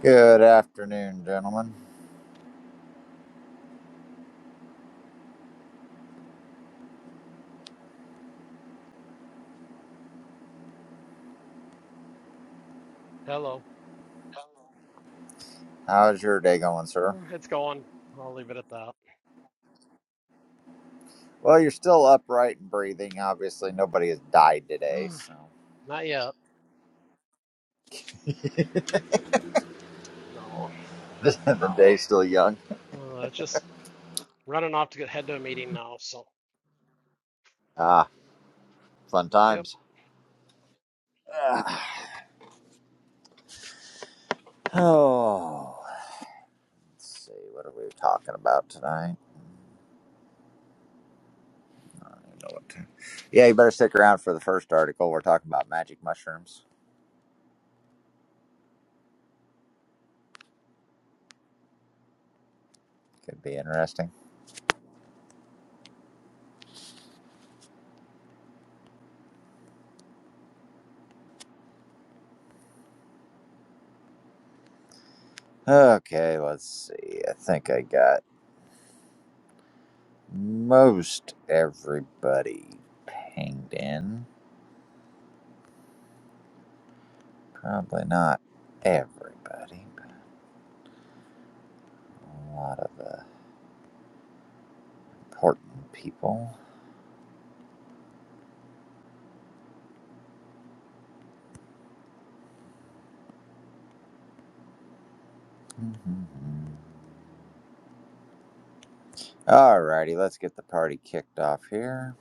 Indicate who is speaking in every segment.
Speaker 1: Good afternoon, gentlemen.
Speaker 2: Hello.
Speaker 1: How's your day going, sir?
Speaker 2: Uh, It's going. I'll leave it at that.
Speaker 1: Well, you're still upright and breathing. Obviously, nobody has died today,
Speaker 2: Uh,
Speaker 1: so
Speaker 2: Not yet. No.
Speaker 1: the day's still young.
Speaker 2: Uh, just running off to get head to a meeting now. So,
Speaker 1: Ah, fun
Speaker 2: yep.
Speaker 1: times. Ah. Oh, let's see. What are we talking about tonight? I don't know what to... Yeah, you better stick around for the first article. We're talking about magic mushrooms. Could be interesting. Okay, let's see. I think I got most everybody pinged in. Probably not everybody, but a lot of the important people. Mm-hmm. Alrighty, let's get the party kicked off here.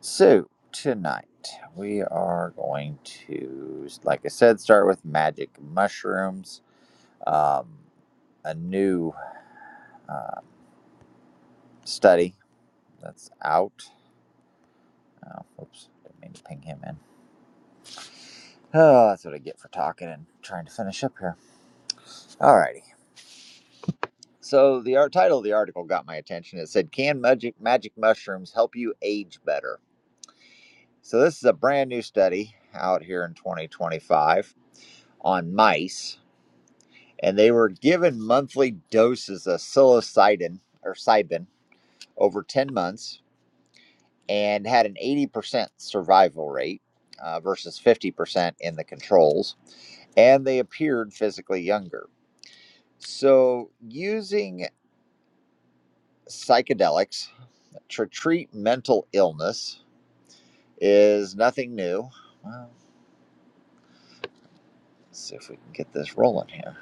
Speaker 1: So, tonight we are going to, like I said, start with magic mushrooms. Um, a new uh, study that's out. Oh, oops, didn't mean to ping him in. Oh, that's what I get for talking and trying to finish up here. Alrighty. So the art title of the article got my attention. It said, "Can magic magic mushrooms help you age better?" So this is a brand new study out here in 2025 on mice, and they were given monthly doses of psilocybin or cybin over 10 months and had an 80% survival rate uh, versus 50% in the controls, and they appeared physically younger. So using psychedelics to treat mental illness is nothing new. Well, let's see if we can get this rolling here.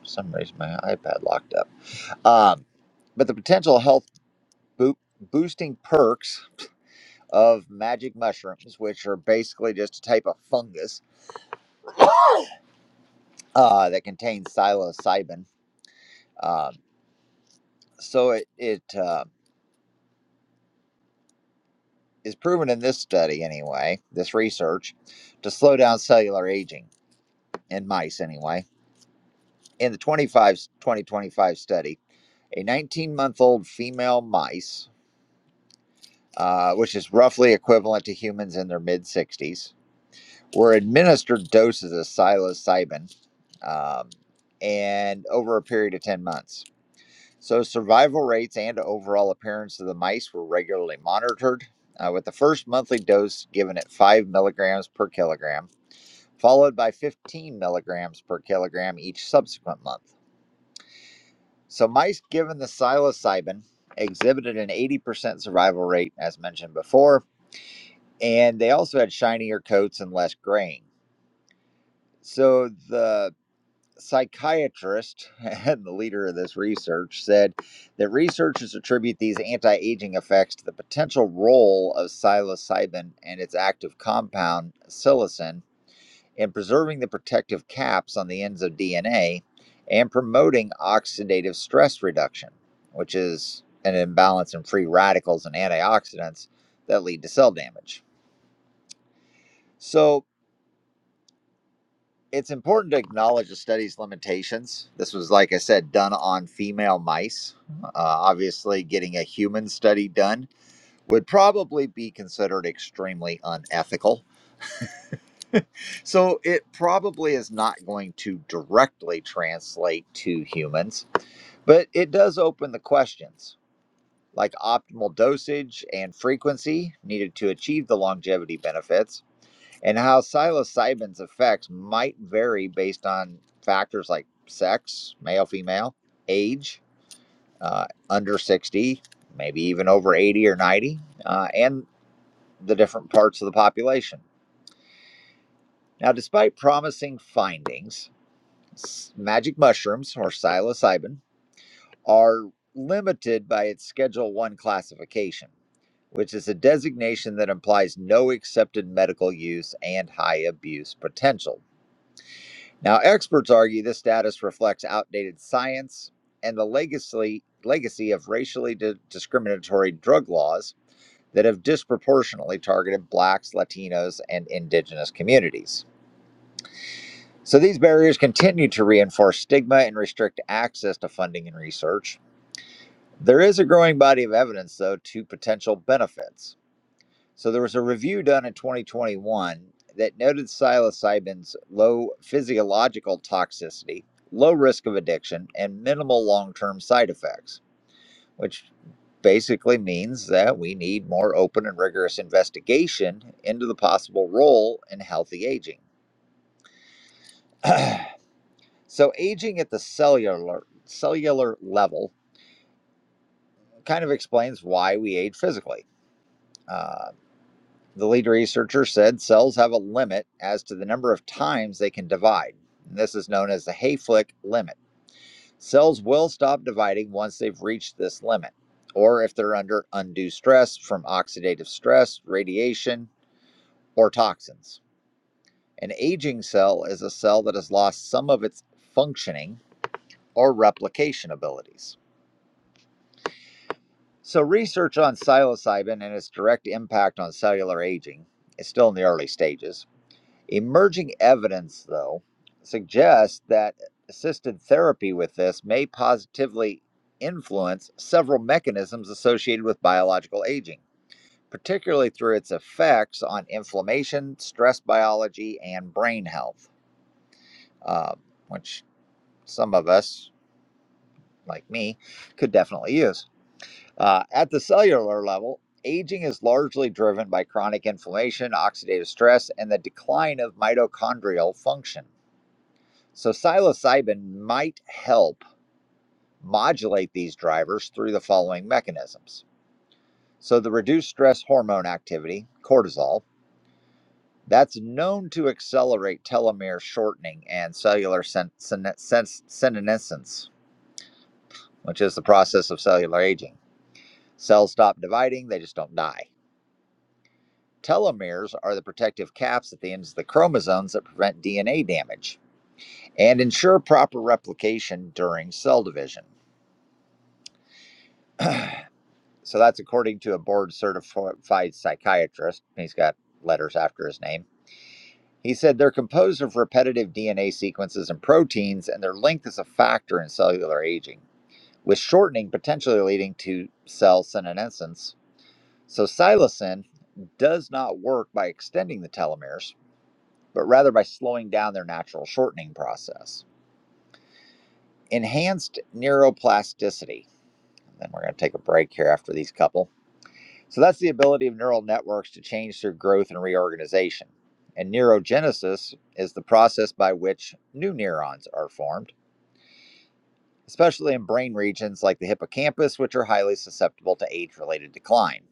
Speaker 1: For some reason, my iPad locked up. Um, but the potential health boo- boosting perks of magic mushrooms, which are basically just a type of fungus uh, that contains psilocybin. Um, so it, it uh, is proven in this study, anyway, this research, to slow down cellular aging in mice, anyway. In the 25 2025 study, a 19 month old female mice, uh, which is roughly equivalent to humans in their mid 60s, were administered doses of psilocybin um, and over a period of 10 months. So, survival rates and overall appearance of the mice were regularly monitored, uh, with the first monthly dose given at 5 milligrams per kilogram, followed by 15 milligrams per kilogram each subsequent month. So, mice given the psilocybin exhibited an 80% survival rate, as mentioned before, and they also had shinier coats and less graying. So, the psychiatrist and the leader of this research said that researchers attribute these anti aging effects to the potential role of psilocybin and its active compound, psilocin. In preserving the protective caps on the ends of DNA and promoting oxidative stress reduction, which is an imbalance in free radicals and antioxidants that lead to cell damage. So it's important to acknowledge the study's limitations. This was, like I said, done on female mice. Uh, obviously, getting a human study done would probably be considered extremely unethical. So it probably is not going to directly translate to humans But it does open the questions like optimal dosage and frequency needed to achieve the longevity benefits, and how psilocybin's effects might vary based on factors like sex, male, female, age, uh, under 60, maybe even over 80 or 90, uh, and the different parts of the population. Now, despite promising findings, s- magic mushrooms or psilocybin are limited by its Schedule 1 classification which is a designation that implies no accepted medical use and high abuse potential. Now, experts argue this status reflects outdated science and the legacy, legacy of racially di- discriminatory drug laws that have disproportionately targeted Blacks, Latinos, and Indigenous communities. So, these barriers continue to reinforce stigma and restrict access to funding and research. There is a growing body of evidence, though, to potential benefits. So there was a review done in 2021 that noted psilocybin's low physiological toxicity, low risk of addiction, and minimal long-term side effects, which basically means that we need more open and rigorous investigation into the possible role in healthy aging. so aging at the cellular cellular level kind of explains why we age physically. Uh, The lead researcher said cells have a limit as to the number of times they can divide. And this is known as the Hayflick limit. Cells will stop dividing once they've reached this limit, or if they're under undue stress from oxidative stress, radiation, or toxins. An aging cell is a cell that has lost some of its functioning or replication abilities. So, research on psilocybin and its direct impact on cellular aging is still in the early stages. Emerging evidence, though, suggests that assisted therapy with this may positively influence several mechanisms associated with biological aging, particularly through its effects on inflammation, stress biology, and brain health, uh, which some of us, like me, could definitely use. Uh, at the cellular level, aging is largely driven by chronic inflammation, oxidative stress, and the decline of mitochondrial function. So psilocybin might help modulate these drivers through the following mechanisms. So the reduced stress hormone activity, cortisol, that's known to accelerate telomere shortening and cellular sen- sen- sen- senescence, which is the process of cellular aging. Cells stop dividing, they just don't die. Telomeres are the protective caps at the ends of the chromosomes that prevent DNA damage and ensure proper replication during cell division. So that's according to a board certified psychiatrist. He's got letters after his name. He said they're composed of repetitive DNA sequences and proteins, and their length is a factor in cellular aging, with shortening potentially leading to cell senescence. So psilocin does not work by extending the telomeres, but rather by slowing down their natural shortening process. Enhanced neuroplasticity. Then we're going to take a break here after these couple. So that's the ability of neural networks to change through growth and reorganization. And neurogenesis is the process by which new neurons are formed, especially in brain regions like the hippocampus, which are highly susceptible to age related decline.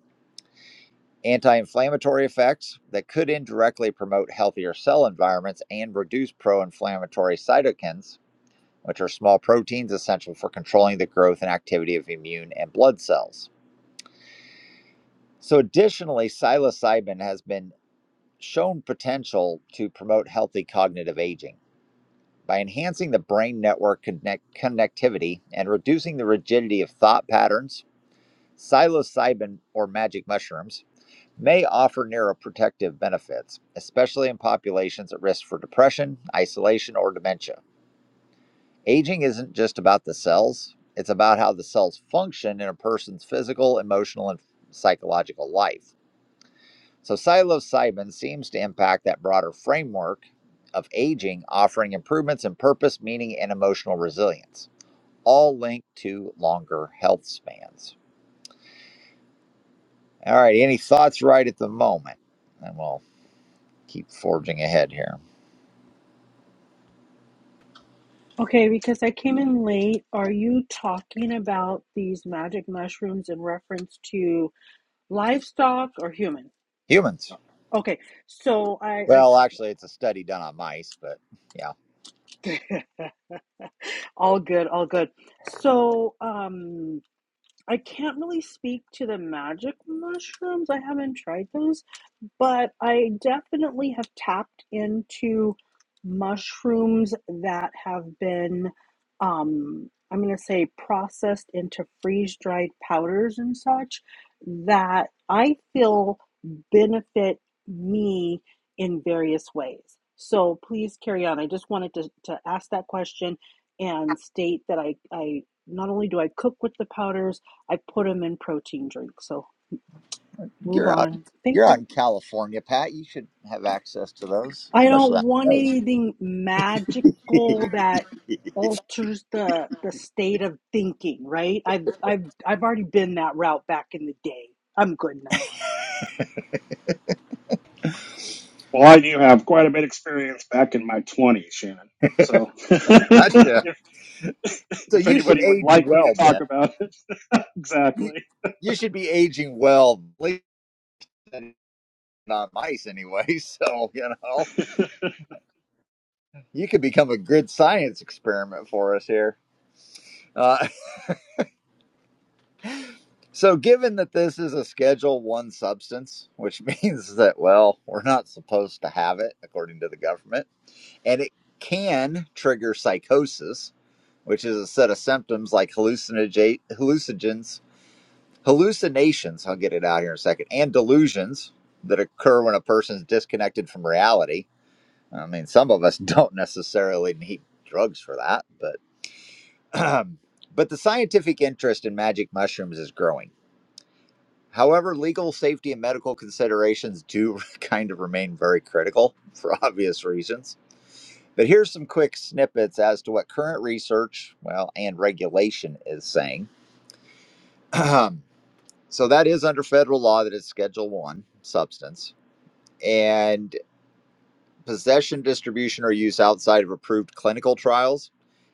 Speaker 1: Anti inflammatory effects that could indirectly promote healthier cell environments and reduce pro inflammatory cytokines, which are small proteins essential for controlling the growth and activity of immune and blood cells. So, additionally, psilocybin has been shown potential to promote healthy cognitive aging. By enhancing the brain network connect- connectivity and reducing the rigidity of thought patterns, psilocybin or magic mushrooms may offer neuroprotective benefits, especially in populations at risk for depression, isolation, or dementia. Aging isn't just about the cells, it's about how the cells function in a person's physical, emotional, and psychological life. So psilocybin seems to impact that broader framework of aging, offering improvements in purpose, meaning, and emotional resilience, all linked to longer health spans. All right, any thoughts right at the moment? And we'll keep forging ahead here.
Speaker 3: Okay, because I came in late, are you talking about these magic mushrooms in reference to livestock or human?
Speaker 1: Humans.
Speaker 3: Okay, so I, I
Speaker 1: Well, actually, it's a study done on mice, but yeah,
Speaker 3: all good, all good. So um, I can't really speak to the magic mushrooms. I haven't tried those. but I definitely have tapped into mushrooms that have been, um, I'm going to say, processed into freeze dried powders and such that I feel benefit me in various ways. So please carry on. I just wanted to, to ask that question and state that I, I not only do I cook with the powders, I put them in protein drinks. So move
Speaker 1: you're out.
Speaker 3: on. Thank
Speaker 1: You're
Speaker 3: you.
Speaker 1: out in California, Pat. You should have access to those,
Speaker 3: I
Speaker 1: especially
Speaker 3: don't
Speaker 1: on
Speaker 3: want
Speaker 1: those.
Speaker 3: anything magical that alters the the state of thinking, right? I've I've I've already been that route back in the day. I'm good now.
Speaker 4: Well, I do have quite a bit of experience back in my 20s, Shannon. So
Speaker 1: gotcha.
Speaker 4: if,
Speaker 1: So
Speaker 4: if
Speaker 1: you should
Speaker 4: anybody would
Speaker 1: age
Speaker 4: like me to
Speaker 1: well, Ben.
Speaker 4: talk about it,
Speaker 1: you,
Speaker 4: exactly.
Speaker 1: you should be aging well, at least not mice anyway. So you know you could become a good science experiment for us here. Uh, so given that this is a Schedule One substance, which means that well we're not supposed to have it according to the government, and it can trigger psychosis, which is a set of symptoms like hallucinage- hallucinogens, hallucinations. I'll get it out here in a second, and delusions that occur when a person's disconnected from reality I mean, some of us don't necessarily need drugs for that, but but the scientific interest in magic mushrooms is growing. However, legal safety and medical considerations do kind of remain very critical for obvious reasons. But here's some quick snippets as to what current research, well, and regulation is saying. so that is under federal law that it's Schedule 1 substance. and. possession, distribution, or use outside of approved clinical trials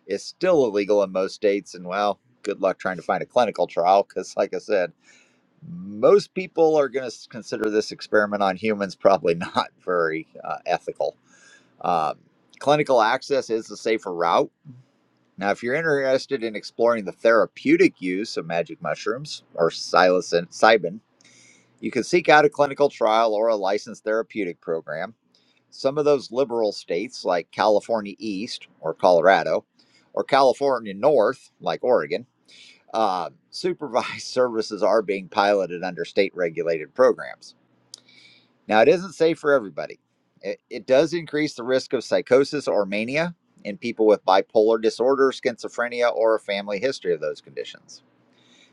Speaker 1: is still illegal in most states. And well, good luck trying to find a clinical trial because, like I said, most people are going to consider this experiment on humans probably not very uh, ethical. Um, clinical access is the safer route. Now, if you're interested in exploring the therapeutic use of magic mushrooms or psilocin, you can seek out a clinical trial or a licensed therapeutic program. Some of those liberal states, like California East or Colorado, or California North, like Oregon, uh, supervised services are being piloted under state regulated programs. Now, it isn't safe for everybody. It, it does increase the risk of psychosis or mania in people with bipolar disorder, schizophrenia, or a family history of those conditions.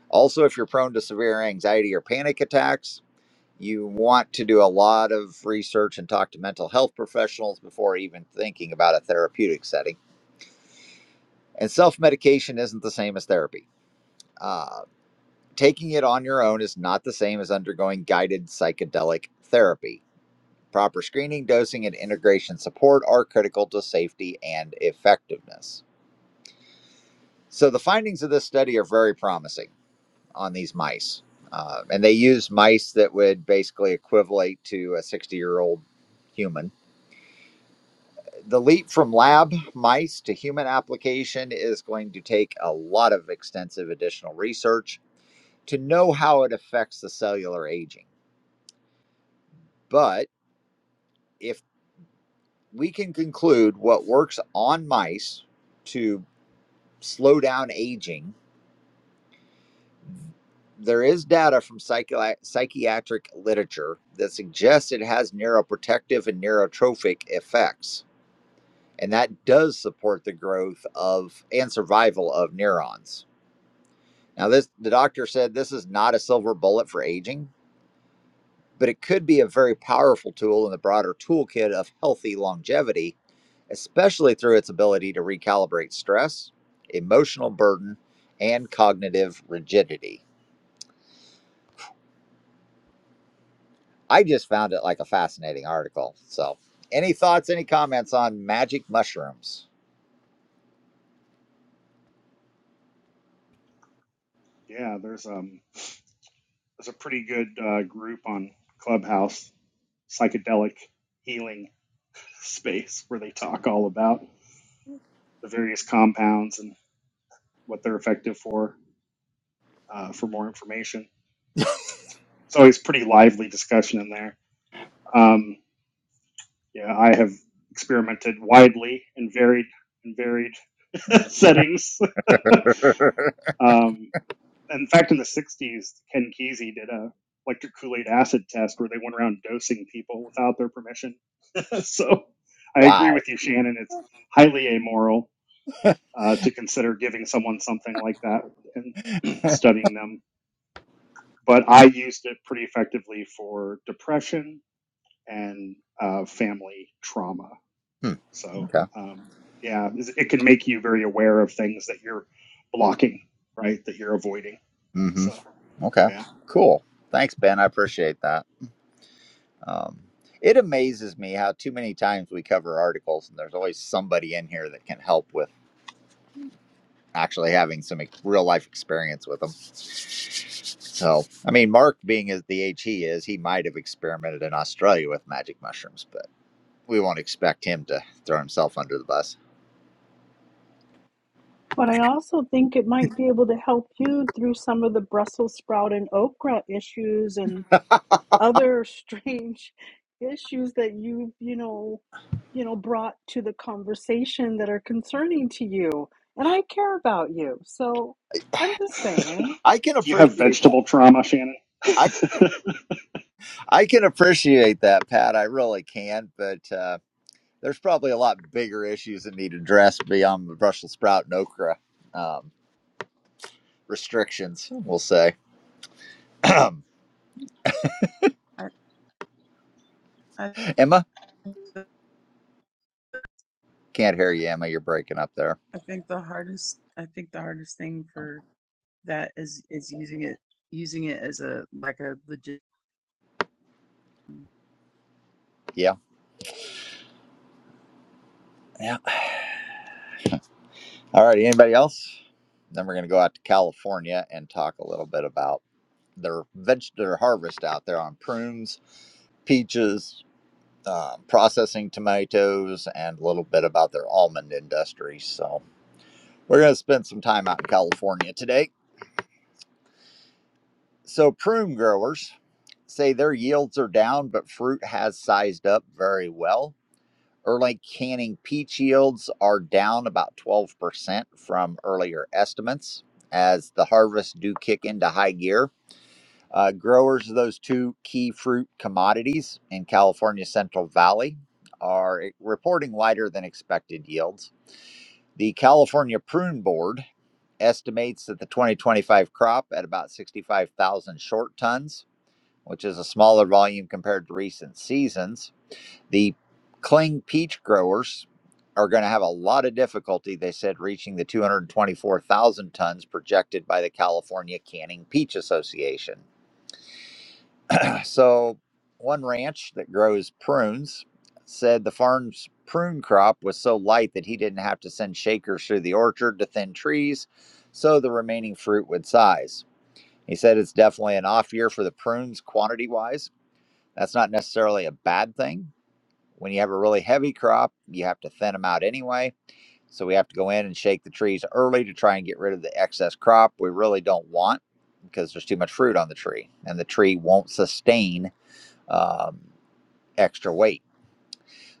Speaker 1: Also, if you're prone to severe anxiety or panic attacks, you want to do a lot of research and talk to mental health professionals before even thinking about a therapeutic setting. And self medication isn't the same as therapy. Uh, taking it on your own is not the same as undergoing guided psychedelic therapy. Proper screening, dosing, and integration support are critical to safety and effectiveness. So, the findings of this study are very promising on these mice. Uh, and they used mice that would basically equivalent to a 60 year old human the leap from lab mice to human application is going to take a lot of extensive additional research to know how it affects the cellular aging. But if we can conclude what works on mice to slow down aging, there is data from psychi- psychiatric literature that suggests it has neuroprotective and neurotrophic effects. And that does support the growth of and survival of neurons. Now, this the doctor said this is not a silver bullet for aging, but it could be a very powerful tool in the broader toolkit of healthy longevity, especially through its ability to recalibrate stress, emotional burden, and cognitive rigidity. I just found it like a fascinating article. So, any thoughts, any comments on magic mushrooms?
Speaker 4: Yeah, there's um there's a pretty good uh, group on Clubhouse, psychedelic healing space where they talk all about the various compounds and what they're effective for. Uh, for more information, it's always pretty lively discussion in there. Um, yeah, I have experimented widely and varied and varied. settings. um, in fact, in the 60s, Ken Kesey did a electric Kool-Aid acid test where they went around dosing people without their permission. so I agree
Speaker 1: Wow.
Speaker 4: with you, Shannon. It's highly amoral uh, to consider giving someone something like that and studying them. But I used it pretty effectively for depression and uh, family trauma.
Speaker 1: Hmm,
Speaker 4: So
Speaker 1: okay.
Speaker 4: um, yeah, it can make you very aware of things that you're blocking, right? That you're avoiding.
Speaker 1: Mm-hmm.
Speaker 4: So
Speaker 1: Okay.
Speaker 4: yeah.
Speaker 1: Cool. Thanks, Ben. I appreciate that. Um, it amazes me how too many times we cover articles and there's always somebody in here that can help with actually having some real life experience with them. So, I mean, Mark being as the H he is, he might have experimented in Australia with magic mushrooms, but we won't expect him to throw himself under the bus.
Speaker 3: But I also think it might be able to help you through some of the Brussels sprout and okra issues and other strange issues that you've, you know, you know, brought to the conversation that are concerning to you. And I care about you. So I'm just saying.
Speaker 1: I can
Speaker 4: Do you have
Speaker 1: appreciate that.
Speaker 4: vegetable trauma, Shannon?
Speaker 1: I I can appreciate that, Pat. I really can, but uh, there's probably a lot bigger issues that need addressed beyond the Brussels sprout and okra um, restrictions, we'll say.
Speaker 5: I, I
Speaker 1: Emma,
Speaker 5: think the-
Speaker 1: can't hear you, Emma. You're breaking up there.
Speaker 5: I think the hardest I think the hardest thing for that is is using it using it as a like a legit
Speaker 1: Yeah. Yeah. All right. Anybody else? Then we're going to go out to California and talk a little bit about their veg, their harvest out there on prunes, peaches, uh, processing tomatoes, and a little bit about their almond industry. So we're going to spend some time out in California today. So prune growers say their yields are down, but fruit has sized up very well. Early canning peach yields are down about 12% from earlier estimates as the harvests do kick into high gear. Uh, growers of those two key fruit commodities in California's Central Valley are e, reporting lighter than expected yields. The California Prune Board estimates that the 2025 crop at about 65,000 short tons, which is a smaller volume compared to recent seasons, the cling peach growers are going to have a lot of difficulty, they said, reaching the 224,000 tons projected by the California Canning Peach Association. So, one ranch that grows prunes said the farm's prune crop was so light that he didn't have to send shakers through the orchard to thin trees, so the remaining fruit would size. He said it's definitely an off year for the prunes quantity wise. That's not necessarily a bad thing when you have a really heavy crop, you have to thin them out anyway. So we have to go in and shake the trees early to try and get rid of the excess crop we really don't want because there's too much fruit on the tree and the tree won't sustain um, extra weight.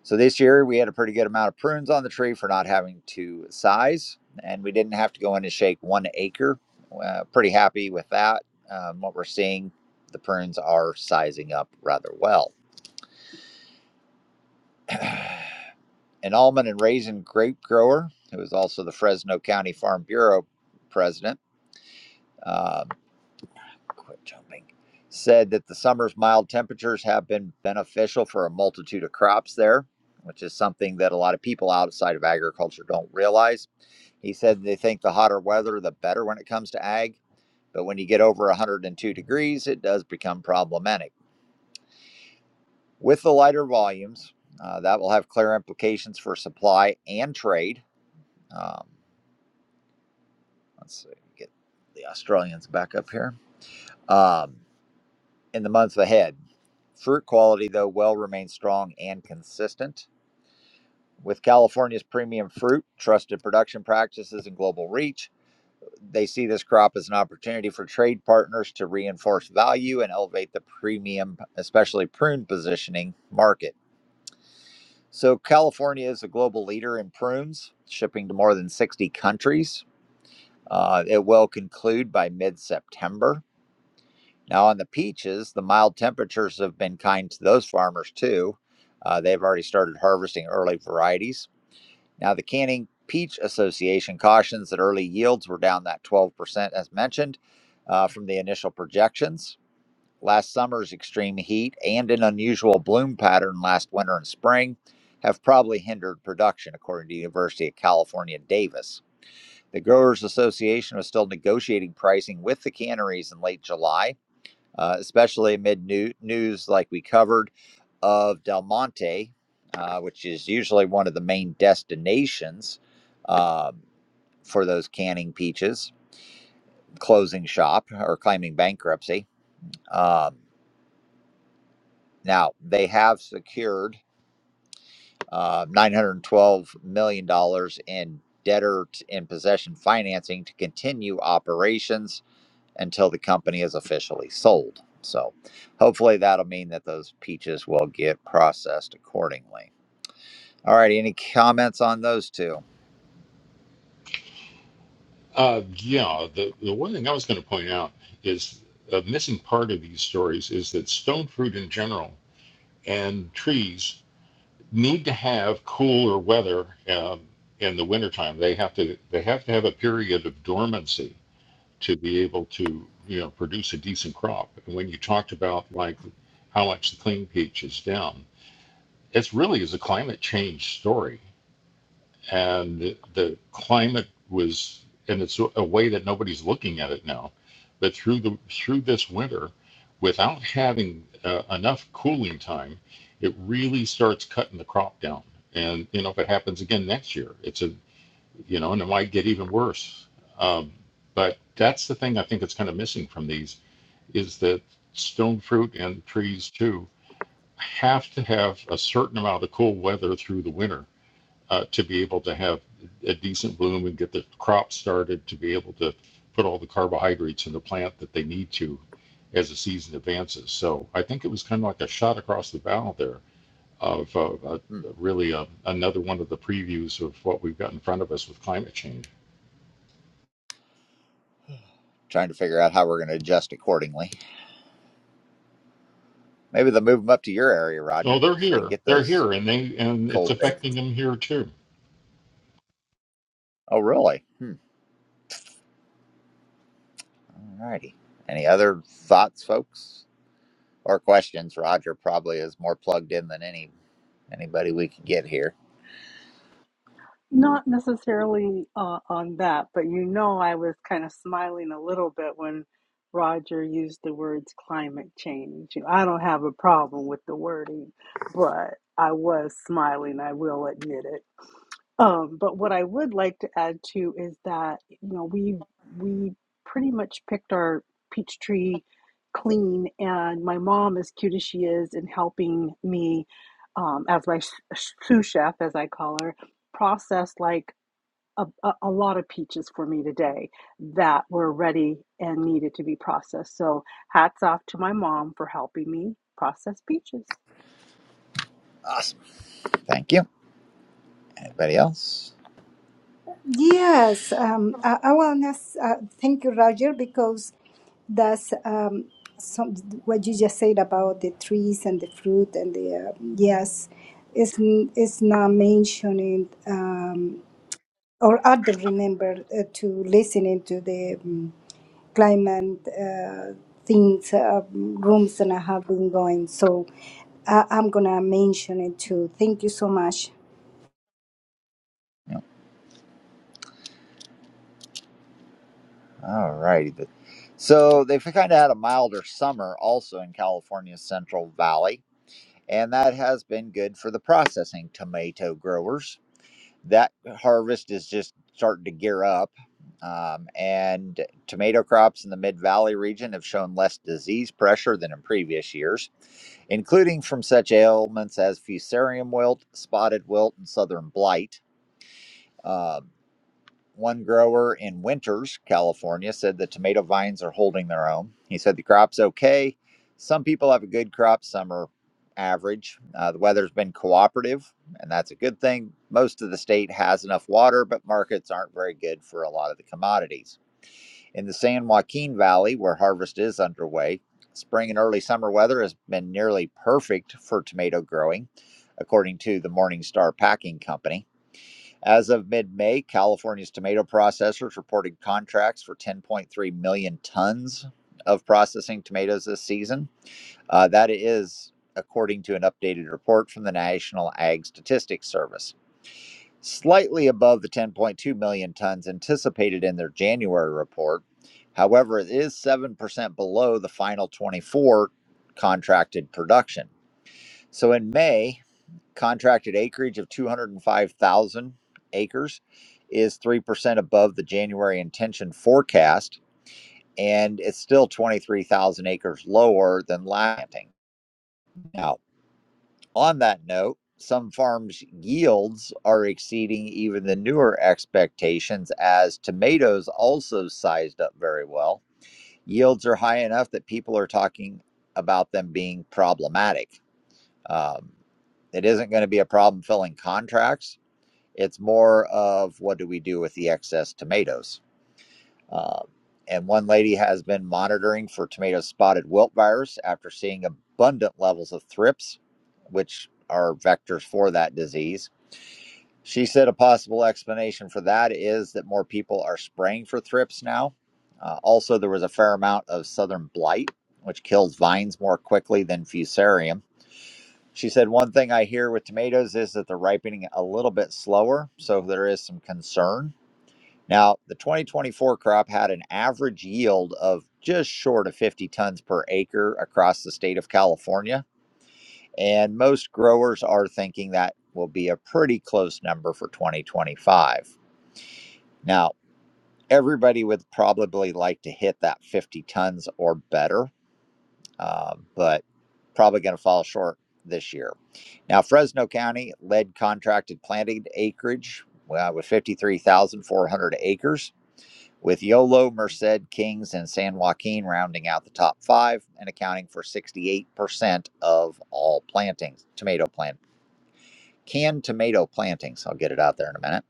Speaker 1: So this year we had a pretty good amount of prunes on the tree for not having to size and we didn't have to go in and shake one acre. Uh, pretty happy with that. Um, what we're seeing, the prunes are sizing up rather well. an almond and raisin grape grower who was also the Fresno County Farm Bureau president. Um, quit jumping. Said that the summer's mild temperatures have been beneficial for a multitude of crops there, which is something that a lot of people outside of agriculture don't realize. He said they think the hotter weather, the better when it comes to ag. But when you get over 102 degrees, it does become problematic. With the lighter volumes, uh, that will have clear implications for supply and trade. Um, Let's see, get the Australians back up here. Um, in the months ahead, fruit quality, though, will remain strong and consistent. With California's premium fruit, trusted production practices, and global reach, they see this crop as an opportunity for trade partners to reinforce value and elevate the premium, especially prune positioning market. So, California is a global leader in prunes, shipping to more than 60 countries. Uh, it will conclude by mid September. Now, on the peaches, the mild temperatures have been kind to those farmers too. Uh, they've already started harvesting early varieties. Now, the Canning Peach Association cautions that early yields were down that 12%, as mentioned, uh, from the initial projections. Last summer's extreme heat and an unusual bloom pattern last winter and spring have probably hindered production, according to University of California, Davis. The Growers Association was still negotiating pricing with the canneries in late July uh, especially amid new, news like we covered of Del Monte, uh, which is usually one of the main destinations um, for those canning peaches, closing shop or claiming bankruptcy. Um, now, they have secured uh, $912 million dollars in debtor in possession financing to continue operations until the company is officially sold. So hopefully that'll mean that those peaches will get processed accordingly. All right, any comments on those two?
Speaker 6: Uh, yeah, the, the one thing I was going to point out is a missing part of these stories is that stone fruit in general and trees need to have cooler weather um, in the wintertime. They have to they have to have a period of dormancy to be able to you know produce a decent crop. And when you talked about like how much the clean peach is down, it's really is a climate change story and the climate was and it's a way that nobody's looking at it now but through the through this winter without having uh, enough cooling time it really starts cutting the crop down and you know if it happens again next year it's a you know and it might get even worse um, but that's the thing i think that's kind of missing from these is that stone fruit and trees too have to have a certain amount of cool weather through the winter uh, to be able to have a decent bloom and get the crop started to be able to put all the carbohydrates in the plant that they need to as the season advances. So I think it was kind of like a shot across the bow there of uh, uh,
Speaker 1: Hmm,
Speaker 6: really uh, another one of the previews of what we've got in front of us with climate change.
Speaker 1: trying to figure out how we're going to adjust accordingly. Maybe they'll move them up to your area, Roger,
Speaker 6: Oh, they're
Speaker 1: so they can
Speaker 6: here.
Speaker 1: get
Speaker 6: They're
Speaker 1: those
Speaker 6: here, and they and it's
Speaker 1: cold. baked.
Speaker 6: affecting them here too.
Speaker 1: Oh, really? Hmm. All righty. Any other thoughts, folks, or questions? Roger probably is more plugged in than any anybody we could get here.
Speaker 3: Not necessarily uh, on that, but you know, I was kind of smiling a little bit when Roger used the words climate change. You know, I don't have a problem with the wording, but I was smiling, I will admit it. Um, but what I would like to add too is that, you know, we we pretty much picked our peach tree clean, and my mom, as cute as she is, in helping me um, as my s- sous chef, as I call her, process like a, a, a lot of peaches for me today that were ready and needed to be processed. So hats off to my mom for helping me process peaches.
Speaker 1: Awesome. Thank you. Anybody else?
Speaker 7: Yes, um, I, I want to uh, thank you, Roger, because that's um, some, what you just said about the trees and the fruit and the uh, yes, it's n- it's not mentioning um, or I don't remember uh, to listening to the um, climate uh, things uh, rooms and I have been going. So I, I'm gonna mention it too. Thank you so much.
Speaker 1: All righty. So they've kind of had a milder summer also in California's Central Valley, and that has been good for the processing tomato growers. That harvest is just starting to gear up, um, and tomato crops in the Mid Valley region have shown less disease pressure than in previous years, including from such ailments as fusarium wilt, spotted wilt, and southern blight. Um, one grower in Winters, California, said the tomato vines are holding their own. He said the crop's okay. Some people have a good crop, some are average. Uh, the weather's been cooperative, and that's a good thing. Most of the state has enough water, but markets aren't very good for a lot of the commodities. In the San Joaquin Valley, where harvest is underway, spring and early summer weather has been nearly perfect for tomato growing, according to the Morningstar Packing Company. As of mid May, California's tomato processors reported contracts for 10.3 million tons of processing tomatoes this season. Uh, that is according to an updated report from the National Ag Statistics Service. Slightly above the 10.2 million tons anticipated in their January report. However, it is 7% below the final 24 contracted production. So in May, Contracted acreage of 205,000 acres is 3% above the January intention forecast, and it's still 23,000 acres lower than last planting. Now, on that note, some farms' yields are exceeding even the newer expectations as tomatoes also sized up very well. Yields are high enough that people are talking about them being problematic. Um, it isn't going to be a problem filling contracts It's more of what do we do with the excess tomatoes? Um, and one lady has been monitoring for tomato spotted wilt virus after seeing abundant levels of thrips, which are vectors for that disease. She said a possible explanation for that is that more people are spraying for thrips now. Uh, also, there was a fair amount of southern blight, which kills vines more quickly than fusarium. She said, One thing I hear with tomatoes is that they're ripening a little bit slower, so there is some concern now, the 2024 crop had an average yield of just short of 50 tons per acre across the state of California. And most growers are thinking that will be a pretty close number for 2025. Now, everybody would probably like to hit that 50 tons or better, uh, but probably going to fall short this year. Now, Fresno County led contracted planted acreage uh, with 53,400 acres with Yolo, Merced, Kings, and San Joaquin rounding out the top five and accounting for 68% of all plantings, tomato plant, canned tomato plantings. I'll get it out there in a minute.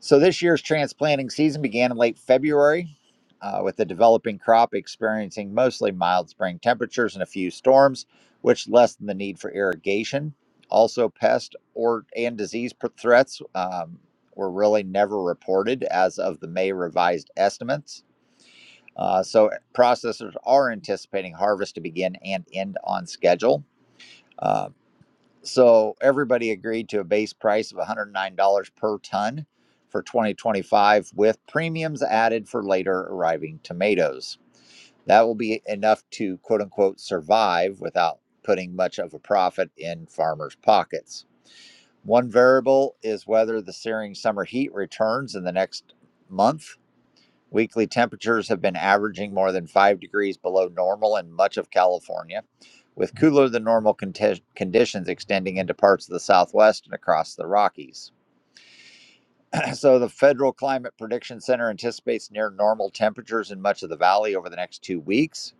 Speaker 1: So this year's transplanting season began in late February. uh, with the developing crop experiencing mostly mild spring temperatures and a few storms, which lessened the need for irrigation. Also, pest or and disease threats um, were really never reported as of the May revised estimates. Uh, so processors are anticipating harvest to begin and end on schedule. Uh, so everybody agreed to a base price of $109 per ton for 2025 with premiums added for later arriving tomatoes. That will be enough to quote unquote survive without putting much of a profit in farmers' pockets. One variable is whether the searing summer heat returns in the next month Weekly temperatures have been averaging more than five degrees below normal in much of California, with cooler than normal conti- conditions extending into parts of the Southwest and across the Rockies. So, the Federal Climate Prediction Center anticipates near normal temperatures in much of the valley over the next two weeks,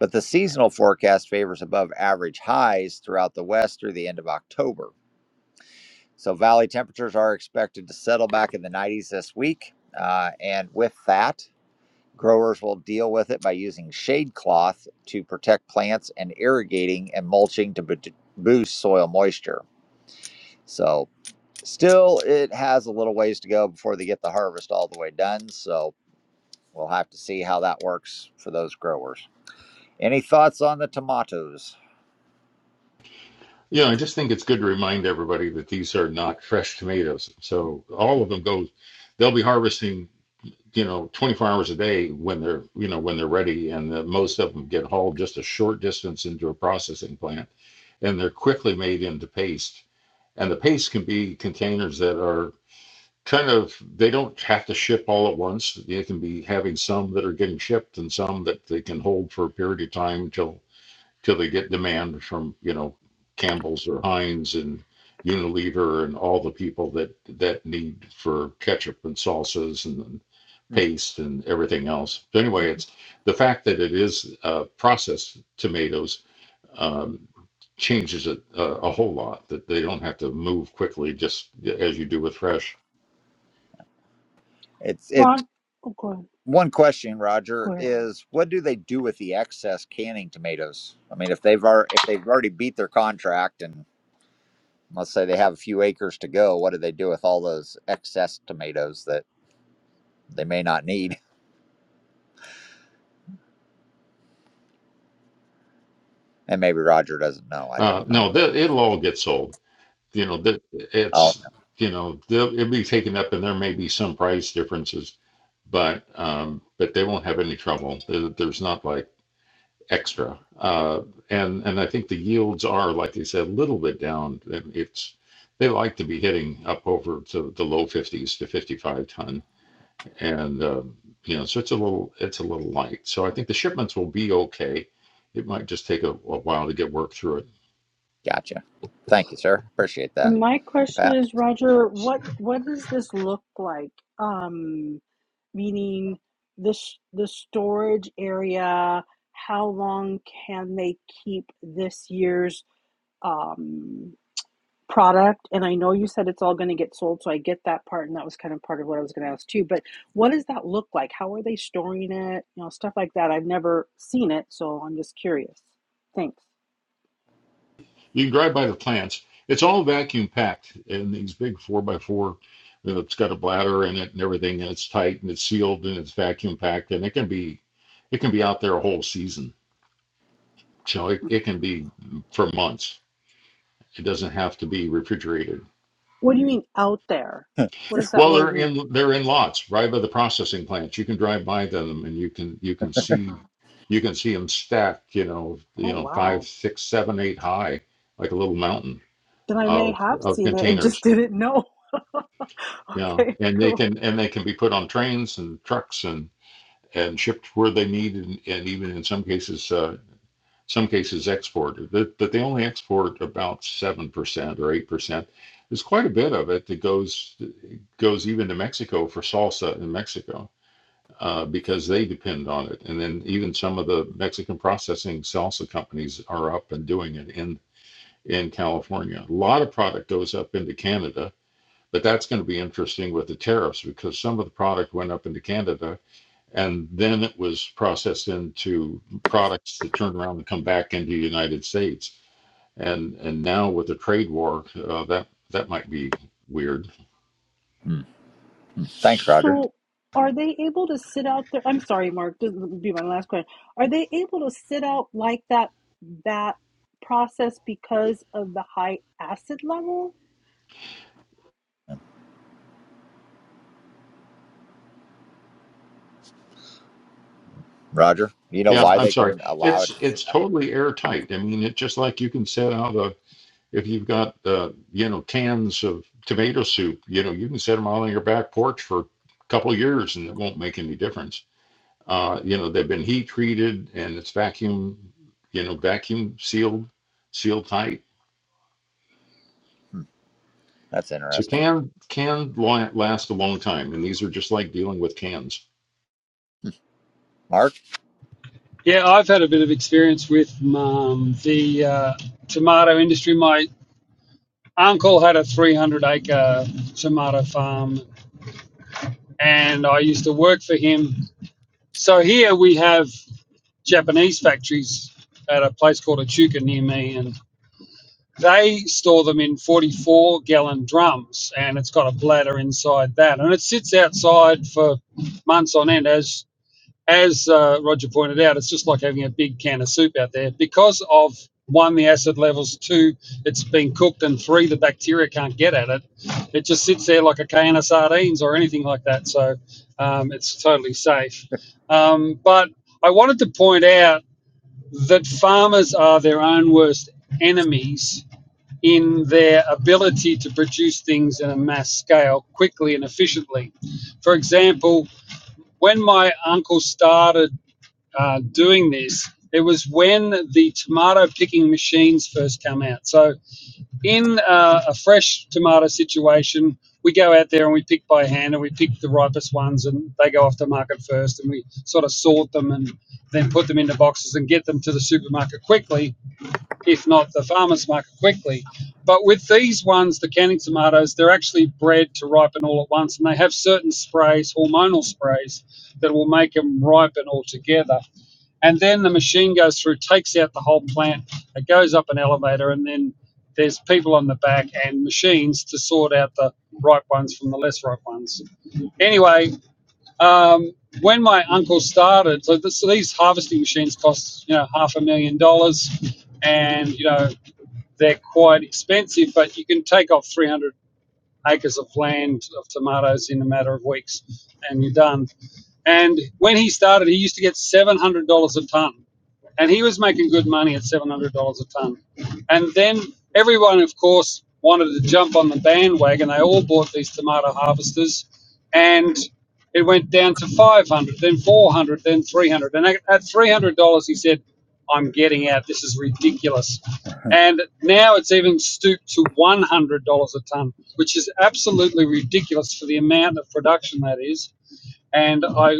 Speaker 1: but the seasonal forecast favors above average highs throughout the West through the end of October. So, valley temperatures are expected to settle back in the 90s this week. Uh, and with that, Growers will deal with it by using shade cloth to protect plants and irrigating and mulching to boost soil moisture. So, still, it has a little ways to go before they get the harvest all the way done. So, we'll have to see how that works for those growers. Any thoughts on the tomatoes?
Speaker 6: Yeah, I just think it's good to remind everybody that these are not fresh tomatoes. So all of them go. They'll be harvesting. you know, 24 hours a day when they're, you know, when they're ready. And the, most of them get hauled just a short distance into a processing plant and they're quickly made into paste. And the paste can be containers that are kind of, they don't have to ship all at once. They can be having some that are getting shipped and some that they can hold for a period of time until till they get demand from, you know, Campbell's or Heinz and Unilever and all the people that, that need for ketchup and salsas and
Speaker 1: Hmm.
Speaker 6: paste and everything else. But anyway, it's the fact that it is uh, processed tomatoes um, changes it a, a whole lot. That they don't have to move quickly, just as you do with fresh.
Speaker 1: It's it.
Speaker 3: Ron, oh, go ahead.
Speaker 1: One question,
Speaker 3: Go
Speaker 1: Roger,
Speaker 3: ahead.
Speaker 1: is what do they do with the excess canning tomatoes? I mean, if they've already, if they've already beat their contract and Let's say they have a few acres to go. What do they do with all those excess tomatoes that they may not need? And maybe Roger doesn't know. I
Speaker 6: Uh,
Speaker 1: don't know.
Speaker 6: no,
Speaker 1: But
Speaker 6: th- it'll all get sold. You know that
Speaker 1: oh,
Speaker 6: it's you know they'll- it'll be taken up, and there may be some price differences but um, but they won't have any trouble. There's not like extra, uh, and and I think the yields are like they said a little bit down. It's they like to be hitting up over to the low 50s to 55 ton, and um, you know so it's a little it's a little light. So I think the shipments will be okay. It might just take a, a while to get work through it.
Speaker 1: gotcha. Thank you, sir. Appreciate that,
Speaker 3: And my question
Speaker 1: Pat.
Speaker 3: is, Roger, what what does this look like? Um, meaning this the storage area. How long can they keep this year's? Um, product and i know you said it's all going to get sold so i get that part and that was kind of part of what i was going to ask too but what does that look like how are they storing it you know stuff like that i've never seen it so i'm just curious thanks
Speaker 6: You can drive by the plants. It's all vacuum packed in these big four by four. You know, it's got a bladder in it and everything, and it's tight and it's sealed and it's vacuum packed, and it can be, it can be out there a whole season. So it, it can be for months. It doesn't have to be refrigerated.
Speaker 3: what do you mean out there what does
Speaker 1: Yes.
Speaker 3: that
Speaker 6: Well,
Speaker 3: word
Speaker 6: they're
Speaker 3: mean
Speaker 6: in they're in lots right by the processing plants. You can drive by them and you can you can see you can see them stacked. You know,
Speaker 3: oh
Speaker 6: you know, five,
Speaker 3: wow
Speaker 6: six, seven, eight high, like a little mountain
Speaker 3: then i may
Speaker 6: of
Speaker 3: have
Speaker 6: of
Speaker 3: seen it and
Speaker 6: containers
Speaker 3: just didn't know
Speaker 6: Yeah,
Speaker 3: okay
Speaker 6: and they
Speaker 3: cool
Speaker 6: can and they can be put on trains and trucks and and shipped where they need and, and even in some cases uh, some cases exported. That that they only export about seven percent or eight percent. There's quite a bit of it that goes goes even to Mexico for salsa in Mexico uh, because they depend on it. And then even some of the Mexican processing salsa companies are up and doing it in in California. A lot of product goes up into Canada but that's going to be interesting with the tariffs because some of the product went up into Canada and then it was processed into products that turn around and come back into the United States. And and now with the trade war, uh, that that might be weird.
Speaker 1: Hmm. Thanks, Roger.
Speaker 3: So, are they able to sit out there? I'm sorry, Mark. This will be my last question. Are they able to sit out like that that process because of the high acid level?
Speaker 1: Roger, you know
Speaker 6: Yeah,
Speaker 1: why
Speaker 6: I'm
Speaker 1: they
Speaker 6: sorry.
Speaker 1: can allow
Speaker 6: It's
Speaker 1: it?
Speaker 6: it's totally airtight. I mean, it just like you can set out a if you've got uh, you know cans of tomato soup, you know you can set them out on your back porch for a couple of years and it won't make any difference Uh, you know, they've been heat treated and it's vacuum, you know, vacuum sealed, sealed tight.
Speaker 1: Hmm. That's
Speaker 6: So
Speaker 1: interesting.
Speaker 6: can can last a long time, and these are just like dealing with cans.
Speaker 1: Mark,
Speaker 8: Yeah, I've had a bit of experience with um, the uh, tomato industry. My uncle had a 300 acre tomato farm, and I used to work for him. So here we have Japanese factories at a place called Echuca near me, and they store them in 44 gallon drums, and it's got a bladder inside that, and it sits outside for months on end, as as uh, Roger pointed out, it's just like having a big can of soup out there because of one, the acid levels, two, it's been cooked, and three, the bacteria can't get at it. It just sits there like a can of sardines or anything like that. So um, it's totally safe. Um, but I wanted to point out that farmers are their own worst enemies in their ability to produce things in a mass scale quickly and efficiently. For example, when my uncle started uh, doing this. It was when the tomato picking machines first come out. So in uh, a fresh tomato situation, we go out there and we pick by hand and we pick the ripest ones and they go off the market first and we sort of sort them and then put them into boxes and get them to the supermarket quickly, if not the farmer's market quickly. But with these ones, the canning tomatoes, they're actually bred to ripen all at once and they have certain sprays, hormonal sprays, that will make them ripen all together and then the machine goes through, takes out the whole plant. It goes up an elevator, and then there's people on the back and machines to sort out the right ones from the less right ones. Anyway, um, when my uncle started, so, this, so these harvesting machines cost you know half a million dollars, and you know they're quite expensive, but you can take off 300 acres of land of tomatoes in a matter of weeks, and you're done. And when he started, he used to get seven hundred dollars a ton, and he was making good money at seven hundred dollars a ton. And then everyone, of course, wanted to jump on the bandwagon. They all bought these tomato harvesters, and it went down to five hundred, then four hundred, then three hundred. And at three hundred dollars, he said. I'm getting out. This is ridiculous. And now it's even stooped to $100 a ton, which is absolutely ridiculous for the amount of production that is. And I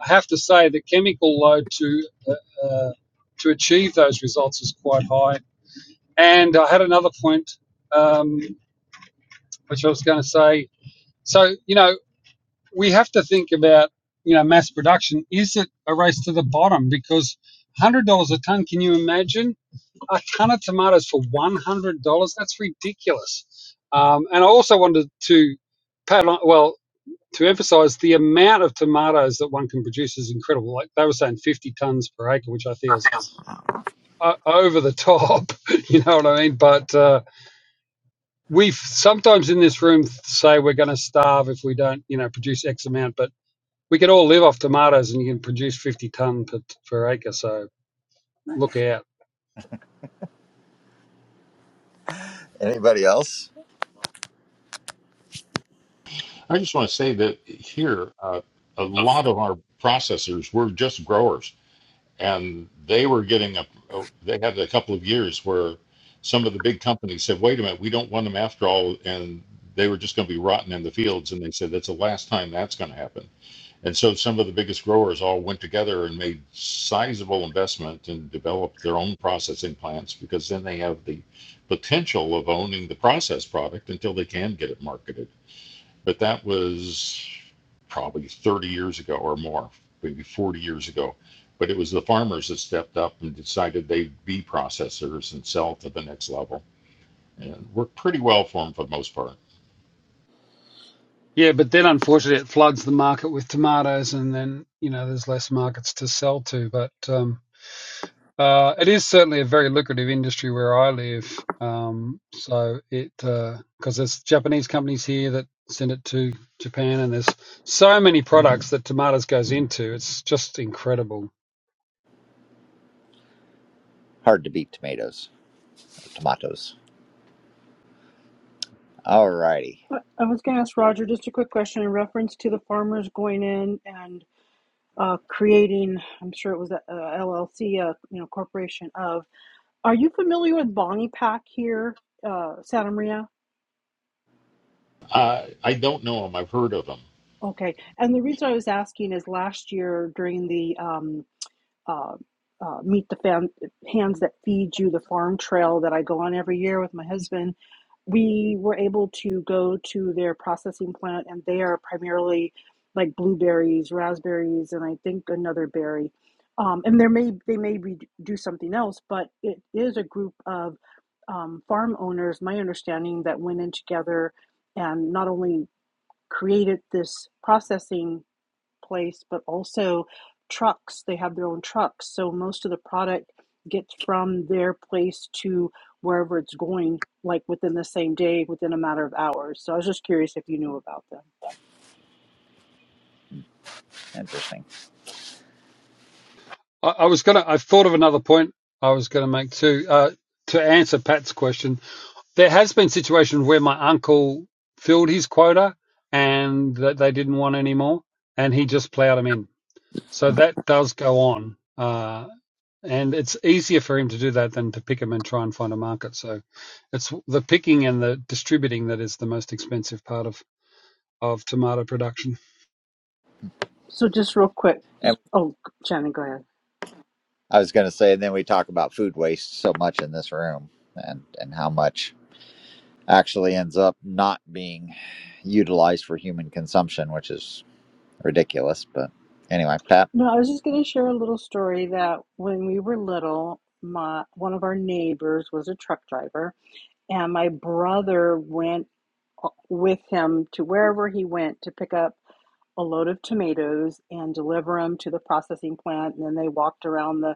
Speaker 8: have to say the chemical load to uh, uh, to achieve those results is quite high. And I had another point, um, which I was going to say. So you know we have to think about you know mass production. Is it a race to the bottom? Because $100 a ton, can you imagine? a ton of tomatoes for one hundred dollars. That's ridiculous. Um, and I also wanted to pat on, well to emphasize the amount of tomatoes that one can produce is incredible. Like they were saying, fifty tons per acre, which I feel is uh, over the top. you know what I mean? But uh, we sometimes in this room say we're going to starve if we don't, you know, produce X amount. But we can all live off tomatoes, and you can produce fifty ton per, per acre. So look out.
Speaker 1: anybody else?
Speaker 6: I just want to say that here, uh, a lot of our processors were just growers, and they were getting a. They had a couple of years where some of the big companies said, "Wait a minute, we don't want them after all," and they were just going to be rotten in the fields. And they said, "That's the last time that's going to happen." And so some of the biggest growers all went together and made sizable investment and developed their own processing plants because then they have the potential of owning the processed product until they can get it marketed. But that was probably 30 years ago or more, maybe 40 years ago. But it was the farmers that stepped up and decided they'd be processors and sell to the next level. And worked pretty well for them for the most part.
Speaker 8: Yeah, but then unfortunately it floods the market with tomatoes, and then you know there's less markets to sell to. But um, uh, it is certainly a very lucrative industry where I live. Um, so it because there's Japanese companies here that send it to Japan, and there's so many products that tomatoes goes into. It's just incredible.
Speaker 1: Hard to beat tomatoes tomatoes. All righty.
Speaker 3: I was going to ask Roger just a quick question in reference to the farmers going in and uh, creating. I'm sure it was a, LLC, uh, you know, corporation of. Are you familiar with Bonnie Pack here, uh, Santa Maria?
Speaker 6: I, I don't know them. I've heard of them.
Speaker 3: Okay, and the reason I was asking is last year during the um. uh, uh, meet the fam- hands that feed you the farm trail that I go on every year with my husband. We were able to go to their processing plant, and they are primarily like blueberries, raspberries, and I think another berry. Um, and there may they may be, do something else, but it is a group of um, farm owners. My understanding that went in together and not only created this processing place, but also trucks. They have their own trucks. So most of the product gets from their place to wherever it's going, like within the same day, within a matter of hours. So I was just curious if you knew about them.
Speaker 1: Interesting.
Speaker 8: I, I was gonna, I thought of another point I was gonna make too uh, to answer Pat's question There has been situations where my uncle filled his quota and that they didn't want any more, and he just ploughed them in. So that does go on, uh, and it's easier for him to do that than to pick them and try and find a market. So it's the picking and the distributing that is the most expensive part of of tomato production.
Speaker 3: So just real quick.
Speaker 1: And
Speaker 3: Oh, Shannon, go ahead.
Speaker 1: I was going to say, and then we talk about food waste so much in this room and, and how much. actually ends up not being utilized for human consumption, which is ridiculous. But anyway, Pat.
Speaker 3: No, I was just going to share a little story that when we were little, my one of our neighbors was a truck driver, and my brother went uh, with him to wherever he went to pick up a load of tomatoes and deliver them to the processing plant. And then they walked around the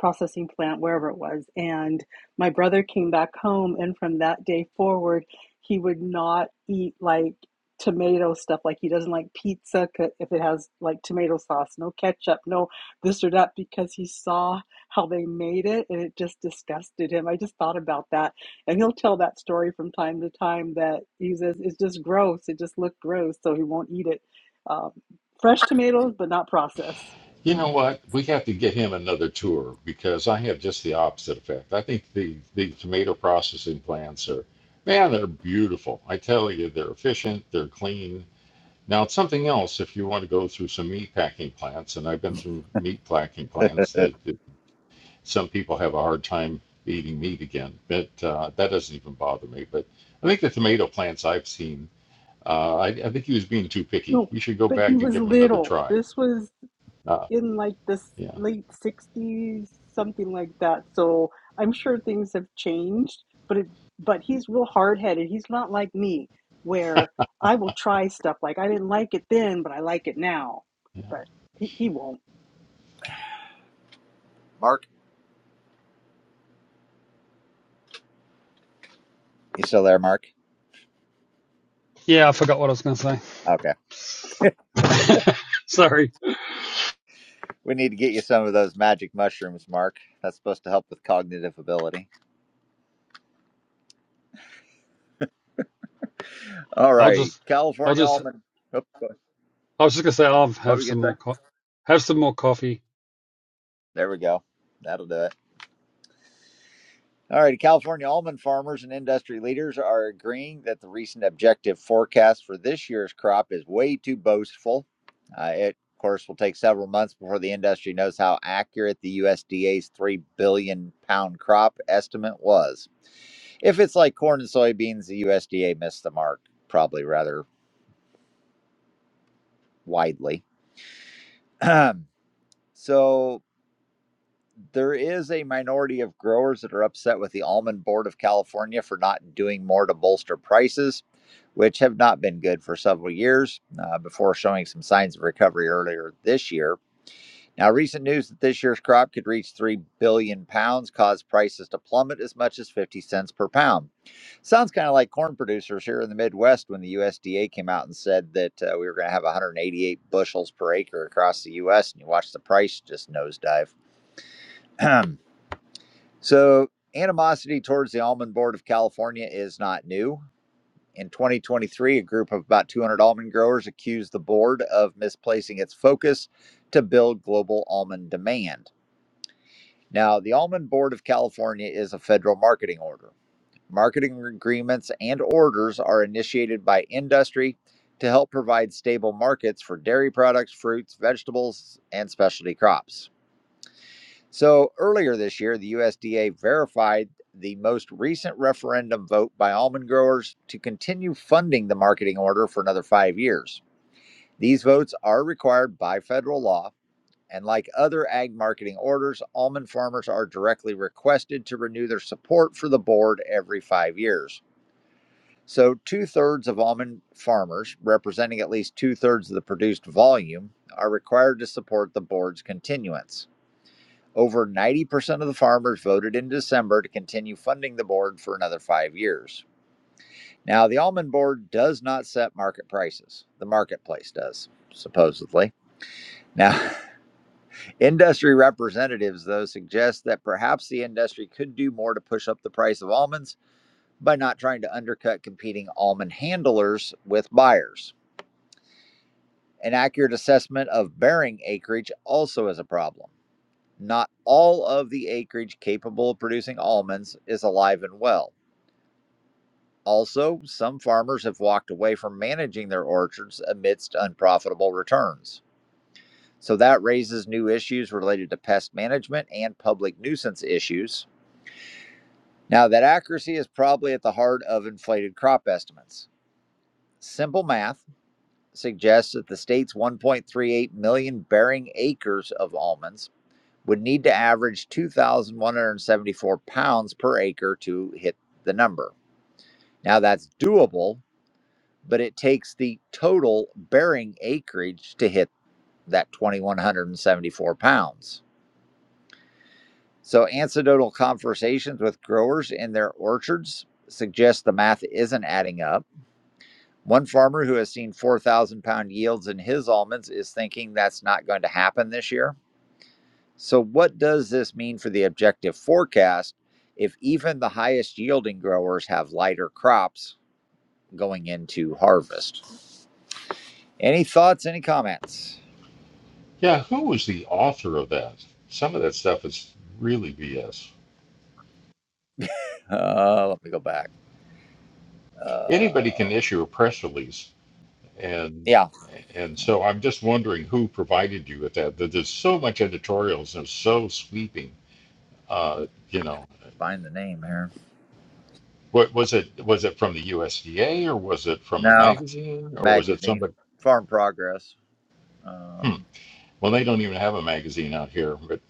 Speaker 3: processing plant, wherever it was. And my brother came back home. And from that day forward, he would not eat like tomato stuff. Like he doesn't like pizza if it has like tomato sauce, no ketchup, no this or that, because he saw how they made it and it just disgusted him. I just thought about that. And he'll tell that story from time to time that he says it's just gross. It just looked gross. So he won't eat it um, fresh tomatoes, but not processed.
Speaker 6: You
Speaker 1: Mm.
Speaker 6: know what? We have to get him another tour because I have just the opposite effect. I think the, the tomato processing plants are, man, they're beautiful. I tell you, they're efficient, they're clean. Now, it's something else if you want to go through some meat packing plants, and I've been through meat packing plants
Speaker 1: Uh,
Speaker 6: that that some people have a hard time eating meat again, but uh, that doesn't even bother me. But I think the tomato plants I've seen, uh, I, I think he was being too picky.
Speaker 3: No,
Speaker 6: You should go
Speaker 3: but he
Speaker 6: back and
Speaker 3: was
Speaker 6: give him another
Speaker 3: little.
Speaker 6: try.
Speaker 3: This was
Speaker 6: Uh,
Speaker 3: in like the
Speaker 6: yeah.
Speaker 3: late 60s, something like that. So I'm sure things have changed, but it, but he's real hard headed. He's not like me, where I will try stuff like I didn't like it then, but I like it now. But he, he won't.
Speaker 1: Mark, you still there, Mark?
Speaker 8: Yeah, I forgot what I was going to
Speaker 1: Okay.
Speaker 8: say. Sorry,
Speaker 1: We need to get you some of those magic mushrooms, Mark. That's supposed to help with cognitive ability. All
Speaker 8: I'll
Speaker 1: righty.
Speaker 8: just, I'll
Speaker 1: California
Speaker 8: just,
Speaker 1: almond. Oop, What
Speaker 8: I was just going to say I'll
Speaker 1: were
Speaker 8: have
Speaker 1: you
Speaker 8: some
Speaker 1: going to
Speaker 8: more,
Speaker 1: say?
Speaker 8: co- have some more coffee.
Speaker 1: There we go. That'll do it. All right, California almond farmers and industry leaders are agreeing that the recent objective forecast for this year's crop is way too boastful. Uh, it, of course, will take several months before the industry knows how accurate the USDA's 3 billion pound crop estimate was. If it's like corn and soybeans, the USDA missed the mark, probably rather widely. so, there is a minority of growers that are upset with the Almond Board of California for not doing more to bolster prices, which have not been good for several years uh, before showing some signs of recovery earlier this year. Now, recent news that this year's crop could reach 3 billion pounds caused prices to plummet as much as 50 cents per pound. Sounds kind of like corn producers here in the Midwest when the USDA came out and said that uh, we were going to have 188 bushels per acre across the U.S., and you watch the price just nosedive. So, animosity towards the Almond Board of California is not new. In 2023, a group of about 200 almond growers accused the board of misplacing its focus to build global almond demand. Now, the Almond Board of California is a federal marketing order. Marketing agreements and orders are initiated by industry to help provide stable markets for dairy products, fruits, vegetables, and specialty crops. So earlier this year, the USDA verified the most recent referendum vote by almond growers to continue funding the marketing order for another five years. These votes are required by federal law, and like other ag marketing orders, almond farmers are directly requested to renew their support for the board every five years. So, two thirds of almond farmers, representing at least two thirds of the produced volume, are required to support the board's continuance. Over 90% of the farmers voted in December to continue funding the board for another five years. Now, the almond board does not set market prices, the marketplace does, supposedly. Now, industry representatives, though, suggest that perhaps the industry could do more to push up the price of almonds by not trying to undercut competing almond handlers with buyers. An accurate assessment of bearing acreage also is a problem. Not all of the acreage capable of producing almonds is alive and well. Also, some farmers have walked away from managing their orchards amidst unprofitable returns. So that raises new issues related to pest management and public nuisance issues. Now, that accuracy is probably at the heart of inflated crop estimates. Simple math suggests that the state's 1.38 million bearing acres of almonds would need to average 2,174 pounds per acre to hit the number. Now, that's doable, but it takes the total bearing acreage to hit that 2,174 pounds. So, anecdotal conversations with growers in their orchards suggest the math isn't adding up. One farmer who has seen 4,000 pound yields in his almonds is thinking that's not going to happen this year. So, what does this mean for the objective forecast if even the highest yielding growers have lighter crops going into harvest? Any thoughts, any comments?
Speaker 6: Yeah, who was the author of that? Some of that stuff is really BS.
Speaker 1: Uh, let me go back. Uh,
Speaker 6: Anybody can issue a press release, and
Speaker 1: yeah,
Speaker 6: and so I'm just wondering who provided you with that. There- There's so much editorials and it's so sweeping. Uh, you know,
Speaker 1: find the name here.
Speaker 6: what was it? Was it from the USDA or was it from a
Speaker 1: No,
Speaker 6: magazine or was it
Speaker 1: magazine,
Speaker 6: somebody?
Speaker 1: Farm Progress,
Speaker 6: Hmm.
Speaker 1: um,
Speaker 6: Well, they don't even have a magazine out here, but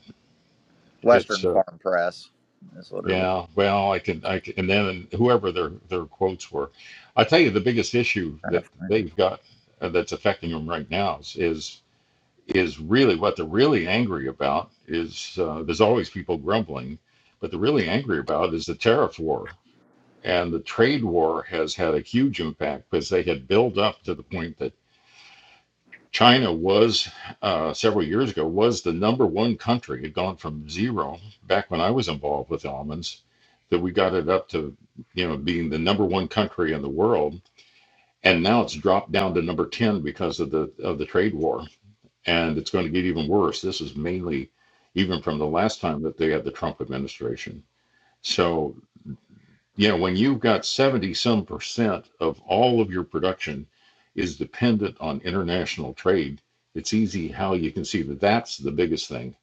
Speaker 6: it's
Speaker 1: Western
Speaker 6: uh,
Speaker 1: Farm Press is what it was.
Speaker 6: Yeah, well, I can, I can, and then whoever their their quotes were, I tell you, the biggest issue
Speaker 1: Trying
Speaker 6: that
Speaker 1: to find it.
Speaker 6: they've got uh, that's affecting them right now is is, is really what they're really angry about is uh, there's always people grumbling, but they're really angry about is the tariff war and the trade war has had a huge impact because they had built up to the point that China was uh, several years ago was the number one country. It had gone from zero back when I was involved with almonds, that we got it up to you know being the number one country in the world, and now it's dropped down to number ten because of the of the trade war, and it's going to get even worse. This is mainly even from the last time that they had the Trump administration. So yeah, when you've got 70 some percent of all of your production is dependent on international trade, it's easy how you can see that that's the biggest thing,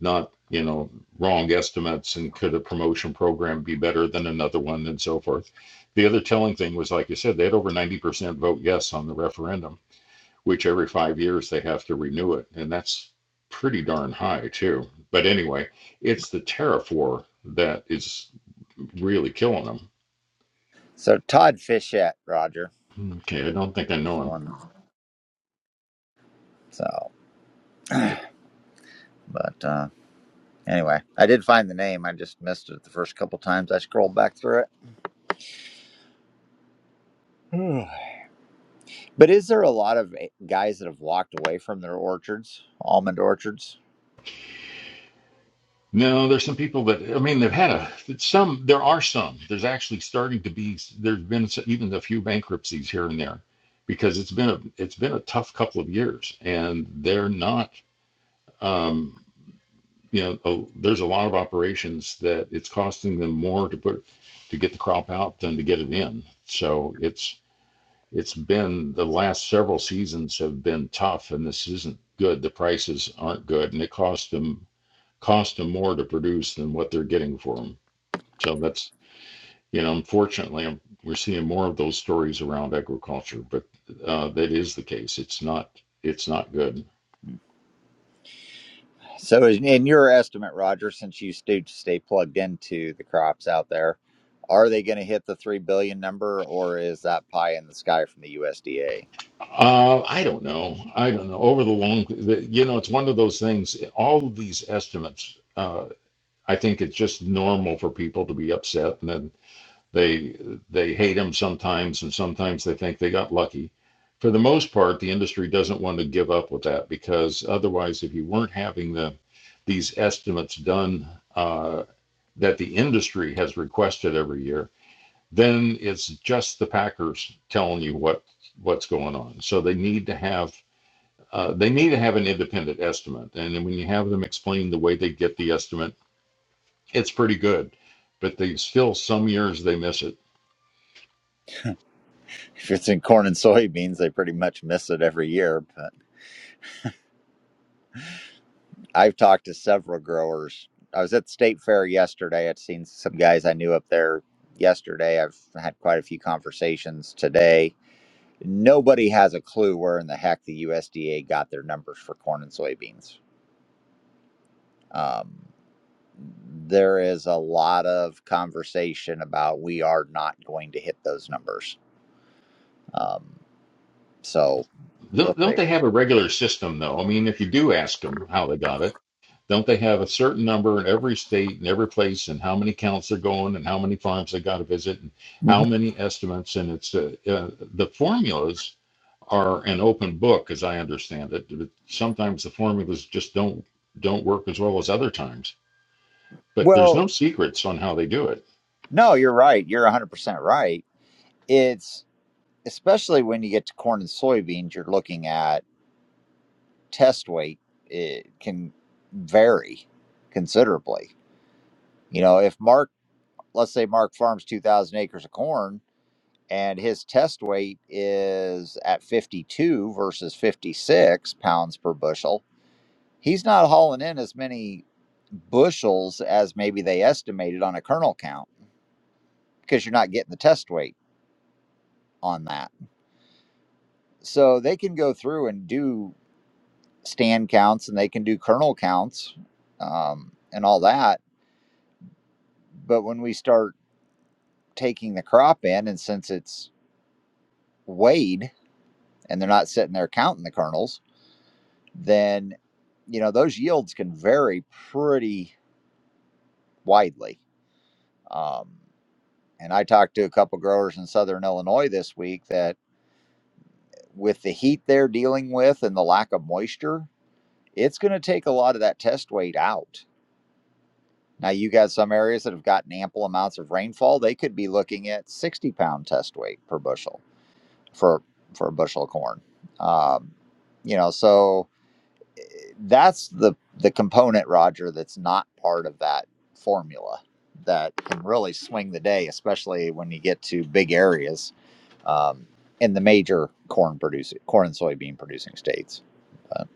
Speaker 6: not, you know, wrong estimates and could a promotion program be better than another one and so forth. The other telling thing was, like you said, they had over 90% vote yes on the referendum, which every five years they have to renew it. And that's pretty darn high, too. But anyway, it's the tariff war that is really killing them
Speaker 1: So, Todd Fischette, Roger,
Speaker 6: Okay, I don't think I
Speaker 1: is
Speaker 6: know
Speaker 1: the
Speaker 6: him.
Speaker 1: one. So, but uh, Anyway, I did find the name. I just missed it the first couple times I scrolled back through it. Hmm. but is there a lot of eh, guys that have walked away from their orchards, almond orchards?
Speaker 6: No, there's some people that I mean they've had a some. There are some. There's actually starting to be. There's been s- even a few bankruptcies here and there, because it's been a it's been a tough couple of years, and they're not. Um, you know, oh, there's a lot of operations that it's costing them more to put to get the crop out than to get it in. So it's it's been the last several seasons have been tough, and this isn't good. The prices aren't good, and it costs them cost them more to produce than what they're getting for them. So that's, you know, unfortunately, I'm, we're seeing more of those stories around agriculture, but uh, that is the case. It's not, it's not good.
Speaker 1: So, is- in your estimate, Roger, since you do stay plugged into the crops out there, are they going to hit the three billion number, or is that pie in the sky from the USDA?
Speaker 6: Uh, I don't know. I don't know. Over the long, the, you know, it's one of those things. All of these estimates, uh, I think it's just normal for people to be upset, and then They they hate him sometimes, and sometimes they think they got lucky. For the most part, the industry doesn't want to give up with that because otherwise, if you weren't having the these estimates done uh, that the industry has requested every year, then it's just the Packers telling you what what's going on. So they need to have uh, they need to have an independent estimate, and then when you have them explain the way they get the estimate, it's pretty good. But they still some years they miss it
Speaker 1: If it's in corn and soybeans, they pretty much miss it every year. But I've talked to several growers. I was at the state fair yesterday. I'd seen some guys I knew up there yesterday. I've had quite a few conversations today. Nobody has a clue where in the heck the USDA got their numbers for corn and soybeans. Um, there is a lot of conversation about we are not going to hit those numbers. Um, so we'll
Speaker 6: Don't, don't
Speaker 1: see.
Speaker 6: they have a regular system though? I mean, if you do ask them how they got it, don't they have a certain number in every state and every place and how many counts they're going and how many farms they got to visit and how
Speaker 1: Mhm.
Speaker 6: many estimates? And it's uh, uh, the formulas are an open book as I understand it. But sometimes the formulas just don't don't work as well as other times. But there's
Speaker 1: Well,
Speaker 6: no secrets on how they do it.
Speaker 1: No, you're right. You're 100% right. It's especially when you get to corn and soybeans, you're looking at test weight. It can vary considerably. You know, if Mark, let's say Mark farms 2,000 acres of corn and his test weight is at 52 versus 56 pounds per bushel, he's not hauling in as many bushels as maybe they estimated on a kernel count because you're not getting the test weight on that so they can go through and do stand counts and they can do kernel counts um, and all that. But when we start taking the crop in, and since it's weighed and they're not sitting there counting the kernels, then you know those yields can vary pretty widely. Um, and I talked to a couple growers in Southern Illinois this week that with the heat they're dealing with and the lack of moisture, it's going to take a lot of that test weight out Now, you got some areas that have gotten ample amounts of rainfall. They could be looking at 60 pound test weight per bushel for, for a bushel of corn. Um, you know, so that's the the component, Roger, that's not part of that formula that can really swing the day, especially when you get to big areas um, in the major corn producing corn and soybean producing states. But,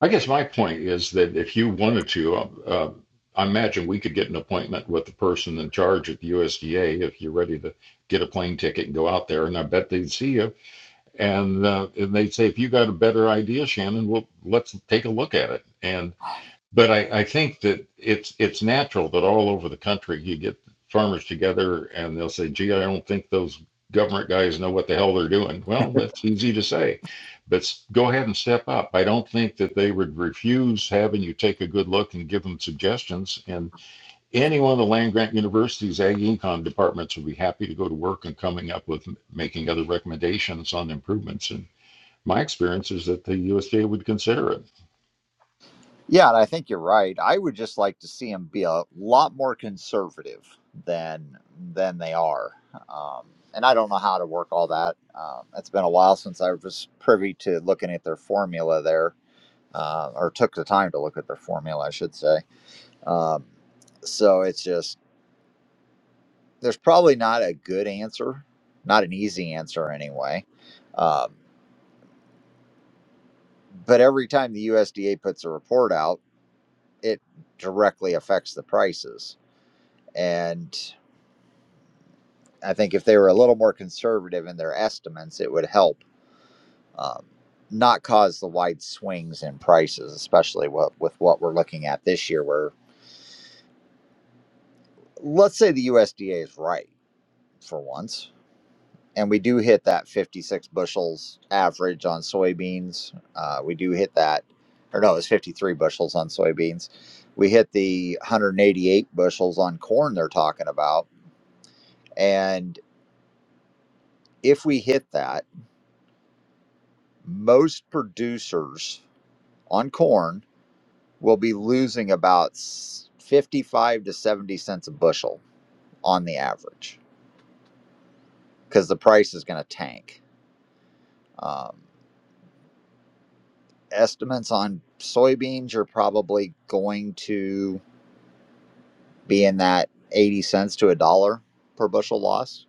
Speaker 6: I guess my point is that if you wanted to, uh, uh, I imagine we could get an appointment with the person in charge at the USDA if you're ready to get a plane ticket and go out there, and I bet they'd see you, and uh, and they'd say, if you got a better idea, Shannon, well, let's take a look at it, and but I, I think that it's it's natural that all over the country you get farmers together and they'll say, "Gee, I don't think those government guys know what the hell they're doing." Well, that's easy to say, but go ahead and step up. I don't think that they would refuse having you take a good look and give them suggestions. And any one of the land grant universities, ag econ departments would be happy to go to work and coming up with making other recommendations on improvements. And my experience is that the USDA would consider it.
Speaker 1: Yeah, and I think you're right. I would just like to see them be a lot more conservative than than they are. Um, and I don't know how to work all that. Um, it's been a while since I was privy to looking at their formula there, uh, or took the time to look at their formula, I should say. Um, so it's just there's probably not a good answer, not an easy answer anyway. Um, but every time the USDA puts a report out, it directly affects the prices and I think if they were a little more conservative in their estimates, it would help um, not cause the wide swings in prices, especially what, with what we're looking at this year, where let's say the USDA is right for once, and we do hit that 56 bushels average on soybeans. Uh, we do hit that, or no, it's 53 bushels on soybeans. We hit the 188 bushels on corn they're talking about. And if we hit that, most producers on corn will be losing about 55 to 70 cents a bushel on the average because the price is going to tank. Um, estimates on soybeans are probably going to be in that 80 cents to a dollar per bushel loss.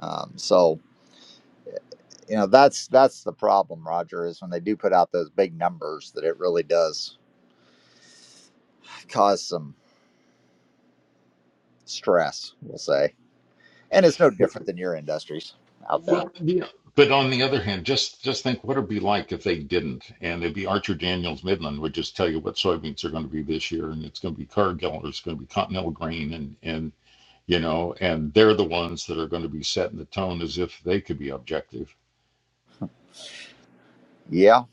Speaker 1: Um, so, you know, that's that's the problem, Roger, is when they do put out those big numbers that it really does cause some stress, we'll say. And it's no different than your industries out there.
Speaker 6: Well, yeah. But on the other hand, just just think what it'd be like if they didn't, and it'd be Archer Daniels Midland would just tell you what soybeans are going to be this year, and it's going to be Cargill, or it's going to be Continental Grain, and and you know, and they're the ones that are going to be setting the tone as if they could be objective.
Speaker 1: Yeah,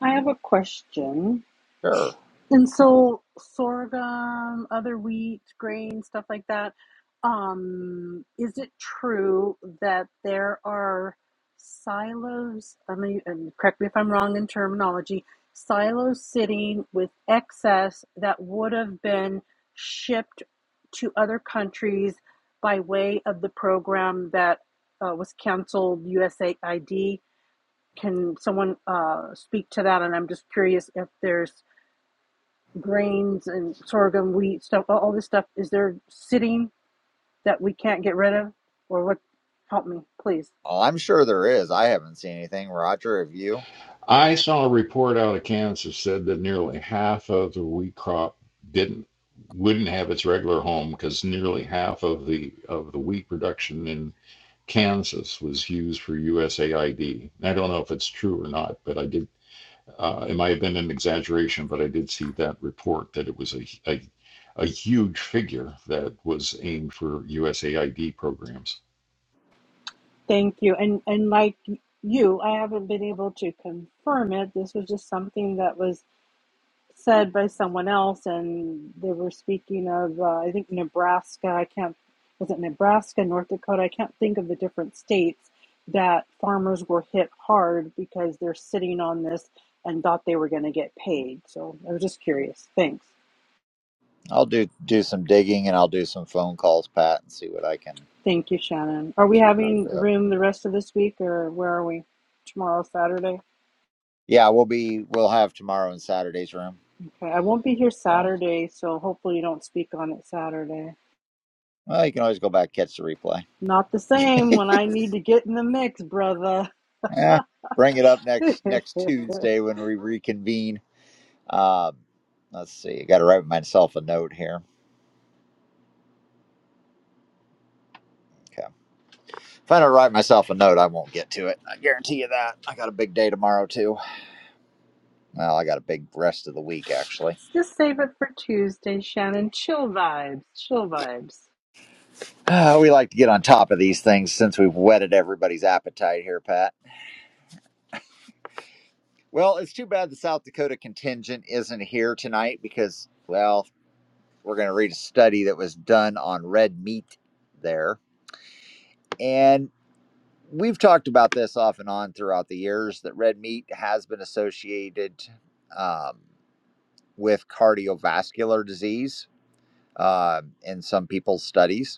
Speaker 3: I have a question.
Speaker 1: sure.
Speaker 3: And so sorghum, other wheat, grain, stuff like that. Um, is it true that there are silos? I mean, and correct me if I'm wrong in terminology. Silos sitting with excess that would have been shipped to other countries by way of the program that uh, was canceled, USAID. Can someone uh, speak to that? And I'm just curious if there's grains and sorghum, wheat, stuff, all this stuff, is there sitting that we can't get rid of? Or what? Help me, please.
Speaker 1: Oh, I'm sure there is. I haven't seen anything. Roger, have you?
Speaker 6: I saw a report out of Kansas said that nearly half of the wheat crop didn't wouldn't have its regular home because nearly half of the of the wheat production in Kansas was used for USAID. I D. I don't know if it's true or not, but I did, uh, it might have been an exaggeration, but I did see that report that it was a, a, a huge figure that was aimed for USAID programs.
Speaker 3: Thank you. And and like you, I haven't been able to confirm it. This was just something that was said by someone else, and they were speaking of uh, I think Nebraska. I can't was it Nebraska, North Dakota? I can't think of the different states that farmers were hit hard because they're sitting on this and thought they were going to get paid. So I was just curious. Thanks.
Speaker 1: I'll do do some digging and I'll do some phone calls, Pat, and see what I can.
Speaker 3: Thank you, Shannon. Are we having
Speaker 1: uh,
Speaker 3: room the rest of this week or where are we? Tomorrow, Saturday?
Speaker 1: Yeah, we'll be we'll have tomorrow and Saturday's room.
Speaker 3: Okay, I won't be here
Speaker 1: So
Speaker 3: Saturday, so hopefully you don't speak on it Saturday.
Speaker 1: well, you can always go back and catch the replay.
Speaker 3: Not the same when I need to get in the mix, brother.
Speaker 1: Eh, bring it up next next Tuesday when we reconvene. Um, let's see. I got to write myself a note here. Okay. If I don't write myself a note, I won't get to it. I guarantee you that. I got a big day tomorrow too. Well, I got a big rest of the week actually.
Speaker 3: Just save it for Tuesday, Shannon. Chill vibes, chill vibes.
Speaker 1: Ah, we like to get on top of these things since we've whetted everybody's appetite here, Pat. Well, it's too bad the South Dakota contingent isn't here tonight because, well, we're going to read a study that was done on red meat there. And we've talked about this off and on throughout the years that red meat has been associated um, with cardiovascular disease uh, in some people's studies.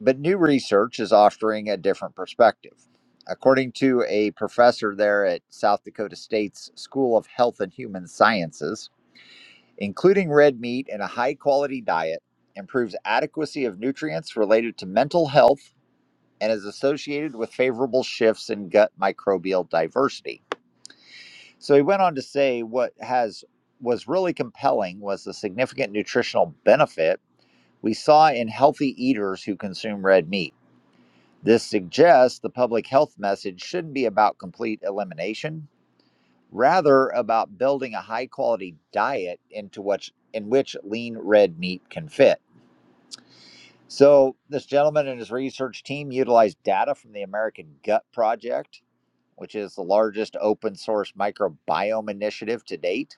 Speaker 1: But new research is offering a different perspective. According to a professor there at South Dakota State's School of Health and Human Sciences, including red meat in a high quality diet improves adequacy of nutrients related to mental health and is associated with favorable shifts in gut microbial diversity. So he went on to say what has was really compelling was the significant nutritional benefit we saw in healthy eaters who consume red meat. This suggests the public health message shouldn't be about complete elimination, rather about building a high-quality diet into which in which lean red meat can fit. So, this gentleman and his research team utilized data from the American Gut Project, which is the largest open source microbiome initiative to date.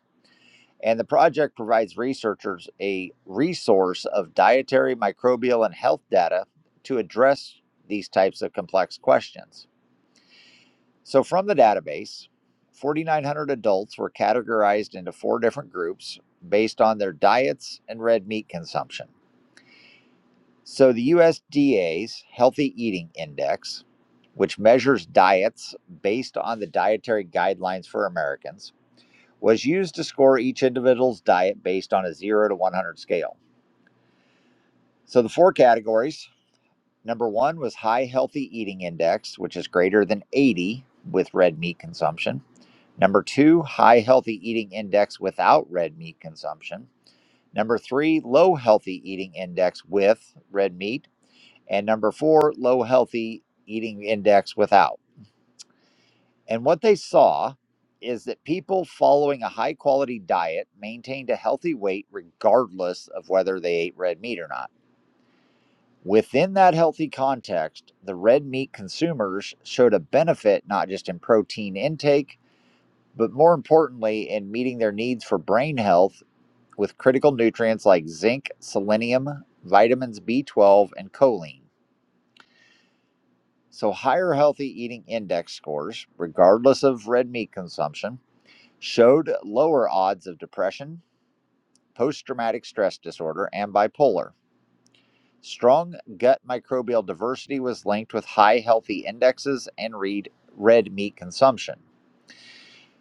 Speaker 1: And the project provides researchers a resource of dietary, microbial, and health data to address these types of complex questions. So, from the database, 4,900 adults were categorized into four different groups based on their diets and red meat consumption. So, the USDA's Healthy Eating Index, which measures diets based on the dietary guidelines for Americans, was used to score each individual's diet based on a 0 to 100 scale. So, the four categories number one was High Healthy Eating Index, which is greater than 80 with red meat consumption. Number two, high healthy eating index without red meat consumption. Number three, low healthy eating index with red meat. And number four, low healthy eating index without. And what they saw is that people following a high quality diet maintained a healthy weight regardless of whether they ate red meat or not. Within that healthy context, the red meat consumers showed a benefit not just in protein intake, but more importantly, in meeting their needs for brain health with critical nutrients like zinc, selenium, vitamins B12, and choline. So, higher healthy eating index scores, regardless of red meat consumption, showed lower odds of depression, post traumatic stress disorder, and bipolar. Strong gut microbial diversity was linked with high healthy indexes and read red meat consumption.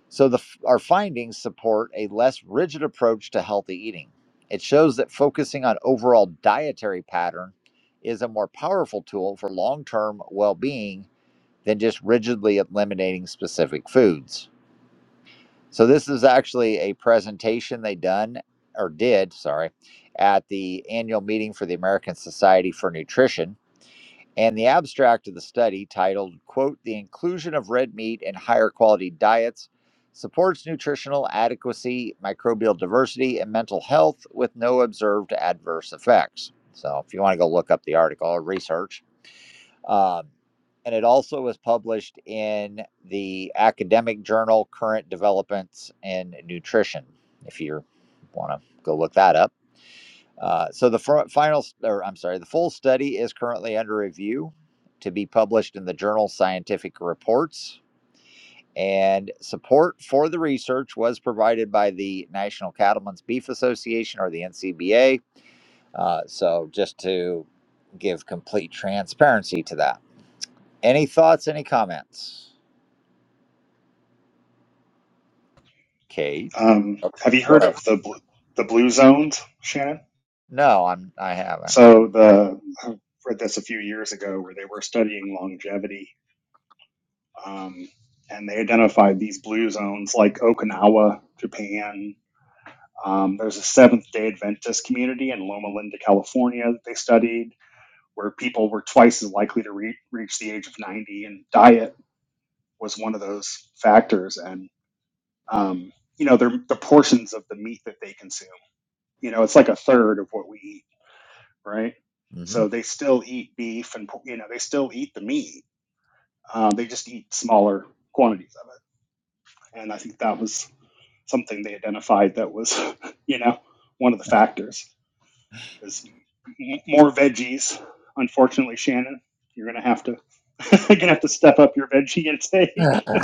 Speaker 1: So the, our findings support a less rigid approach to healthy eating. It shows that focusing on overall dietary pattern is a more powerful tool for long-term well-being than just rigidly eliminating specific foods. So this is actually a presentation they done or did, sorry, at the annual meeting for the American Society for Nutrition and the abstract of the study, titled, quote, The Inclusion of Red Meat in Higher Quality Diets Supports Nutritional Adequacy, Microbial Diversity, and Mental Health with No Observed Adverse Effects. So if you want to go look up the article or research. Um, and it also was published in the academic journal Current Developments in Nutrition, if you want to go look that up. Uh, so the final, or I'm sorry, the full study is currently under review to be published in the journal Scientific Reports. And support for the research was provided by the National Cattlemen's Beef Association, or the NCBA. Uh, so just to give complete transparency to that. Any thoughts? Any comments? Kate,
Speaker 4: um, have you
Speaker 1: go
Speaker 4: heard
Speaker 1: ahead.
Speaker 4: of the bl- the blue zones, Shannon?
Speaker 1: No, I'm. I haven't.
Speaker 4: So the I read this a few years ago where they were studying longevity, um, and they identified these blue zones like Okinawa, Japan. Um, there's a Seventh Day Adventist community in Loma Linda, California that they studied where people were twice as likely to re- reach the age of 90, and diet was one of those factors. And um, you know, the portions of the meat that they consume, you know, it's like a third of what we eat, right?
Speaker 1: hmm
Speaker 4: So they still eat beef, and you know, they still eat the meat. Uh, they just eat smaller quantities of it. And I think that was something they identified that was, you know, one of the factors. There's more veggies. Unfortunately, Shannon, you're gonna have to you're gonna have to step up your veggie intake.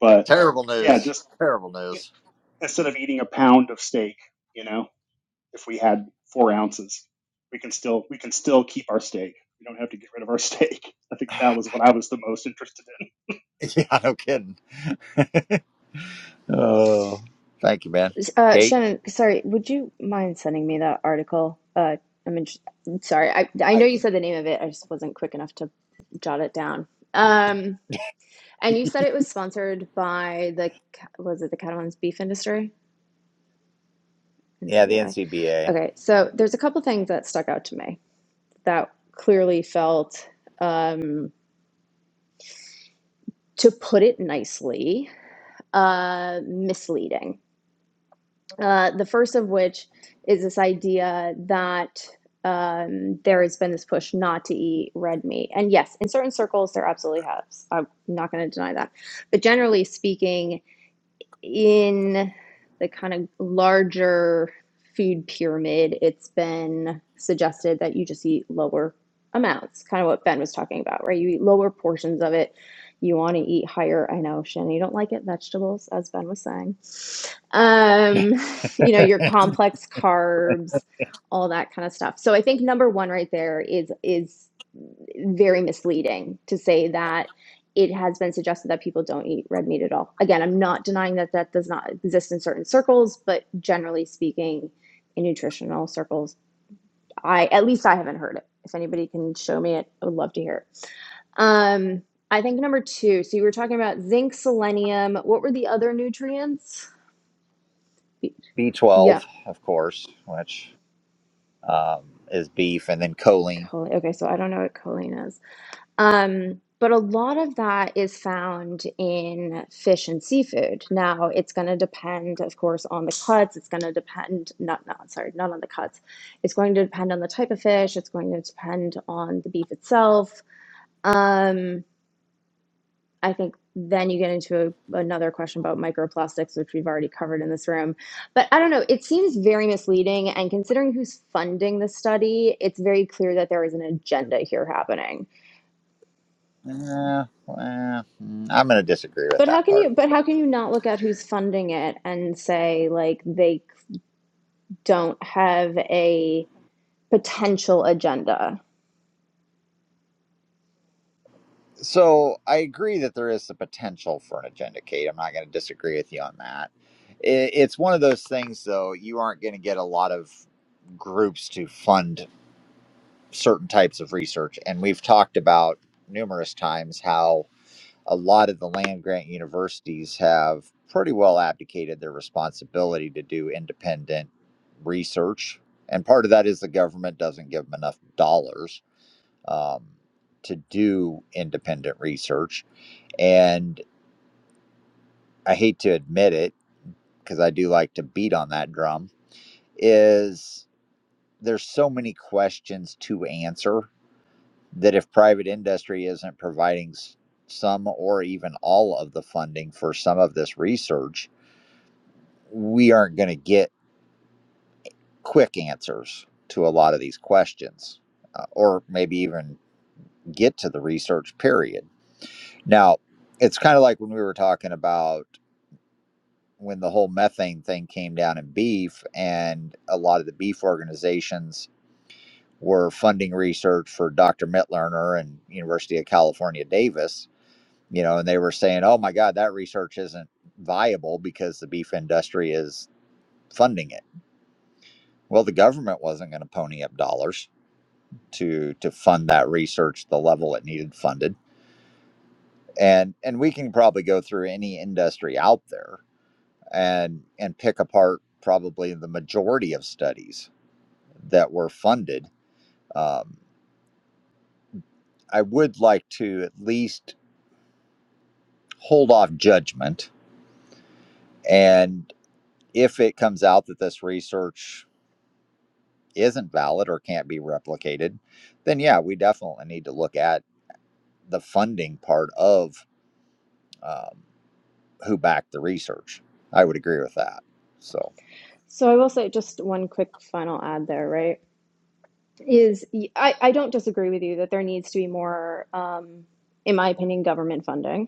Speaker 4: But
Speaker 1: Terrible
Speaker 4: yeah,
Speaker 1: news.
Speaker 4: just
Speaker 1: Terrible news.
Speaker 4: instead of eating a pound of steak, you know, if we had four ounces, we can still we can still keep our steak. We don't have to get rid of our steak. I think that was what I was the most interested in.
Speaker 1: Yeah, no kidding. Oh, thank you, man.
Speaker 9: Uh,
Speaker 1: Kate,
Speaker 9: Shannon, sorry, would you mind sending me that article? Uh, I'm inter- sorry, I I
Speaker 1: I
Speaker 9: know you
Speaker 1: can.
Speaker 9: said the name of it. I just wasn't quick enough to jot it down. Um, and you said it was sponsored by the Ca- was it the Catalan's beef industry?
Speaker 1: Yeah, the
Speaker 9: NCBI.
Speaker 1: NCBA,
Speaker 9: Okay, so there's a couple things that stuck out to me that clearly felt, um, to put it nicely, uh, misleading. Uh, the first of which is this idea that um, there has been this push not to eat red meat. And yes, in certain circles, there absolutely has. I'm not going to deny that. But generally speaking, in the kind of larger food pyramid, it's been suggested that you just eat lower amounts, kind of what Ben was talking about, right? You eat lower portions of it. You want to eat higher. I know, Shannon, you don't like it, vegetables, as Ben was saying. Um, you know, your complex carbs, all that kind of stuff. So I think number one right there is is very misleading to say that it has been suggested that people don't eat red meat at all. Again, I'm not denying that that does not exist in certain circles, but generally speaking, in nutritional circles, I at least I haven't heard it. If anybody can show me it, I would love to hear it. Um, I think number two. So you were talking about zinc, selenium. What were the other nutrients?
Speaker 1: B12,
Speaker 9: Yeah,
Speaker 1: of course, which um, is beef, and then choline.
Speaker 9: choline. Okay, so I don't know what choline is. Um, but a lot of that is found in fish and seafood. Now, it's going to depend, of course, on the cuts. It's going to depend, not, not, sorry, not on the cuts. It's going to depend on the type of fish. It's going to depend on the beef itself. Um, I think then you get into a, another question about microplastics, which we've already covered in this room. But I don't know, it seems very misleading. And considering who's funding the study, it's very clear that there is an agenda here happening
Speaker 1: Eh, well, mm, I'm going to disagree with
Speaker 9: But how
Speaker 1: that
Speaker 9: can you
Speaker 1: part.
Speaker 9: but how
Speaker 1: But.
Speaker 9: can you not look at who's funding it and say like they don't have a potential agenda?
Speaker 1: So I agree that there is the potential for an agenda, Kate. I'm not going to disagree with you on that. It, it's one of those things, though. You aren't going to get a lot of groups to fund certain types of research, and we've talked about numerous times how a lot of the land grant universities have pretty well abdicated their responsibility to do independent research. And part of that is the government doesn't give them enough dollars um, to do independent research. And I hate to admit it because I do like to beat on that drum, is there's so many questions to answer that if private industry isn't providing some or even all of the funding for some of this research, we aren't going to get quick answers to a lot of these questions uh, or maybe even get to the research period. Now, it's kind of like when we were talking about when the whole methane thing came down in beef, and a lot of the beef organizations were funding research for Dr. Mitlerner and University of California, Davis, you know, and they were saying, oh my God, that research isn't viable because the beef industry is funding it. Well, the government wasn't going to pony up dollars to to fund that research the level it needed funded and and we can probably go through any industry out there and and pick apart probably the majority of studies that were funded um, i would like to at least hold off judgment and if it comes out that this research isn't valid or can't be replicated then yeah we definitely need to look at the funding part of um, who backed the research. I would agree with that. So
Speaker 9: So I will say just one quick final ad there, right? is I, I don't disagree with you that there needs to be more, um, in my opinion, government funding.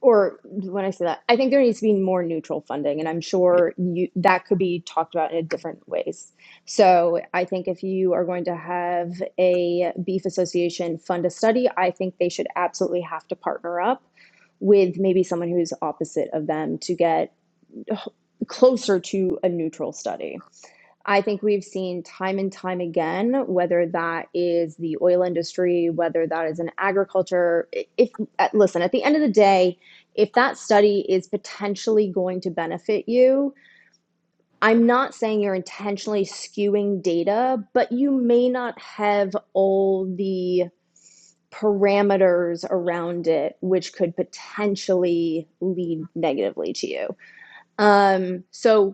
Speaker 9: Or when I say that, I think there needs to be more neutral funding, and I'm sure you, that could be talked about in different ways. So I think if you are going to have a beef association fund a study, I think they should absolutely have to partner up with maybe someone who's opposite of them to get closer to a neutral study I think we've seen time and time again, whether that is the oil industry, whether that is in agriculture. If uh, listen, at the end of the day, if that study is potentially going to benefit you, I'm not saying you're intentionally skewing data, but you may not have all the parameters around it, which could potentially lead negatively to you. Um, so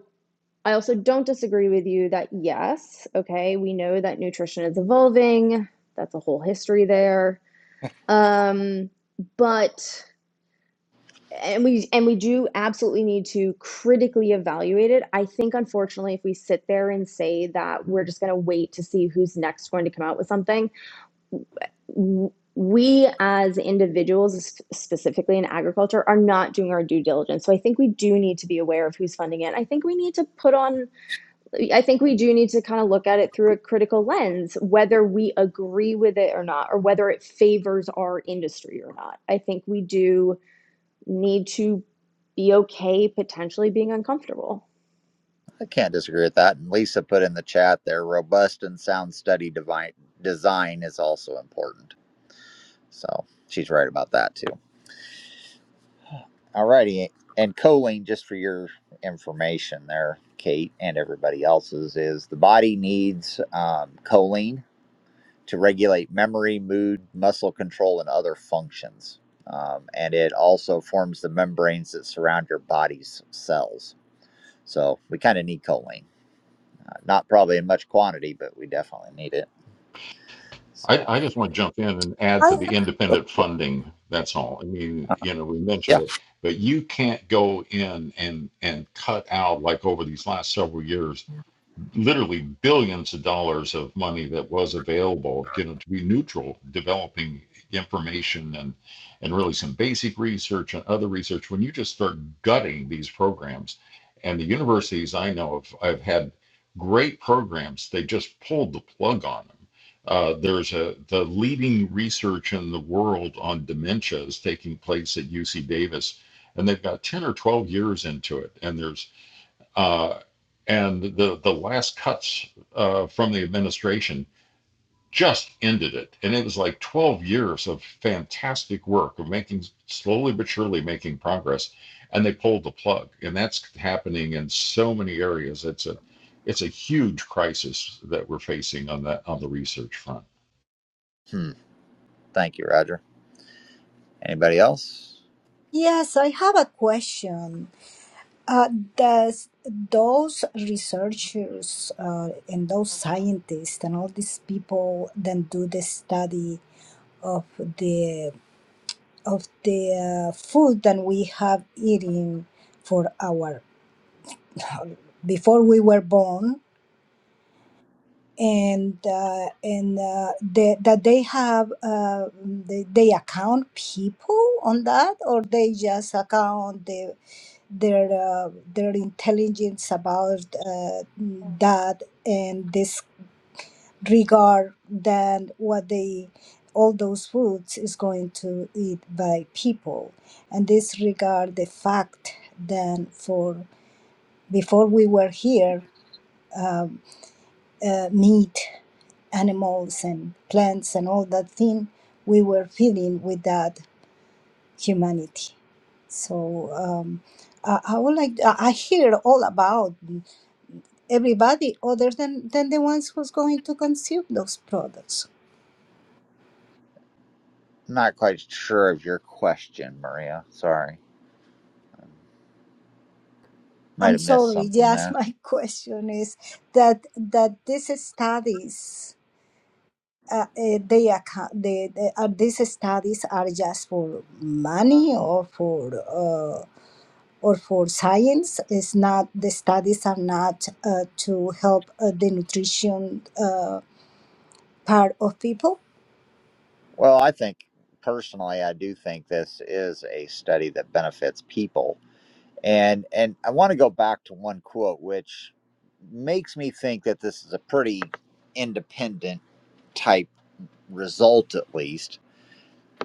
Speaker 9: I also don't disagree with you that yes, okay, we know that nutrition is evolving. That's a whole history there. Um, but and we and we do absolutely need to critically evaluate it. I think unfortunately if we sit there and say that we're just going to wait to see who's next going to come out with something, we as individuals specifically in agriculture are not doing our due diligence. So I think we do need to be aware of who's funding it. I think we need to put on I think we do need to kind of look at it through a critical lens, whether we agree with it or not, or whether it favors our industry or not. I think we do need to be okay potentially being uncomfortable.
Speaker 1: I can't disagree with that. And Lisa put in the chat there robust and sound study devi- design is also important. So she's right about that too. Alrighty. And choline, just for your information there, Kate and everybody else's, is the body needs um, choline to regulate memory, mood, muscle control, and other functions. Um, and it also forms the membranes that surround your body's cells. So we kind of need choline. Uh, not probably in much quantity, but we definitely need it.
Speaker 6: I,
Speaker 1: So
Speaker 6: I just want to jump in and add
Speaker 7: I,
Speaker 6: to the independent funding. That's all. I mean, you know, we mentioned
Speaker 1: yeah.
Speaker 6: it, but you can't go in and, and cut out like over these last several years literally billions of dollars of money that was available, you know, to be neutral, developing information and and really some basic research and other research. When you just start gutting these programs, and the universities I know of, I've had great programs, they just pulled the plug on them. Uh, there's a the leading research in the world on dementia is taking place at UC Davis, and they've got 10 or 12 years into it, and there's uh, and the the last cuts uh, from the administration just ended it, and it was like 12 years of fantastic work of making slowly but surely making progress, and they pulled the plug, and that's happening in so many areas. It's a it's a huge crisis that we're facing on that on the research front.
Speaker 1: Hmm. Thank you, Roger. Anybody else?
Speaker 7: yes, I have a question. Uh, does those researchers uh, and those scientists and all these people then do the study of the of the uh, food that we have eating for our before we were born and uh, and uh, they, that they have uh, they, they account people on that or they just account the their uh, their intelligence about uh, that and this regard than what they all those foods is going to eat by people and this regard the fact than for before we were here um, uh, meat animals and plants and all that thing we were feeling with that humanity so um, I, I would like I I hear all about everybody other than, than the ones who's going to consume those products.
Speaker 1: I'm not quite sure of your question, Maria. Sorry, I might
Speaker 7: I'm
Speaker 1: have missed
Speaker 7: sorry,
Speaker 1: something
Speaker 7: yes,
Speaker 1: there.
Speaker 7: my question is that that these studies uh, eh, they, acco- they, they are these studies are just for money or for uh, or for science. It's not the studies are not uh, to help uh, the nutrition uh, part of people.
Speaker 1: Well, I think personally, I do think this is a study that benefits people, and and I want to go back to one quote which makes me think that this is a pretty independent type result, at least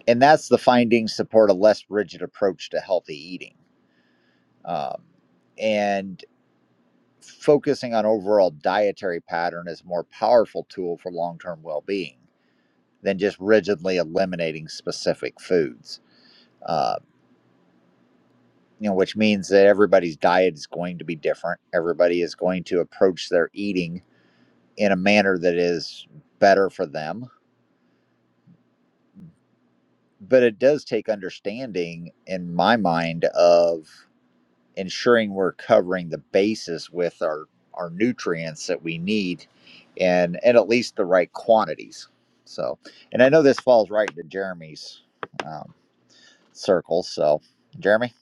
Speaker 1: and that's the findings support a less rigid approach to healthy eating um, and focusing on overall dietary pattern is a more powerful tool for long-term well-being than just rigidly eliminating specific foods uh, you know which means that everybody's diet is going to be different everybody is going to approach their eating in a manner that is better for them but it does take understanding in my mind of ensuring we're covering the bases with our our nutrients that we need and and at least the right quantities so and i know this falls right into jeremy's um, circle so jeremy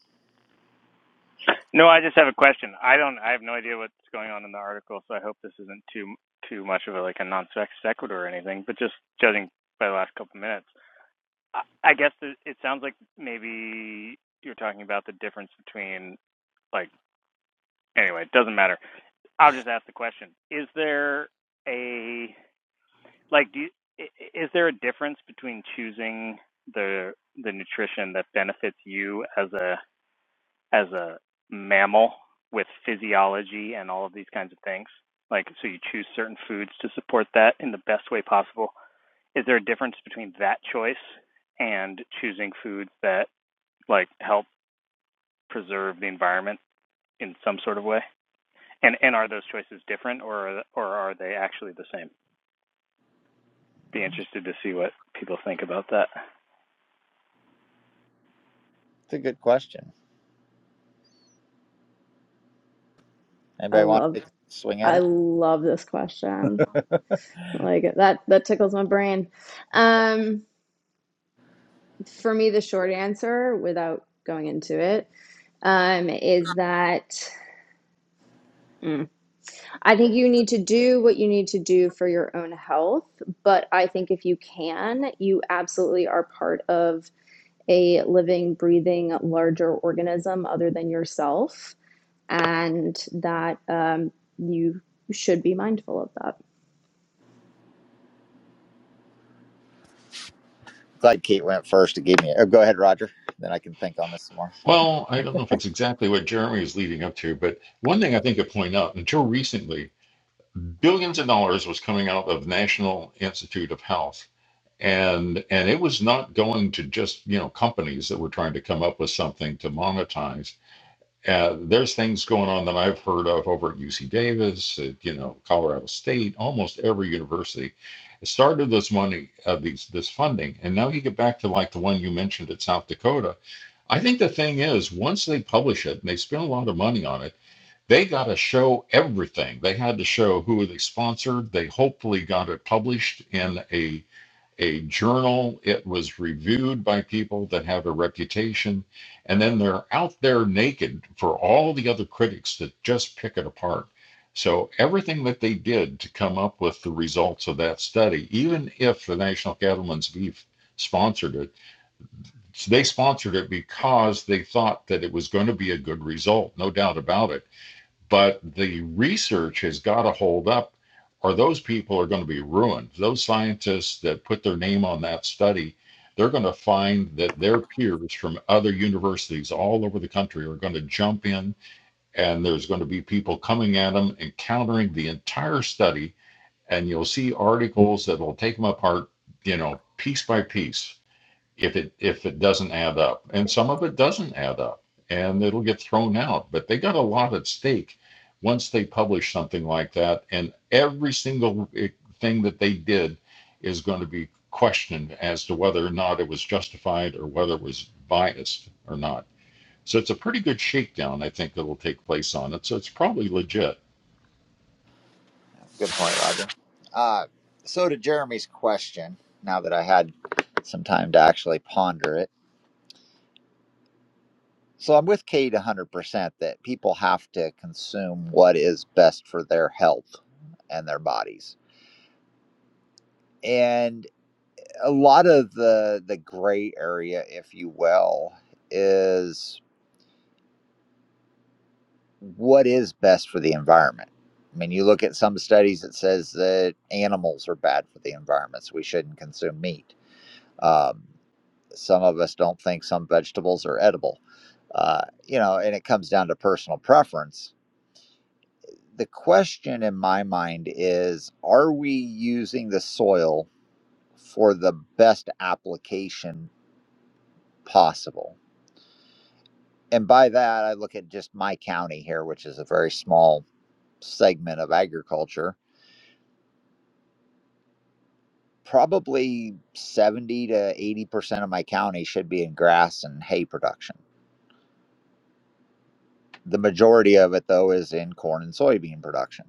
Speaker 10: No, I just have a question. I don't. I have no idea what's going on in the article, so I hope this isn't too too much of a like a non sequitur or anything. But just judging by the last couple minutes, I, I guess it, it sounds like maybe you're talking about the difference between like anyway, it doesn't matter. I'll just ask the question: Is there a like? Do you, is there a difference between choosing the the nutrition that benefits you as a as a mammal with physiology and all of these kinds of things? Like, so you choose certain foods to support that in the best way possible. Is there a difference between that choice and choosing foods that like help preserve the environment in some sort of way? And and are those choices different, or or are they actually the same? Be interested to see what people think about that.
Speaker 1: it's a good question
Speaker 9: I
Speaker 1: anybody want
Speaker 9: love
Speaker 1: to take a swing at
Speaker 9: I
Speaker 1: it
Speaker 9: love this question. Like that that tickles my brain. Um, for me, the short answer, without going into it, um, is that I think you need to do what you need to do for your own health, but I think if you can, you absolutely are part of a living, breathing, larger organism other than yourself, and that um, you should be mindful of that.
Speaker 1: glad kate went first to give me oh, go ahead roger then i can think on this some more
Speaker 6: Well, I don't know if it's exactly what Jeremy is leading up to, but one thing I think I point out until recently, billions of dollars was coming out of National Institute of Health and and it was not going to just you know companies that were trying to come up with something to monetize. Uh, there's things going on that I've heard of over at UC Davis, at, you know, Colorado State, almost every university. It started this money, uh, these this funding, and now you get back to like the one you mentioned at South Dakota. I think the thing is, once they publish it and they spend a lot of money on it, they got to show everything. They had to show who they sponsored. They hopefully got it published in a a journal. It was reviewed by people that have a reputation. And then they're out there naked for all the other critics to just pick it apart. So everything that they did to come up with the results of that study, even if the National Cattlemen's Beef sponsored it, they sponsored it because they thought that it was going to be a good result, no doubt about it but the research has got to hold up or those people are going to be ruined those scientists that put their name on that study they're going to find that their peers from other universities all over the country are going to jump in and there's going to be people coming at them and countering the entire study and you'll see articles that will take them apart you know piece by piece if it if it doesn't add up and some of it doesn't add up and it'll get thrown out but they got a lot at stake once they publish something like that and every single eh, thing that they did is going to be questioned as to whether or not it was justified or whether it was biased or not so it's a pretty good shakedown i think that'll take place on it so it's probably legit
Speaker 1: good point roger uh, so to jeremy's question now that i had some time to actually ponder it So I'm with Kate 100% that people have to consume what is best for their health and their bodies. And a lot of the the gray area if you will is what is best for the environment. I mean, you look at some studies that says that animals are bad for the environment, so we shouldn't consume meat. Um, some of us don't think some vegetables are edible, uh, you know, and it comes down to personal preference the question in my mind is are we using the soil for the best application possible and by that i look at just my county here which is a very small segment of agriculture probably 70 to 80 percent of my county should be in grass and hay production the majority of it though is in corn and soybean production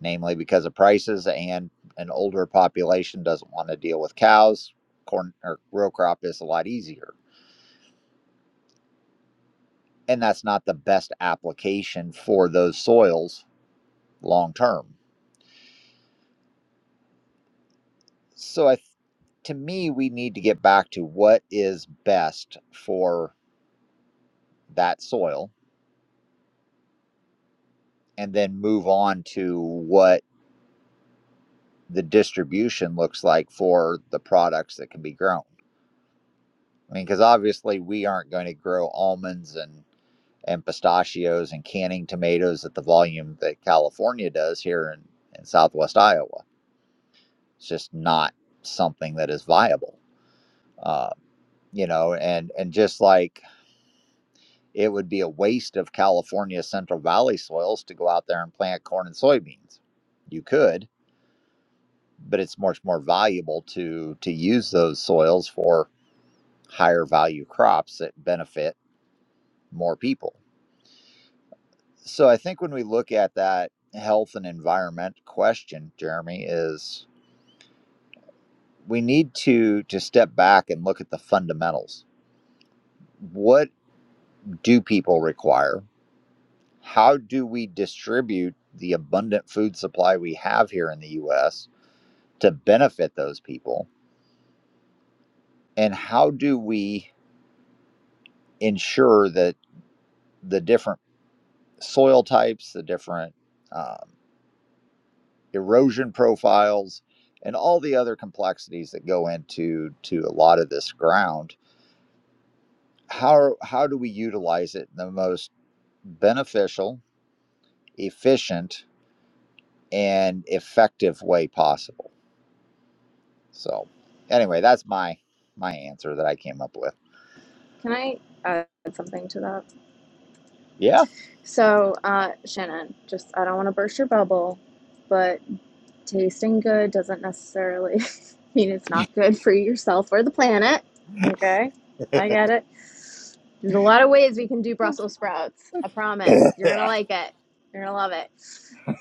Speaker 1: namely because of prices and an older population doesn't want to deal with cows. Corn or row crop is a lot easier, and that's not the best application for those soils long term. So, I, to me, we need to get back to what is best for that soil, and then move on to what the distribution looks like for the products that can be grown. I mean, because obviously we aren't going to grow almonds and and pistachios and canning tomatoes at the volume that California does here in, in Southwest Iowa. It's just not something that is viable, uh, you know, and, and just like it would be a waste of California's Central Valley soils to go out there and plant corn and soybeans. You could, but it's much more valuable to to use those soils for higher value crops that benefit more people. So I think when we look at that health and environment question, Jeremy, is we need to to step back and look at the fundamentals. What do people require? How do we distribute the abundant food supply we have here in the US to benefit those people? And how do we ensure that the different soil types, the different um, erosion profiles, and all the other complexities that go into to a lot of this ground. How how do we utilize it in the most beneficial, efficient, and effective way possible? So, anyway, that's my my answer that I came up with.
Speaker 9: Can I add something to that?
Speaker 1: Yeah,
Speaker 9: So, uh, Shannon, just I don't want to burst your bubble, but tasting good doesn't necessarily mean it's not good for yourself or the planet. Okay, I get it. There's a lot of ways we can do Brussels sprouts. I promise. You're going to like it. You're going to love it.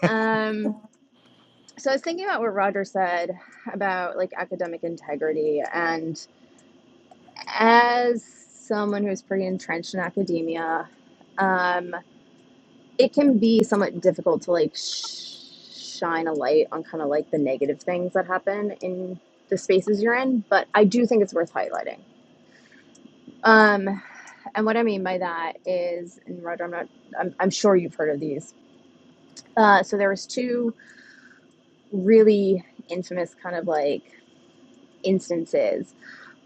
Speaker 9: Um, so I was thinking about what Roger said about like academic integrity. And as someone who's pretty entrenched in academia, um, it can be somewhat difficult to like sh- shine a light on kind of like the negative things that happen in the spaces you're in, but I do think it's worth highlighting. Um, and what I mean by that is, and Roger, I'm not, I'm, I'm sure you've heard of these. Uh, so there was two really infamous kind of like instances.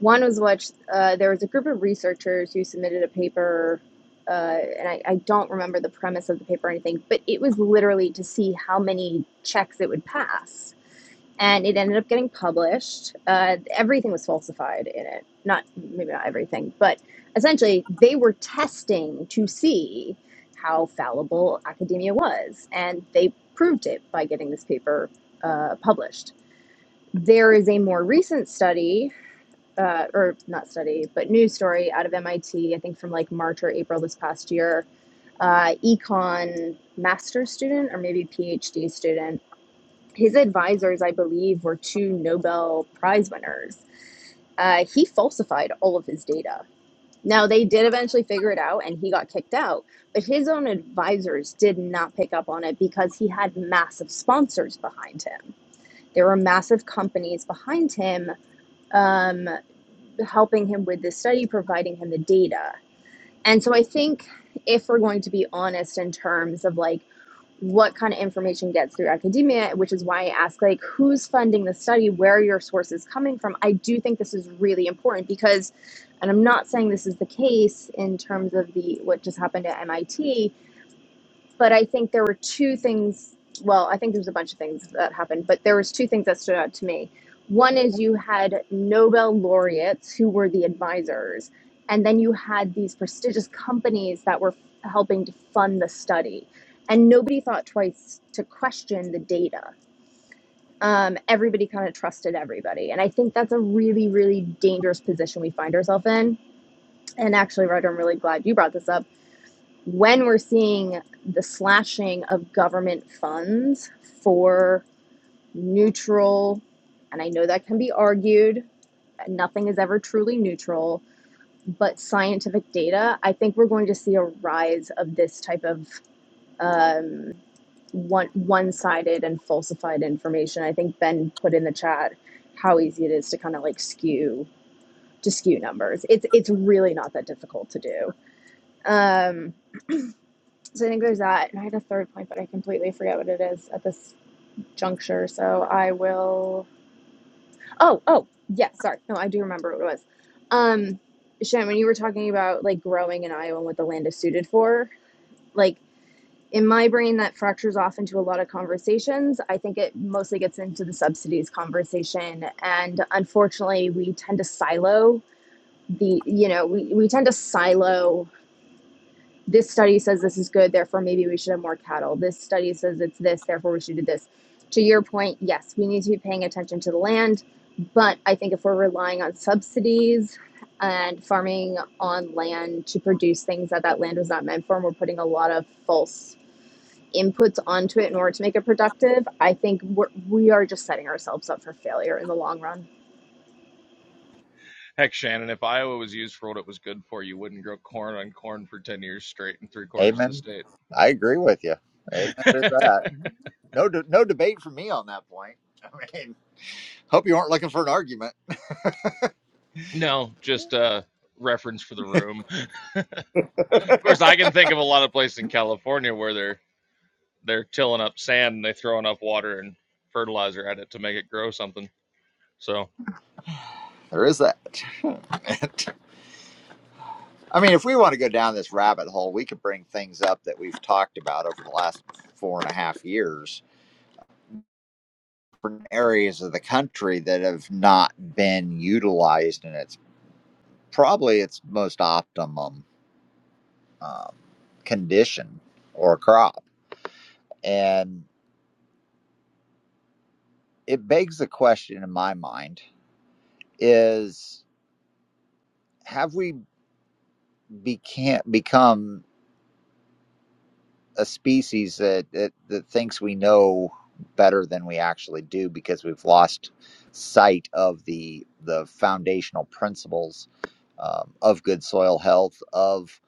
Speaker 9: One was which uh, there was a group of researchers who submitted a paper, uh, and I, I don't remember the premise of the paper or anything, but it was literally to see how many checks it would pass and it ended up getting published. Uh, everything was falsified in it. Not maybe not everything, but essentially they were testing to see how fallible academia was, and they proved it by getting this paper uh, published. There is a more recent study, uh, or not study, but news story out of MIT, I T, I think from like March or April this past year. Uh, econ master's student, or maybe PhD student. His advisors, I believe, were two Nobel Prize winners. Uh, he falsified all of his data. Now, they did eventually figure it out and he got kicked out, but his own advisors did not pick up on it because he had massive sponsors behind him. There were massive companies behind him um, helping him with this study, providing him the data. And so I think if we're going to be honest in terms of like what kind of information gets through academia, which is why I ask like who's funding the study, where are your sources coming from, I do think this is really important because and I'm not saying this is the case in terms of the what just happened at MIT, but I think there were two things. Well, I think there was a bunch of things that happened, but there was two things that stood out to me. One is you had Nobel laureates who were the advisors, and then you had these prestigious companies that were f- helping to fund the study, and nobody thought twice to question the data. Um, everybody kind of trusted everybody, and I think that's a really, really dangerous position we find ourselves in. And actually, Roger, I'm really glad you brought this up when we're seeing the slashing of government funds for neutral, and I know that can be argued, nothing is ever truly neutral, but scientific data, I think we're going to see a rise of this type of um, one one-sided and falsified information. I think Ben put in the chat how easy it is to kind of like skew to skew numbers. It's it's really not that difficult to do. Um, So I think there's that. And I had a third point, but I completely forget what it is at this juncture. So I will. Oh, yes. Yeah, sorry. No, I do remember what it was. Um, Shen, when you were talking about like growing in Iowa and what the land is suited for, like in my brain, that fractures off into a lot of conversations. I think it mostly gets into the subsidies conversation. And unfortunately, we tend to silo the, you know, we, we tend to silo this study says this is good, therefore maybe we should have more cattle. This study says it's this, therefore we should do this. To your point, yes, we need to be paying attention to the land, but I think if we're relying on subsidies and farming on land to produce things that that land was not meant for, and we're putting a lot of false inputs onto it in order to make it productive, I think we're, we are just setting ourselves up for failure in the long run.
Speaker 11: Heck, Shannon, if Iowa was used for what it was good for, you wouldn't grow corn on corn for 10 years straight in three quarters of the
Speaker 1: amen.
Speaker 11: state.
Speaker 1: I agree with you. Amen to that. No, de- no debate from me on that point. I mean, hope you aren't looking for an argument.
Speaker 11: No, just a reference for the room. Of course, I can think of a lot of places in California where they're they're tilling up sand and they throw enough water and fertilizer at it to make it grow something. So,
Speaker 1: There is that. I mean, if we want to go down this rabbit hole, we could bring things up that we've talked about over the last four and a half years from areas of the country that have not been utilized in its probably its most optimum um, condition or crop. And it begs the question in my mind is have we beca- become a species that, that that thinks we know better than we actually do because we've lost sight of the the foundational principles um, of good soil health of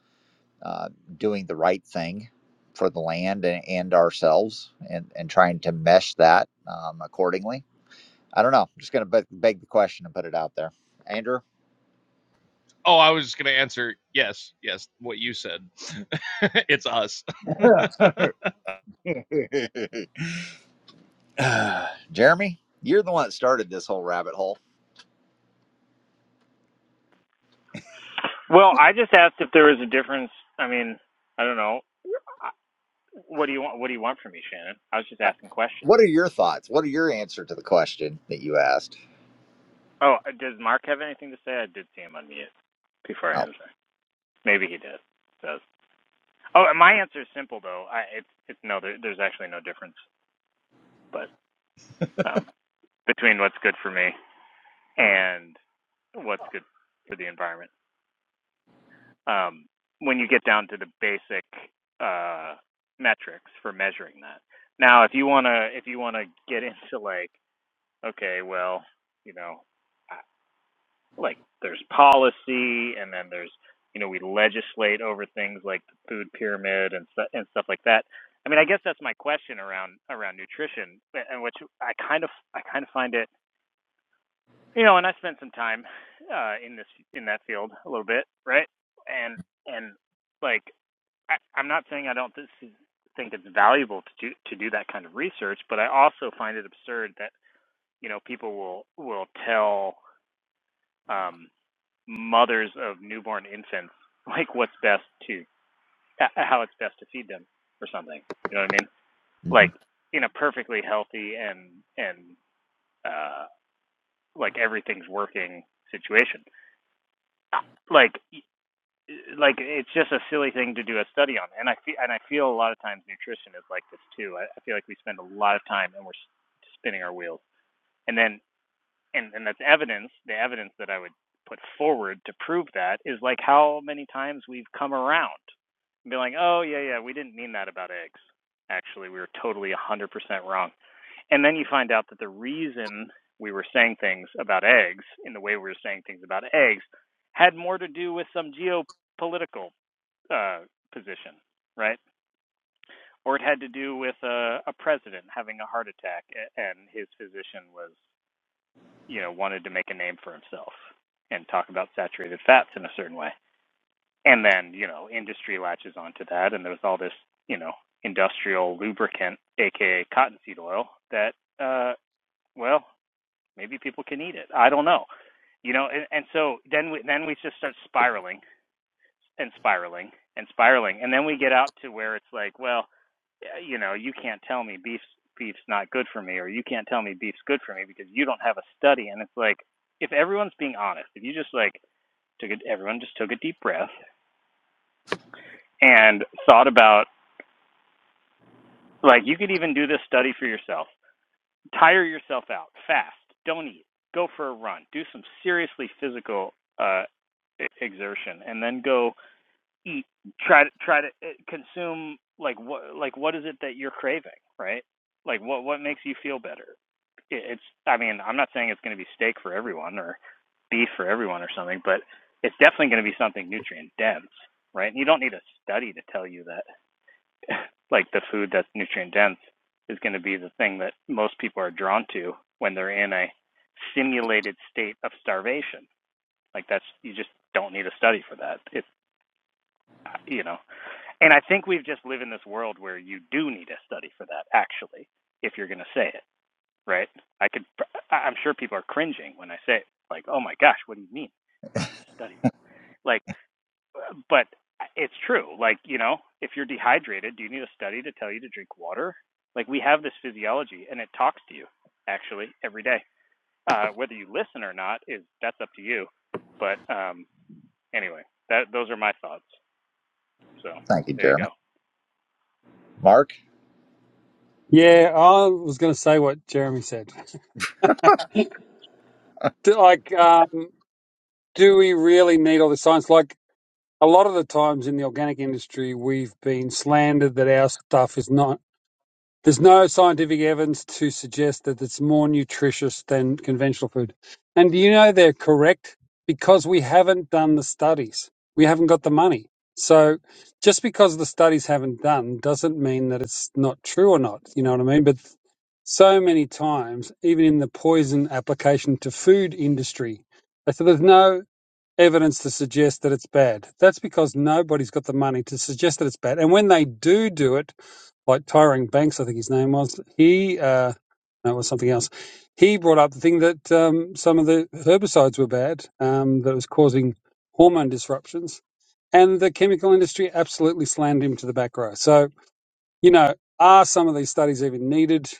Speaker 1: uh, doing the right thing for the land and, and ourselves and and trying to mesh that um, accordingly i don't know i'm just going to be- beg the question and put it out there andrew
Speaker 11: oh, I was just going to answer yes, yes, what you said. it's us.
Speaker 1: jeremy you're the one that started this whole rabbit hole
Speaker 10: Well, I just asked if there was a difference. I mean, I don't know. What do you want? What do you want from me, Shannon? I was just asking questions.
Speaker 1: What are your thoughts? What are your answer to the question that you asked?
Speaker 10: Oh, uh, does Mark have anything to say? I did see him unmute before I
Speaker 1: Oh,
Speaker 10: answered. Maybe he did. Does. Oh, and my answer is simple though. I it's it's no. There, there's actually no difference, but um, between what's good for me and what's good for the environment. Um, when you get down to the basic uh metrics for measuring that. Now, if you wanna if you wanna get into like, okay, well, you know. like there's policy and then there's you know we legislate over things like the food pyramid and stu- and stuff like that i mean i guess that's my question around around nutrition and which i kind of i kind of find it you know and i spent some time uh in this in that field a little bit right and and like I, i'm not saying i don't this is, think it's valuable to do to do that kind of research but i also find it absurd that you know people will will tell um mothers of newborn infants like what's best to how it's best to feed them or something you know what i mean like
Speaker 1: mhm.
Speaker 10: in a perfectly healthy and and uh like everything's working situation like like it's just a silly thing to do a study on and i feel and i feel a lot of times nutrition is like this too i, I feel like we spend a lot of time and we're spinning our wheels and then and and that's evidence the evidence that i would put forward to prove that is like how many times we've come around and be like oh yeah yeah we didn't mean that about eggs actually we were totally 100% wrong and then you find out that the reason we were saying things about eggs in the way we were saying things about eggs had more to do with some geopolitical uh, position right or it had to do with a, a president having a heart attack and his physician was you know, wanted to make a name for himself and talk about saturated fats in a certain way. And then, you know, industry latches onto that and there's all this, you know, industrial lubricant, aka cottonseed oil, that uh well, maybe people can eat it. I don't know. You know, and, and so then we then we just start spiraling and spiraling and spiraling and then we get out to where it's like well yeah, you know you can't tell me beef's beef's not good for me or you can't tell me beef's good for me because you don't have a study and it's like if everyone's being honest if you just like took it everyone just took a deep breath and thought about like you could even do this study for yourself tire yourself out fast don't eat go for a run do some seriously physical uh e- exertion and then go eat try to try to eh, consume like what like what is it that you're craving right like what what makes you feel better it's i mean i'm not saying it's going to be steak for everyone or beef for everyone or something but it's definitely going to be something nutrient dense right and you don't need a study to tell you that like the food that's nutrient dense is going to be the thing that most people are drawn to when they're in a simulated state of starvation like that's you just don't need a study for that it's you know and I think we've just live in this world where you do need a study for that, actually, if you're going to say it, right? I could, I- am sure people are cringing when I say it, like, oh my gosh, what do you mean? You don't need a study for it. Like, but it's true. Like, you know, if you're dehydrated, do you need a study to tell you to drink water? Like, we have this physiology and it talks to you, actually, every day. Uh, whether you listen or not is that's up to you. But um, anyway, that those are my thoughts. So
Speaker 1: thank you,
Speaker 10: there you
Speaker 1: Jeremy.
Speaker 10: go.
Speaker 1: Mark.
Speaker 8: Yeah, I was going to say what Jeremy said. D- Like, um, do we really need all the science? Like, a lot of the times in the organic industry, we've been slandered that our stuff is not there's no scientific evidence to suggest that it's more nutritious than conventional food. And you know they're correct because we haven't done the studies. We haven't got the money. So just because the studies haven't done doesn't mean that it's not true or not. You know what I mean? But so many times, even in the poison application to food industry, they said there's no evidence to suggest that it's bad. That's because nobody's got the money to suggest that it's bad. And when they do do it, like Tyring Banks, I think his name was. He uh, no, it was something else. He brought up the thing that um, some of the herbicides were bad, um, that was causing hormone disruptions, and the chemical industry absolutely slammed him to the back row. So you know, are some of these studies even needed?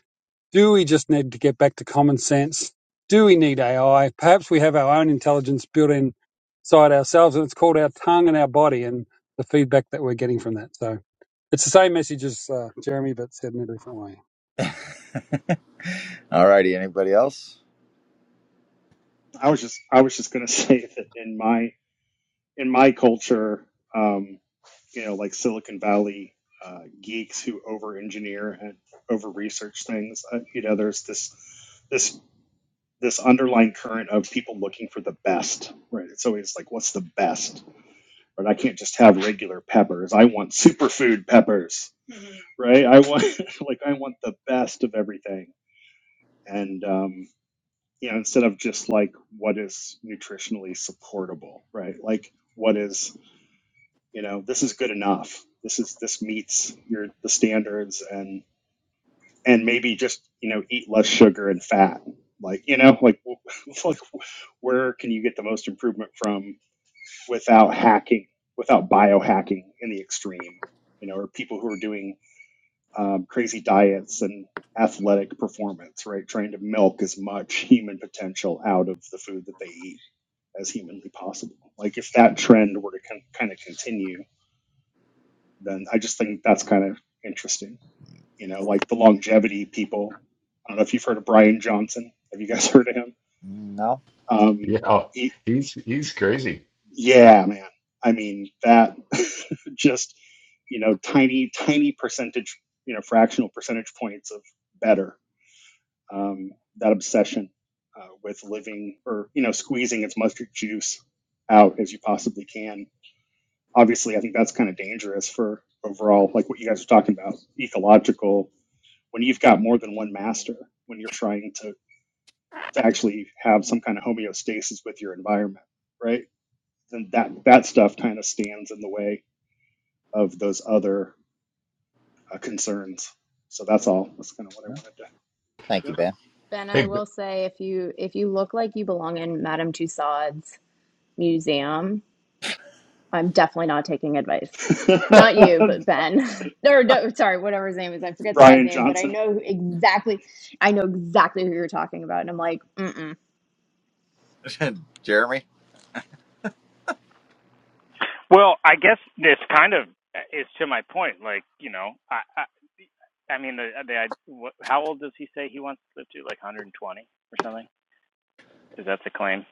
Speaker 8: Do we just need to get back to common sense? Do we need AI? Perhaps we have our own intelligence built inside ourselves, and it's called our tongue and our body, and the feedback that we're getting from that. So it's the same message as uh, Jeremy, but said in a different way.
Speaker 1: All righty. Anybody else?
Speaker 4: I was just I was just gonna say that in my in my culture, um, you know, like Silicon Valley uh, geeks who over-engineer and over-research things. Uh, you know, there's this this this underlying current of people looking for the best, right? It's always like, what's the best? Right? I can't just have regular peppers. I want superfood peppers, right? I want like I want the best of everything, and um, you know, instead of just like what is nutritionally supportable, right? Like what is you know this is good enough this is this meets your the standards and and maybe just you know eat less sugar and fat like you know like like where can you get the most improvement from without hacking without biohacking in the extreme you know or people who are doing um, crazy diets and athletic performance right trying to milk as much human potential out of the food that they eat as humanly possible like if that trend were to con- kind of continue then I just think that's kind of interesting. You know, like the longevity people. I don't know if you've heard of Brian Johnson. Have you guys heard of him?
Speaker 1: No.
Speaker 4: Um,
Speaker 6: yeah
Speaker 4: he,
Speaker 6: he's he's crazy
Speaker 4: yeah, man. I mean, that just, you know, tiny, tiny percentage, you know, fractional percentage points of better. Um, that obsession uh, with living or, you know, squeezing as much juice out as you possibly can. Obviously, I think that's kind of dangerous for overall, like what you guys are talking about, ecological when you've got more than one master when you're trying to, to actually have some kind of homeostasis with your environment right then that that stuff kind of stands in the way of those other uh, concerns so that's all that's kind of what
Speaker 1: No. Thank you, Ben.
Speaker 9: Ben, I
Speaker 6: Hey.
Speaker 9: will say if you if you look like you belong in Madame Tussauds museum, I'm definitely not taking advice. Not
Speaker 4: i wanted to
Speaker 9: you,
Speaker 4: yep
Speaker 9: but Ben. or no, sorry, whatever his name is. I forget the guy's
Speaker 4: brian
Speaker 9: name, but I
Speaker 4: johnson
Speaker 9: know who- exactly. I know exactly who you're talking about, and I'm like, mm-mm.
Speaker 1: Jeremy.
Speaker 10: Well, I guess this kind of is to my point. Like, you know, I, I, I mean, the, the, I, what, how old does he say he wants to live to? Like 120 or something? Is that the claim?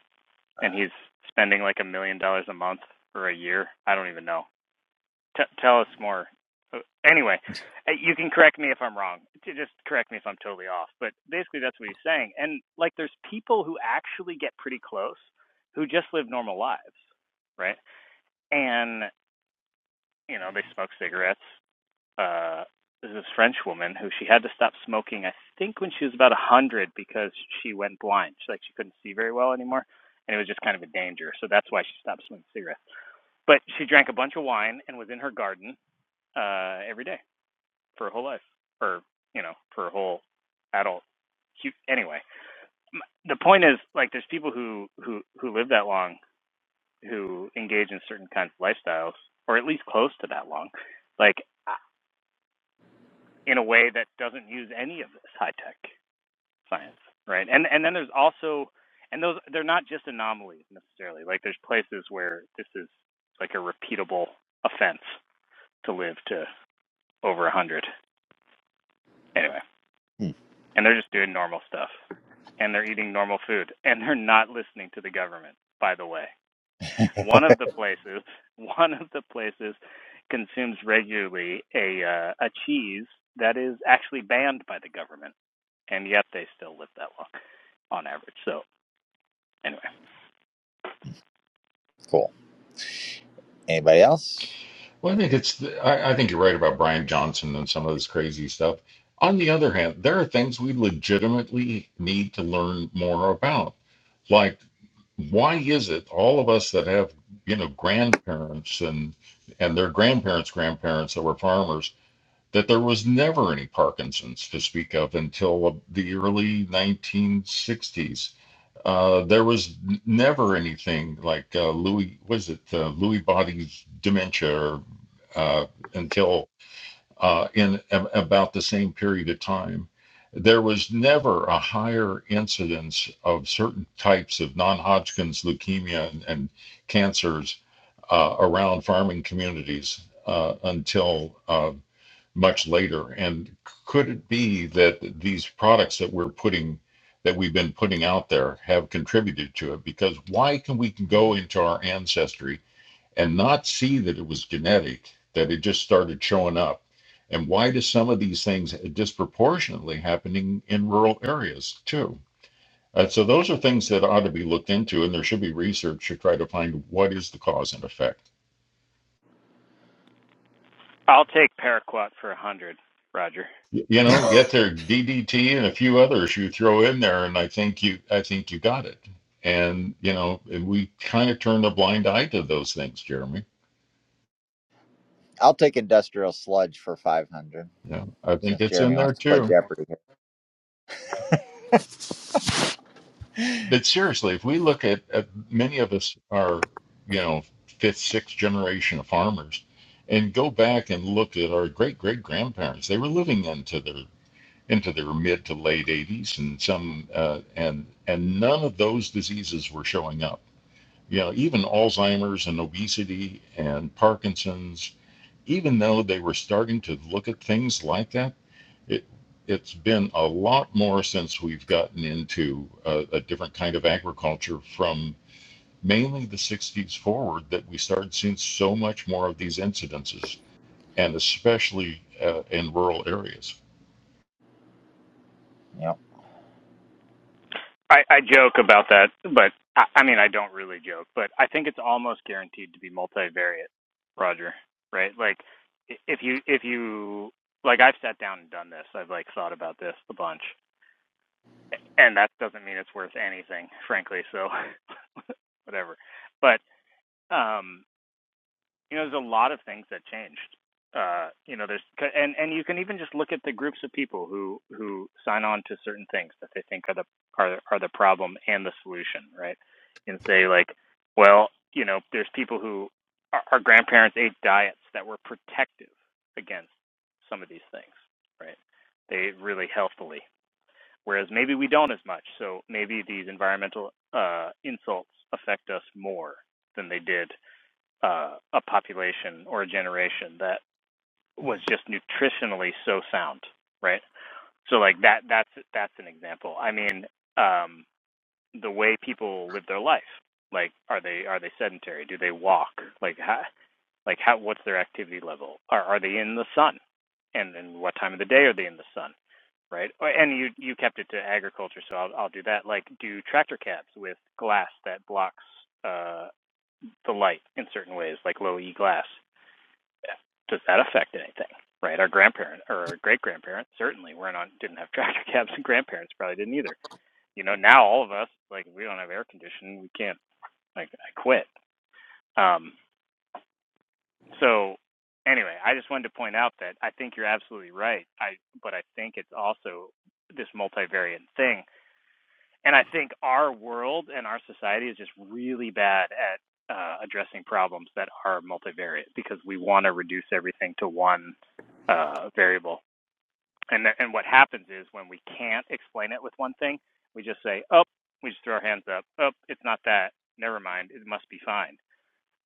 Speaker 10: And he's spending like a million dollars a month or a year. I don't even know. T- tell us more. Uh, Anyway, uh, you can correct me if I'm wrong. Just correct me if I'm totally off. But basically, that's what he's saying. And like, there's people who actually get pretty close who just live normal lives, right? And you know, they smoke cigarettes uh, this French woman who she had to stop smoking, I think, when she was about a 100 because she went blind. She, like, she couldn't see very well anymore, and it was just kind of a danger. So that's why she stopped smoking cigarettes. But she drank a bunch of wine and was in her garden uh, every day for her whole life, or, you know, for her whole adult. anyway, the point is, like, there's people who, who, who live that long who engage in certain kinds of lifestyles, or at least close to that long. Like, in a way that doesn't use any of this high tech science, right? And and then there's also and those they're not just anomalies necessarily. Like there's places where this is like a repeatable offense to live to over a hundred anyway,
Speaker 1: Hmm,
Speaker 10: and they're just doing normal stuff and they're eating normal food and they're not listening to the government. By the way, one of the places one of the places consumes regularly a uh, a cheese that is actually banned by the government and yet they still live that long on average. So anyway,
Speaker 1: cool. Anybody else?
Speaker 6: Well, I think it's the, I, I think you're right about Brian Johnson and some of this crazy stuff. On the other hand, there are things we legitimately need to learn more about. Like, why is it all of us that have you know grandparents and and their grandparents' grandparents that were farmers that there was never any Parkinson's to speak of until the early 1960s? Uh, there was never anything like uh, Louis, was it uh, Louis Body's dementia or, uh, until uh, in a- about the same period of time. There was never a higher incidence of certain types of non Hodgkin's leukemia and, and cancers uh, around farming communities uh, until uh, much later. And could it be that these products that we're putting, that we've been putting out there, have contributed to it? Because why can we can go into our ancestry and not see that it was genetic, that it just started showing up? And why do some of these things disproportionately happening in rural areas too? Uh, so those are things that ought to be looked into, and there should be research to try to find what is the cause and effect.
Speaker 10: I'll take paraquat for a hundred, Roger.
Speaker 6: Y- You know, get their DDT and a few others you throw in there, and I think you, I think you got it. And you know, and we kind of turn a blind eye to those things, Jeremy.
Speaker 1: I'll take industrial sludge for five hundred
Speaker 6: Yeah, I think
Speaker 1: since
Speaker 6: it's in
Speaker 1: Jeremy
Speaker 6: there
Speaker 1: wants to play
Speaker 6: too.
Speaker 1: Jeopardy. here.
Speaker 6: But seriously, if we look at, at many of us are, you know, fifth, sixth generation of farmers, and go back and look at our great great grandparents, they were living into their into their mid to late 80s, and some uh, and and none of those diseases were showing up You know, even Alzheimer's and obesity and Parkinson's, even though they were starting to look at things like that, it it's been a lot more since we've gotten into a, a different kind of agriculture from mainly the 60s forward that we started seeing so much more of these incidences, and especially uh, in rural areas.
Speaker 1: Yep.
Speaker 10: I, I joke about that, but I, I mean I don't really joke, but I think it's almost guaranteed to be multivariate, Roger. Right? Like if you if you like I've sat down and done this, I've like thought about this a bunch, and that doesn't mean it's worth anything, frankly. So whatever. But um you know, there's a lot of things that changed. Uh, you know, there's and and you can even just look at the groups of people who who sign on to certain things that they think are the are are the problem and the solution, right? And say like, well, you know, there's people who our, our grandparents ate diets that were protective against some of these things, right? They ate really healthily, whereas maybe we don't as much. So maybe these environmental uh, insults affect us more than they did uh, a population or a generation that was just nutritionally so sound, right? So like that that's that's an example. I mean, um, the way people live their life, like are they are they sedentary? Do they walk? Like how like how what's their activity level? Are are they in the sun? And then what time of the day are they in the sun? Right? And you you kept it to agriculture, so I'll I'll do that. Like do tractor cabs with glass that blocks uh the light in certain ways, like low E glass does that affect anything? Right, our grandparents or our great grandparents certainly were not on. didn't have tractor cabs, and grandparents probably didn't either. You know, now all of us like we don't have air conditioning, we can't like I quit. Um, so anyway, I just wanted to point out that I think you're absolutely right. I but I think it's also this multivariate thing, and I think our world and our society is just really bad at uh, addressing problems that are multivariate because we want to reduce everything to one uh, variable And th- and what happens is when we can't explain it with one thing, we just say, "Oh," we just throw our hands up. "Oh, it's not that. Never mind. It must be fine."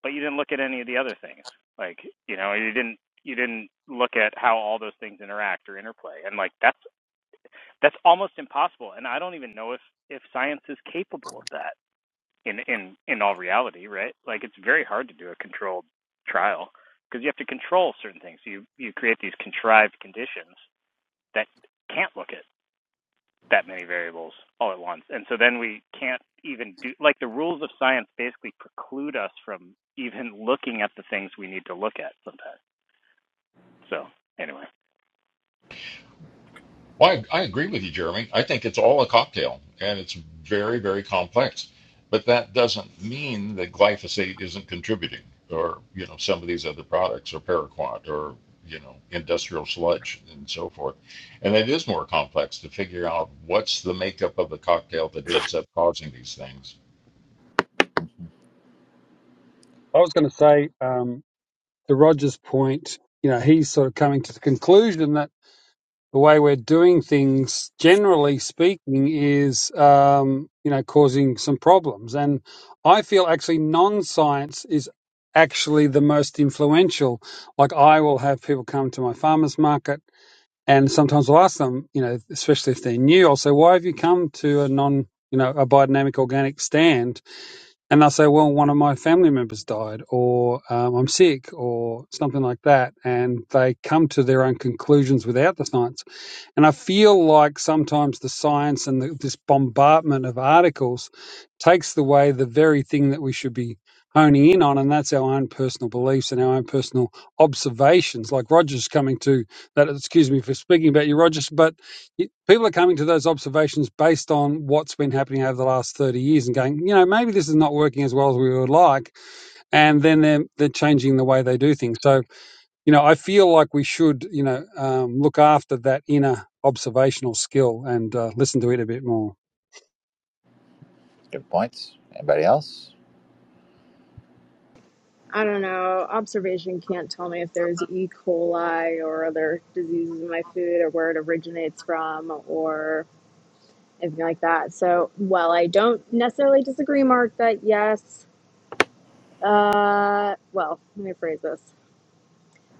Speaker 10: But you didn't look at any of the other things. Like, you know, you didn't you didn't look at how all those things interact or interplay. And like that's that's almost impossible. And I don't even know if if science is capable of that in in in all reality, right? Like it's very hard to do a controlled trial because you have to control certain things. You you create these contrived conditions that can't look at that many variables all at once. And so then we can't even do like the rules of science basically preclude us from even looking at the things we need to look at sometimes. So anyway.
Speaker 6: Well, I, I agree with you, Jeremy. I think it's all a cocktail and it's very, very complex. But that doesn't mean that glyphosate isn't contributing or, you know, some of these other products or paraquat or, you know, industrial sludge and so forth. And it is more complex to figure out what's the makeup of the cocktail that ends up causing these things.
Speaker 8: I was going to say, um, to Roger's point, you know, he's sort of coming to the conclusion that the way we're doing things, generally speaking, is um, you know causing some problems. And I feel actually non-science is actually the most influential. Like I will have people come to my farmers market, and sometimes I'll ask them, you know, especially if they're new, I'll say, "Why have you come to a non?" You know, a biodynamic organic stand, and they'll say, "Well, one of my family members died, or um, I'm sick, or something like that," and they come to their own conclusions without the science. And I feel like sometimes the science and the, this bombardment of articles takes away the very thing that we should be honing in on, and that's our own personal beliefs and our own personal observations. Like Roger's coming to that, excuse me for speaking about you, Rogers, but y- people are coming to those observations based on what's been happening over the last 30 years and going, you know, maybe this is not working as well as we would like. And then they're, they're changing the way they do things. So you know, I feel like we should, you know, um, look after that inner observational skill and uh, listen to it a bit more.
Speaker 1: Good points. Anybody else?
Speaker 9: I don't know. Observation can't tell me if there's E. coli or other diseases in my food or where it originates from or anything like that. So, while I don't necessarily disagree, Mark, that yes, uh, well, let me phrase this.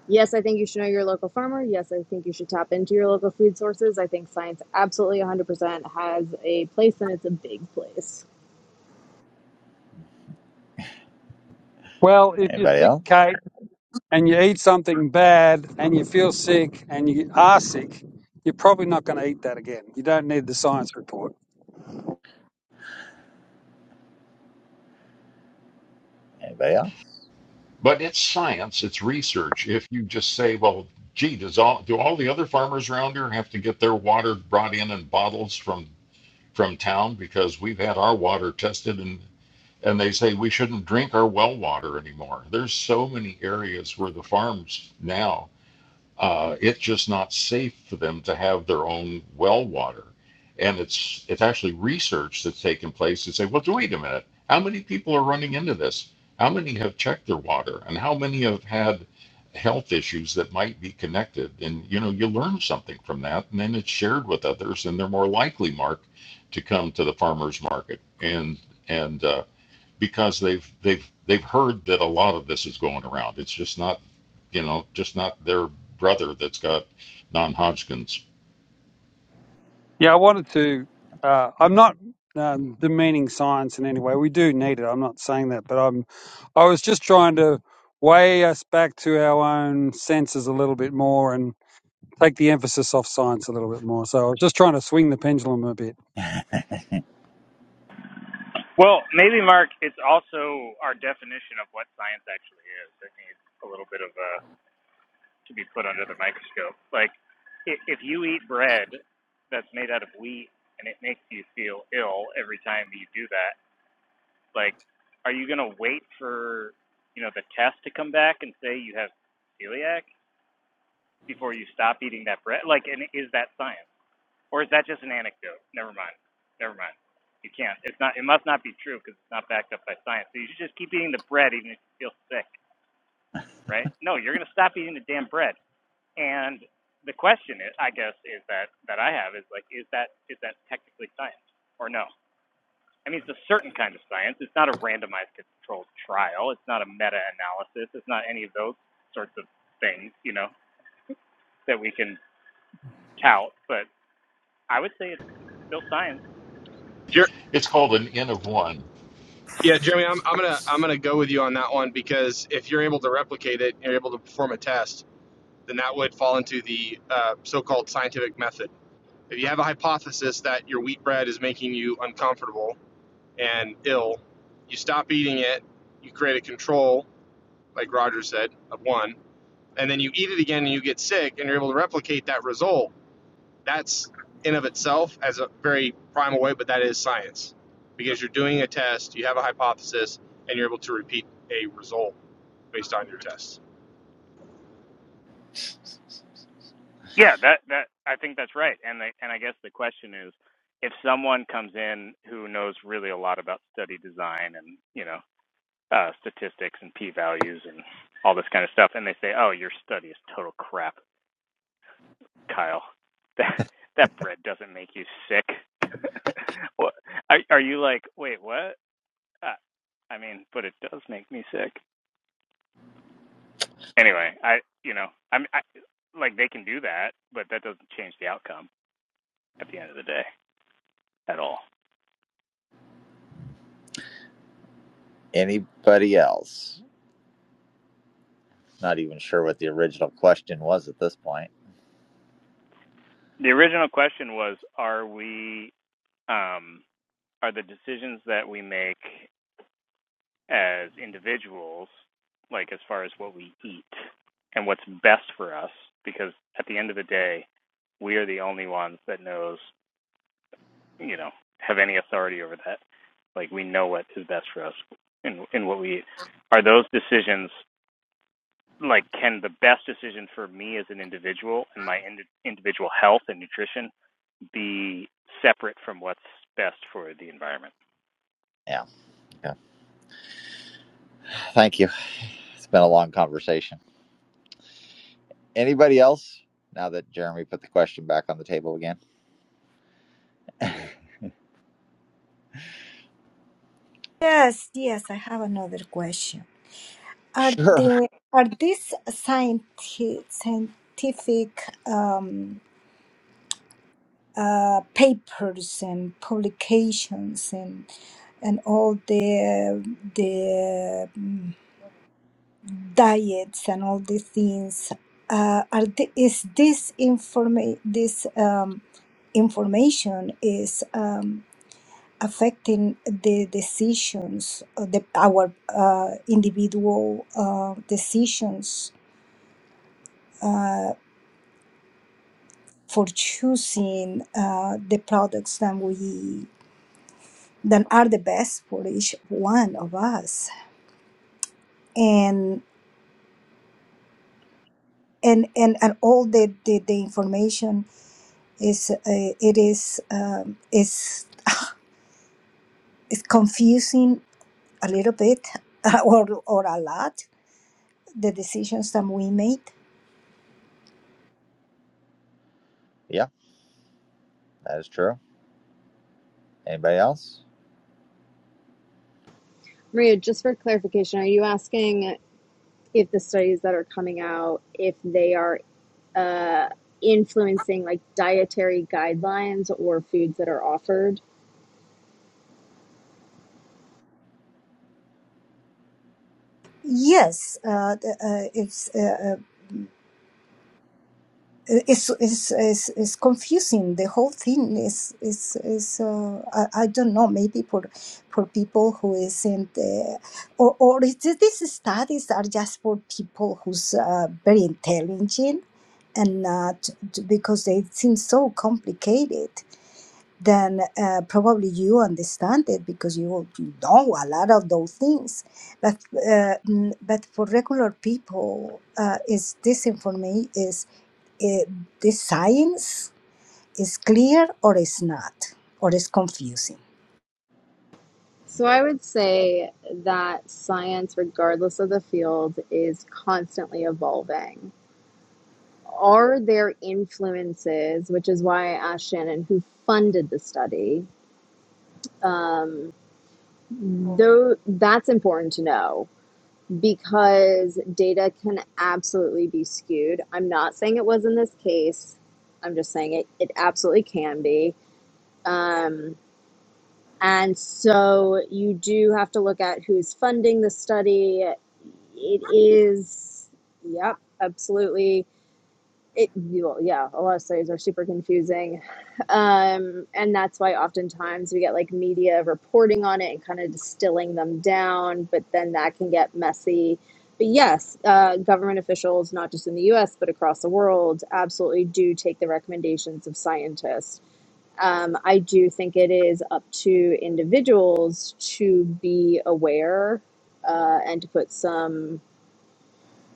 Speaker 9: Yes, I think you should know your local farmer. Yes, I think you should tap into your local food sources. I think science absolutely 100% has a place and it's a big place.
Speaker 8: Well, if you're
Speaker 1: Anybody
Speaker 8: sick,
Speaker 1: else?
Speaker 8: Kate, and you eat something bad and you feel sick and you are sick, you're probably not going to eat that again. You don't need the science report.
Speaker 1: Anybody else?
Speaker 6: But it's science, it's research. If you just say, well, gee, does all do all the other farmers around here have to get their water brought in in bottles from from town because we've had our water tested and and they say we shouldn't drink our well water anymore. There's so many areas where the farms now uh, it's just not safe for them to have their own well water. And it's it's actually research that's taken place to say, well, wait a minute, how many people are running into this? How many have checked their water, and how many have had health issues that might be connected? And you know, you learn something from that, and then it's shared with others, and they're more likely, Mark, to come to the farmers market and and uh, because they've they've they've heard that a lot of this is going around. It's just not, you know, just not their brother that's got non-Hodgkin's.
Speaker 8: Yeah, I wanted to. Uh, I'm not um, demeaning science in any way. We do need it. I'm not saying that, but I'm. I was just trying to weigh us back to our own senses a little bit more and take the emphasis off science a little bit more. So I was just trying to swing the pendulum a bit.
Speaker 10: Well, maybe Mark, it's also our definition of what science actually is that needs a little bit of a to be put under the microscope. Like if, if you eat bread that's made out of wheat and it makes you feel ill every time you do that, Like, are you gonna wait for you know the test to come back and say you have celiac before you stop eating that bread? Like, and is that science or is that just an anecdote? Never mind. Never mind. You can't. It's not. It must not be true because it's not backed up by science. So you should just keep eating the bread even if you feel sick, right? No, you're gonna stop eating the damn bread. And the question is, I guess, is that that I have is like, is that is that technically science or no? I mean, it's a certain kind of science. It's not a randomized controlled trial. It's not a meta-analysis. It's not any of those sorts of things, you know, that we can tout. But I would say it's still science.
Speaker 12: Jer-
Speaker 6: It's called an N of one.
Speaker 12: yeah, Jeremy, I'm, I'm gonna I'm gonna go with you on that one because if you're able to replicate it, you're able to perform a test, then that would fall into the uh, so-called scientific method. If you have a hypothesis that your wheat bread is making you uncomfortable and ill, you stop eating it. You create a control, like Roger said, of one, and then you eat it again and you get sick, and you're able to replicate that result that's in of itself as a very primal way, but that is science because you're doing a test, you have a hypothesis, and you're able to repeat a result based on your tests.
Speaker 10: Yeah, that that I think that's right. And the, and I guess the question is, if someone comes in who knows really a lot about study design and you know uh, statistics and p values and all this kind of stuff, and they say, "Oh, your study is total crap," Kyle, that that bread doesn't make you sick. what are, are you like? Wait, what? Uh, I mean, but it does make me sick. Anyway, I you know I'm I, like they can do that, but that doesn't change the outcome at the end of the day at all.
Speaker 1: Anybody else? Not even sure what the original question was at this point.
Speaker 10: The original question was: Are we um, are the decisions that we make as individuals, like as far as what we eat and what's best for us, because at the end of the day, we are the only ones that knows, you know, have any authority over that. Like we know what is best for us in in what we eat. Are those decisions like can the best decision for me as an individual and my ind- individual health and nutrition be separate from what's best for the environment?
Speaker 1: Yeah. yeah. Thank you. It's been a long conversation. Anybody else? Now that Jeremy put the question back on the table again.
Speaker 7: Yes, yes, I have another question. Are
Speaker 1: Sure.
Speaker 7: the are these scientific scientific um, uh, papers and publications and and all the the mm, diets and all the things uh, are the, is this informa- this um, information is um, affecting the decisions of the our uh, individual uh, decisions uh, for choosing uh, the products that we that are the best for each one of us and and and, and all the, the, the information is uh, it is um, is is confusing a little bit or or a lot the decisions that we made
Speaker 1: Yeah, that is true. Anybody else?
Speaker 9: Maria, just for clarification, are you asking if the studies that are coming out if they are influencing like dietary guidelines or foods that are offered?
Speaker 7: yes uh, the, uh, it's uh, it's, it's, it's, it's confusing. The whole thing is is is uh, I, I don't know. Maybe for for people who isn't uh, or or is it, these studies are just for people who's uh, very intelligent and not because they seem so complicated. Then uh, probably you understand it because you you know a lot of those things. But uh, mm, but for regular people, uh, is this information is it, the science is clear or is not or is confusing
Speaker 9: So I would say that science regardless of the field is constantly evolving are there influences, which is why I asked Shannon who funded the study. Um, though that's important to know because data can absolutely be skewed. I'm not saying it was in this case. I'm just saying it. It absolutely can be. Um, and so you do have to look at who's funding the study. It is, yep, absolutely it you yeah a lot of studies are super confusing um, and that's why oftentimes we get like media reporting on it and kind of distilling them down but then that can get messy but yes uh, government officials not just in the us but across the world absolutely do take the recommendations of scientists um, i do think it is up to individuals to be aware uh, and to put some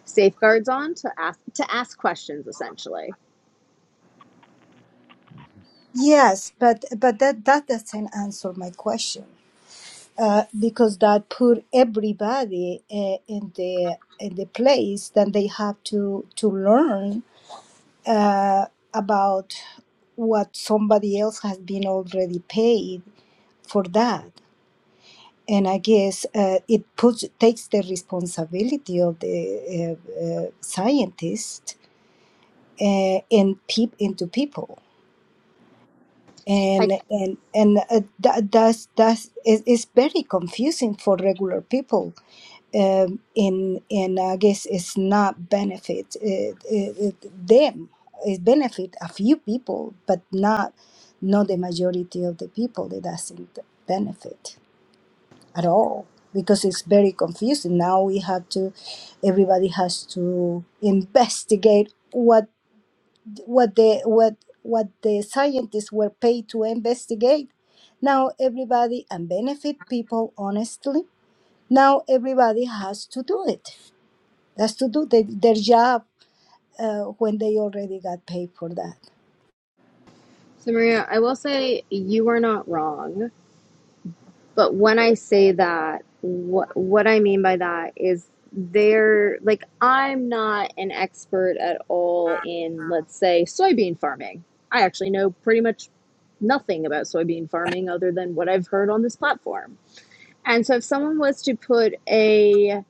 Speaker 9: safeguards on to ask to ask questions essentially
Speaker 7: yes but but that that doesn't answer my question uh, because that put everybody uh, in the in the place that they have to to learn uh, about what somebody else has been already paid for that. And I guess uh, it puts takes the responsibility of the uh, uh, scientist uh, in peep into people
Speaker 9: I
Speaker 7: and and and uh, that that's that's it, it's very confusing for regular people um in and i guess it's not benefit it, it, it, them it benefit a few people but not not the majority of the people it doesn't benefit at all because it's very confusing now we have to everybody has to investigate what. what the what what the scientists were paid to investigate. Now everybody and benefit people honestly. Now everybody has to do it. Has to do the, their job uh, when they already got paid for that.
Speaker 9: So Maria, I will say you are not wrong, but when I say that, what what I mean by that is they're like I'm not an expert at all in let's say soybean farming. I actually know pretty much nothing about soybean farming other than what I've heard on this platform. And so if someone was to put a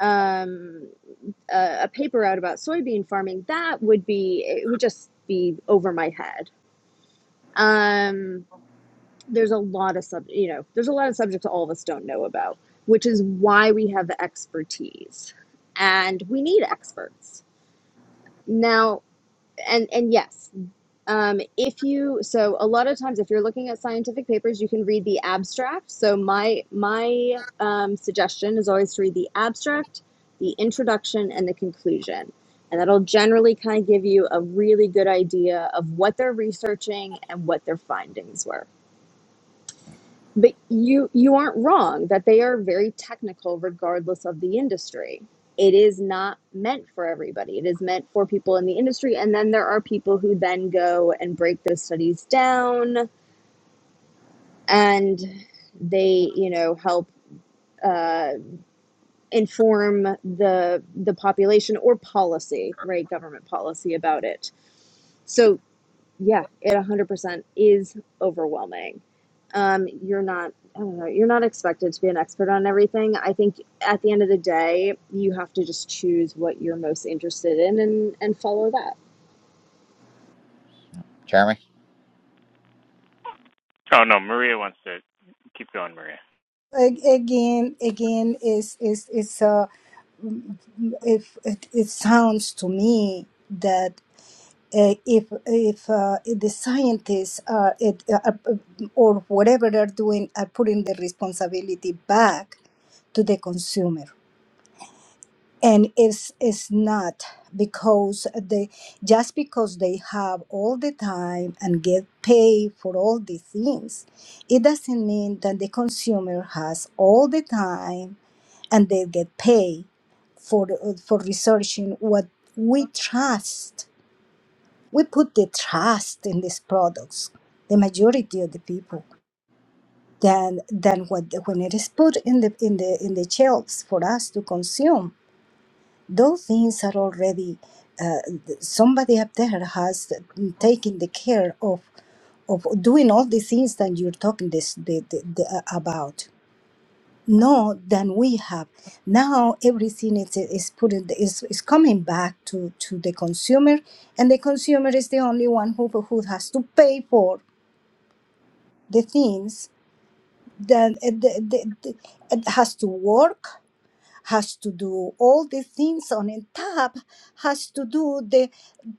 Speaker 9: um a, a paper out about soybean farming, that would be it would just be over my head. Um there's a lot of sub you know there's a lot of subjects all of us don't know about which is why we have the expertise and we need experts now and and yes um, if you so a lot of times if you're looking at scientific papers you can read the abstract so my my um, suggestion is always to read the abstract the introduction and the conclusion and that'll generally kind of give you a really good idea of what they're researching and what their findings were but you you aren't wrong that they are very technical regardless of the industry it is not meant for everybody it is meant for people in the industry and then there are people who then go and break those studies down and they you know help uh, inform the the population or policy right government policy about it so Yeah, it 100% is overwhelming. Um, you're not, I don't know, you're not expected to be an expert on everything. I think at the end of the day, you have to just choose what you're most interested in and, and follow that.
Speaker 1: Jeremy?
Speaker 10: Oh no, Maria wants to keep going, Maria.
Speaker 7: Ag- Again, again, is is is uh, if it, it sounds to me that. uh, if if uh, if the scientists uh, it, uh, uh, or whatever they're doing are putting the responsibility back to the consumer and it's it's not because they just because they have all the time and get paid for all the things it doesn't mean that the consumer has all the time and they get paid for for researching what we trust we put the trust in these products the majority of the people than than what when it is put in the in the in the shelves for us to consume those things are already uh, somebody up there has taken the care of of doing all the things that you're talking this the, the, the, uh, about know than we have. Now everything is, is put in, is, is coming back to, to the consumer, and the consumer is the only one who, who has to pay for the things that it, the, the, it has to work, has to do all the things on a tab, has to do the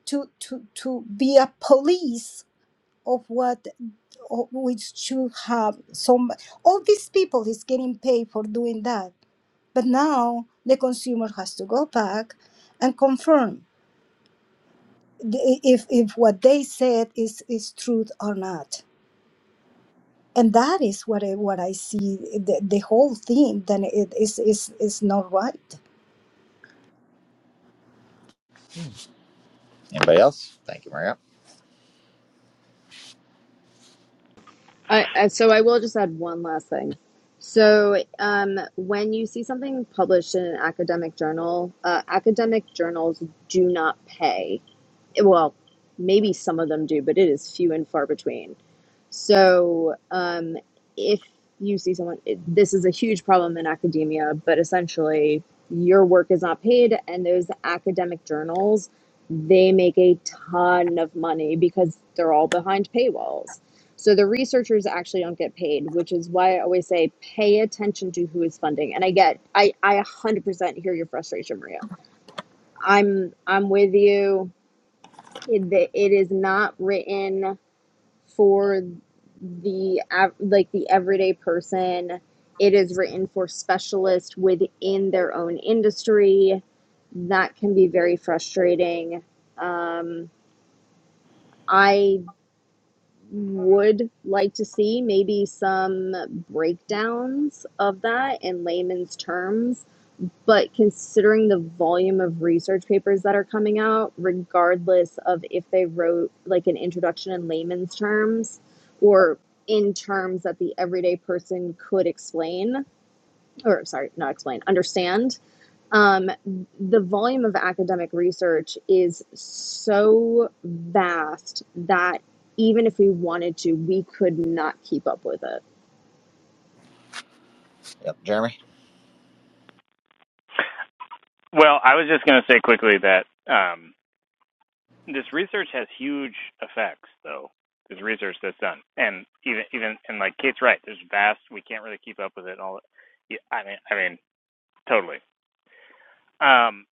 Speaker 7: to to to be a police of what o- we should have some all these people is getting paid for doing that but now the consumer has to go back and confirm the- if, if what they said is, is truth or not. And that is what I, what I see the, the whole thing then it is, is, is not right.
Speaker 1: Anybody else? Thank you, Maria.
Speaker 9: I, I, so I will just add one last thing. So um, when you see something published in an academic journal, uh, academic journals do not pay well, maybe some of them do, but it is few and far between. So, um, if you see someone, it, this is a huge problem in academia, but essentially, your work is not paid, and those academic journals, they make a ton of money because they're all behind paywalls. So the researchers actually don't get paid, which is why I always say pay attention to who is funding. And I get, I, I 100% hear your frustration, Maria. I'm, I'm with you. It, it is not written for the av- like the everyday person. It is written for specialists within their own industry. That can be very frustrating. Um, I would like to see maybe some breakdowns of that in layman's terms but considering the volume of research papers that are coming out, regardless of if they wrote like an introduction in layman's terms or in terms that the everyday person could explain, or sorry, not explain, understand, um, the volume of academic research is so vast that even if we wanted to, we could not keep up with it.
Speaker 1: Yep, Jeremy.
Speaker 10: Well, I was just going to say quickly that um, this research has huge effects, though. This research that's done, and even even and like Kate's right, there's vast. We can't really keep up with it. And all, yeah, I mean, I mean, totally. Um,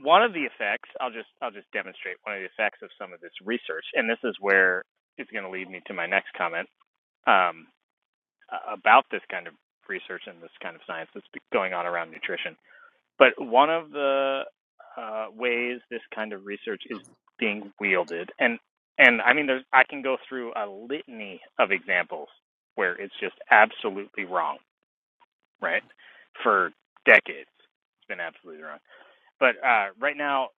Speaker 10: one of the effects, I'll just I'll just demonstrate one of the effects of some of this research, and this is where it's going to lead me to my next comment um, about this kind of research and this kind of science that's going on around nutrition But one of the uh, ways this kind of research is being wielded, and and I mean, there's I can go through a litany of examples where it's just absolutely wrong, right? For decades, it's been absolutely wrong. But uh, right now,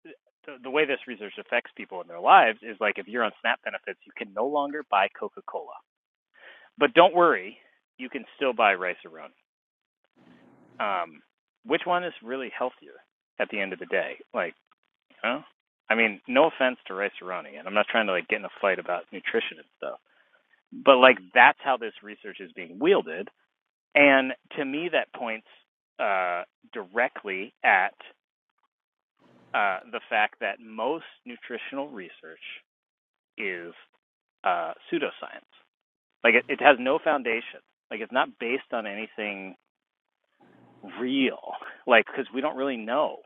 Speaker 10: the, the way this research affects people in their lives is like if you're on SNAP benefits, you can no longer buy Coca-Cola. But don't worry, you can still buy Rice Aroni. Um, which one is really healthier at the end of the day? Like Huh? I mean, no offense to Rice Aroni, and I'm not trying to like get in a fight about nutrition and stuff, but like that's how this research is being wielded, and to me that points uh, directly at uh, the fact that most nutritional research is uh, pseudoscience. Like it, it has no foundation. Like it's not based on anything real like because we don't really know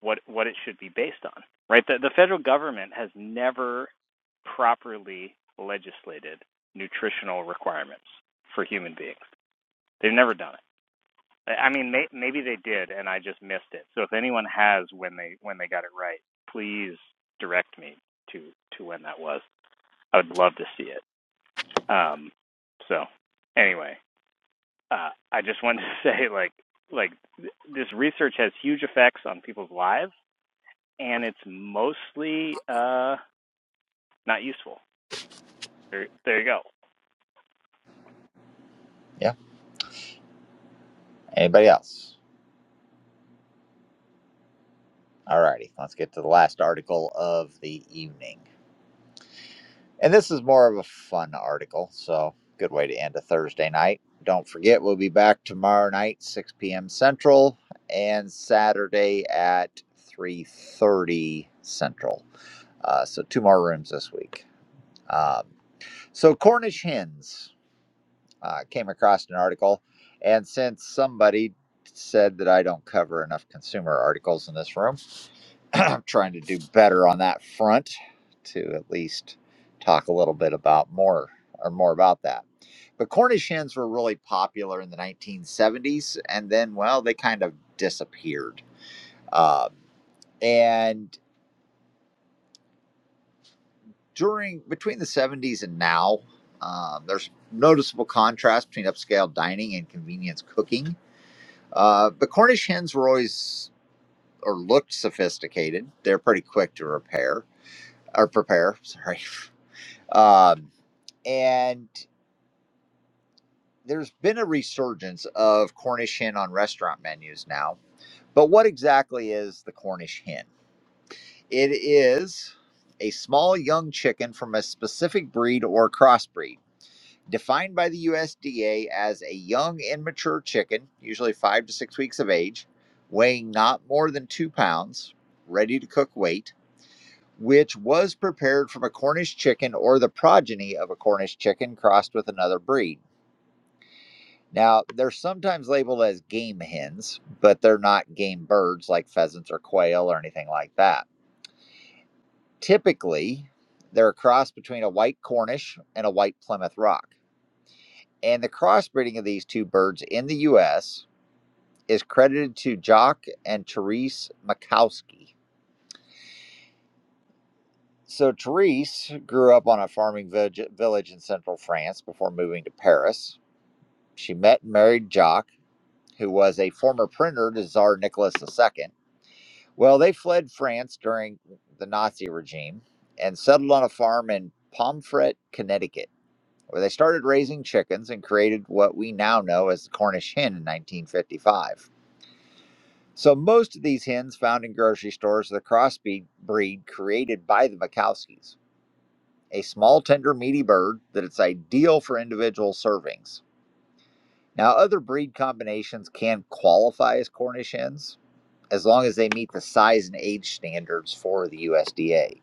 Speaker 10: what what it should be based on right the the federal government has never properly legislated nutritional requirements for human beings they've never done it i mean may, maybe they did and i just missed it so if anyone has when they when they got it right please direct me to to when that was i would love to see it um so anyway uh, I just wanted to say, like, like th- this research has huge effects on people's lives, and it's mostly uh, not useful. There, there you go.
Speaker 1: Yeah. Anybody else? Alrighty, let's get to the last article of the evening. And this is more of a fun article, so good way to end a Thursday night. Don't forget, we'll be back tomorrow night, 6 p.m. Central, and Saturday at 3.30 Central. Uh, so two more rooms this week. Um, So, Cornish hens uh, came across an article, and since somebody said that I don't cover enough consumer articles in this room, I'm trying to do better on that front to at least talk a little bit about more or more about that. But Cornish hens were really popular in the 1970s, and then, well, they kind of disappeared. Um, and during between the 70s and now, um, there's noticeable contrast between upscale dining and convenience cooking. Uh, the Cornish hens were always or looked sophisticated. They're pretty quick to repair or prepare. Sorry, um, and there's been a resurgence of Cornish hen on restaurant menus now. But what exactly is the Cornish hen? It is a small young chicken from a specific breed or crossbreed defined by the USDA as a young immature chicken, usually five to six weeks of age, weighing not more than two pounds, ready to cook weight, which was prepared from a Cornish chicken or the progeny of a Cornish chicken crossed with another breed. Now, they're sometimes labeled as game hens, but they're not game birds like pheasants or quail or anything like that. Typically, they're a cross between a white Cornish and a white Plymouth Rock. And the crossbreeding of these two birds in the US is credited to Jock and Therese Makowski. So Therese grew up on a farming village, village in central France before moving to Paris. She met and married Jock, who was a former printer to Tsar Nicholas II. Well, they fled France during the Nazi regime and settled on a farm in Pomfret, Connecticut, where they started raising chickens and created what we now know as the Cornish hen in 1955. So most of these hens found in grocery stores are the crossbreed breed created by the Mikowskis, a small, tender, meaty bird that it's ideal for individual servings. Now, other breed combinations can qualify as Cornish hens as long as they meet the size and age standards for the USDA.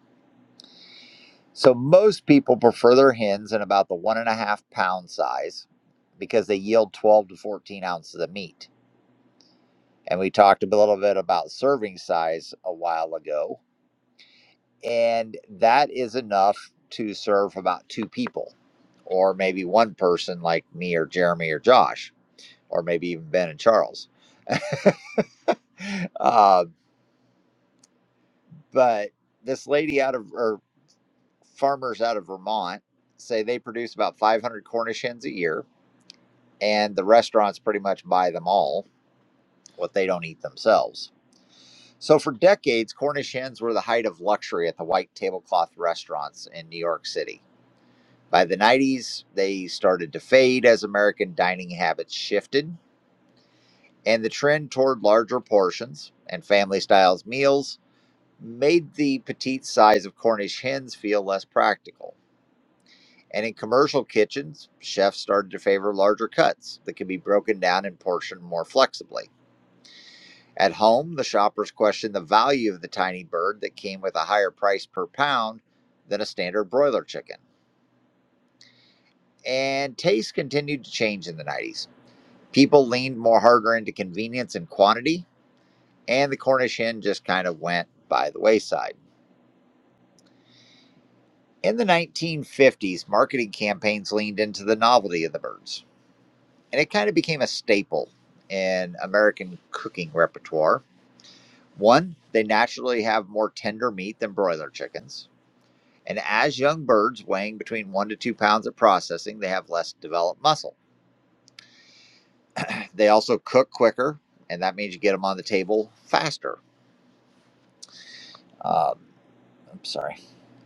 Speaker 1: So most people prefer their hens in about the one and a half pound size because they yield 12 to 14 ounces of meat. And we talked a little bit about serving size a while ago and that is enough to serve about two people or maybe one person like me or jeremy or josh or maybe even ben and charles uh, but this lady out of or farmers out of vermont say they produce about 500 cornish hens a year and the restaurants pretty much buy them all what they don't eat themselves so for decades cornish hens were the height of luxury at the white tablecloth restaurants in new york city By the 90s, they started to fade as American dining habits shifted, and the trend toward larger portions and family style meals made the petite size of Cornish hens feel less practical. And in commercial kitchens, chefs started to favor larger cuts that could be broken down and portioned more flexibly. At home, the shoppers questioned the value of the tiny bird that came with a higher price per pound than a standard broiler chicken. And tastes continued to change in the 90s. People leaned more harder into convenience and quantity, and the Cornish hen just kind of went by the wayside. In the 1950s, marketing campaigns leaned into the novelty of the birds, and it kind of became a staple in American cooking repertoire. One, they naturally have more tender meat than broiler chickens. And as young birds weighing between one to two pounds at processing, they have less developed muscle. They also cook quicker, and that means you get them on the table faster. Um, I'm sorry.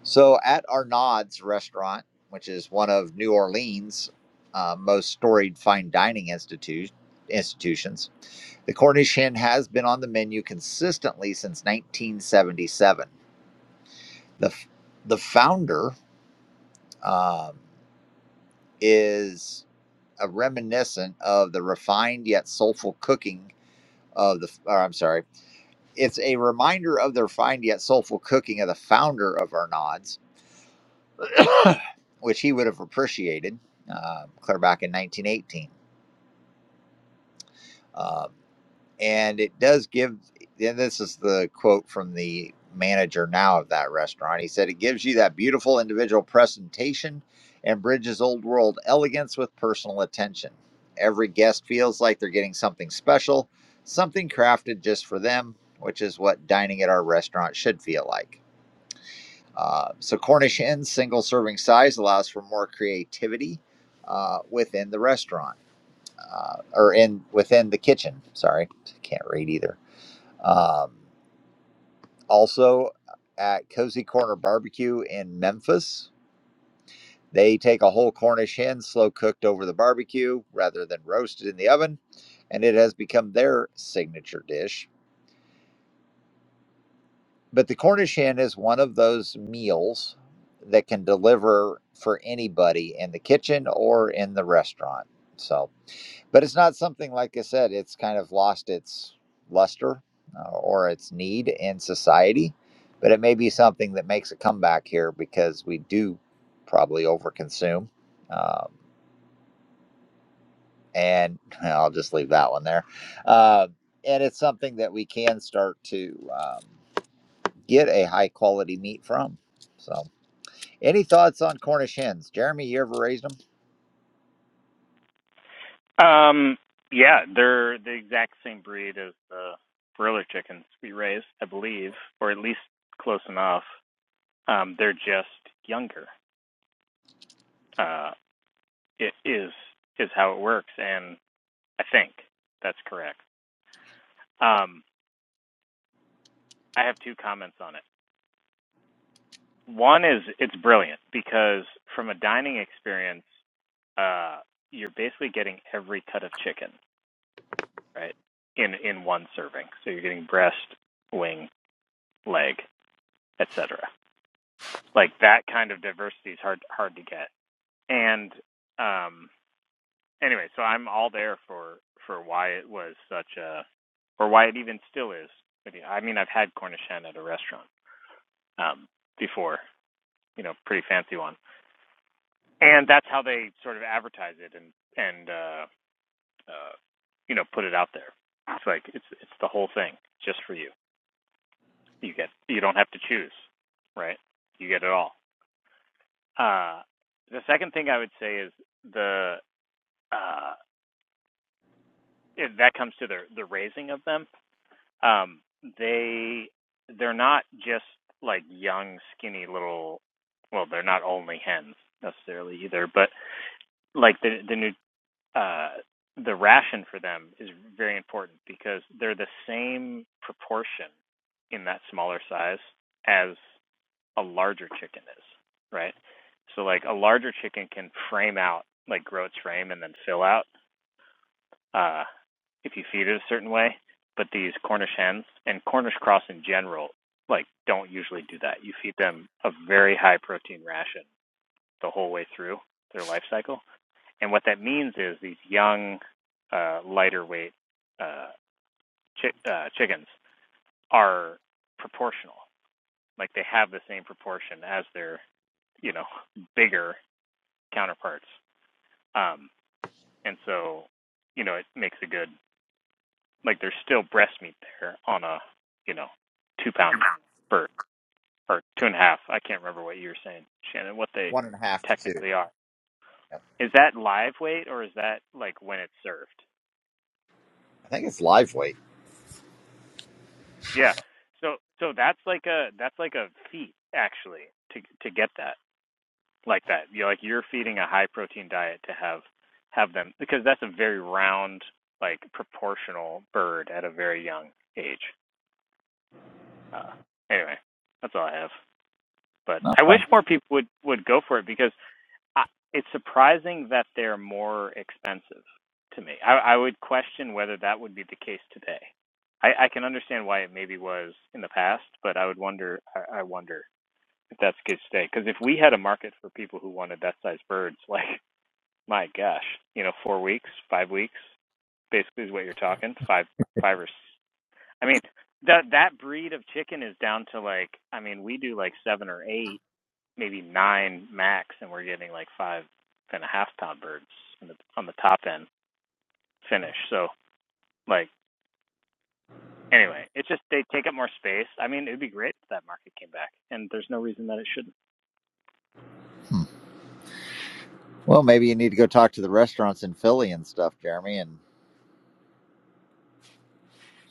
Speaker 1: So at Arnaud's restaurant, which is one of New Orleans' uh, most storied fine dining institu- institutions, the Cornish hen has been on the menu consistently since 1977. The, f- the founder um, is a reminiscent of the refined yet soulful cooking of the, or I'm sorry, it's a reminder of the refined yet soulful cooking of the founder of Arnaud's which he would have appreciated uh, clear back in 1918. Um, and it does give, and this is the quote from the manager now of that restaurant. He said, It gives you that beautiful individual presentation and bridges old world elegance with personal attention. Every guest feels like they're getting something special, something crafted just for them, which is what dining at our restaurant should feel like. Uh, so Cornish Inn's single serving size allows for more creativity uh, within the restaurant uh, or in within the kitchen. Sorry, can't read either. Um, also, uh, at Cozy Corner Barbecue in Memphis, they take a whole Cornish hen slow cooked over the barbecue rather than roasted in the oven, and it has become their signature dish. But the Cornish hen is one of those meals that can deliver for anybody in the kitchen or in the restaurant. So, but it's not something like I said, it's kind of lost its luster uh, or its need in society. But it may be something that makes a comeback here because we do probably overconsume. Um, and I'll just leave that one there. Uh, and it's something that we can start to um, get a high quality meat from. So. Any thoughts on Cornish hens? Jeremy, you ever raised them?
Speaker 10: Um, yeah, they're the exact same breed as the broiler chickens we raised, I believe, or at least close enough. Um, they're just younger. Uh, it is is how it works, and I think that's correct. Um, I have two comments on it. One is it's brilliant because from a dining experience, uh, you're basically getting every cut of chicken, right? In in one serving. So you're getting breast, wing, leg, etc. Like that kind of diversity is hard hard to get. And um anyway, so I'm all there for for why it was such a or why it even still is. I mean, I've had Cornish hen at a restaurant um before, you know, pretty fancy one and that's how they sort of advertise it and and uh, uh, you know put it out there. It's like it's it's the whole thing just for you. You get you don't have to choose, right? You get it all. Uh, the second thing I would say is the uh, if that comes to the the raising of them. Um, they they're not just like young skinny little well they're not only hens necessarily either but like the the new uh, the ration for them is very important because they're the same proportion in that smaller size as a larger chicken is, right? So like a larger chicken can frame out, like grow its frame and then fill out uh, if you feed it a certain way. But these Cornish hens and Cornish cross in general, like don't usually do that. You feed them a very high protein ration the whole way through their life cycle, and what that means is these young, uh, lighter weight uh, chi- uh, chickens are proportional. Like they have the same proportion as their, you know, bigger counterparts. Um, and so, you know, it makes a good like there's still breast meat there on a, you know, two pound bird or two and a half. I can't remember what you were saying, Shannon. What they
Speaker 1: One and a half to two.
Speaker 10: technically are.
Speaker 1: Yep.
Speaker 10: Is that live weight or is that like when it's served?
Speaker 1: I think it's live weight.
Speaker 10: Yeah. So so that's like a that's like a feat actually to to get that like that. You're like you're feeding a high protein diet to have have them because that's a very round like proportional bird at a very young age. Uh, anyway, that's all I have. But
Speaker 1: No,
Speaker 10: I wish
Speaker 1: thank
Speaker 10: more people would would go for it because I, it's surprising that they're more expensive to me. I, I would question whether that would be the case today. I, I can understand why it maybe was in the past, but I would wonder. I, I wonder if that's the case today. Because if we had a market for people who wanted that size birds, like my gosh, you know, four weeks, five weeks, basically is what you're talking. Five, five or. s- I mean, that that breed of chicken is down to like. I mean, we do like seven or eight maybe nine max, and we're getting like five and a half pound birds in the, on the top end finish. So like anyway, it's just they take up more space. I mean, it'd be great if that market came back, and there's no reason that it shouldn't.
Speaker 1: hmm. Well, maybe you need to go talk to the restaurants in Philly and stuff, Jeremy, and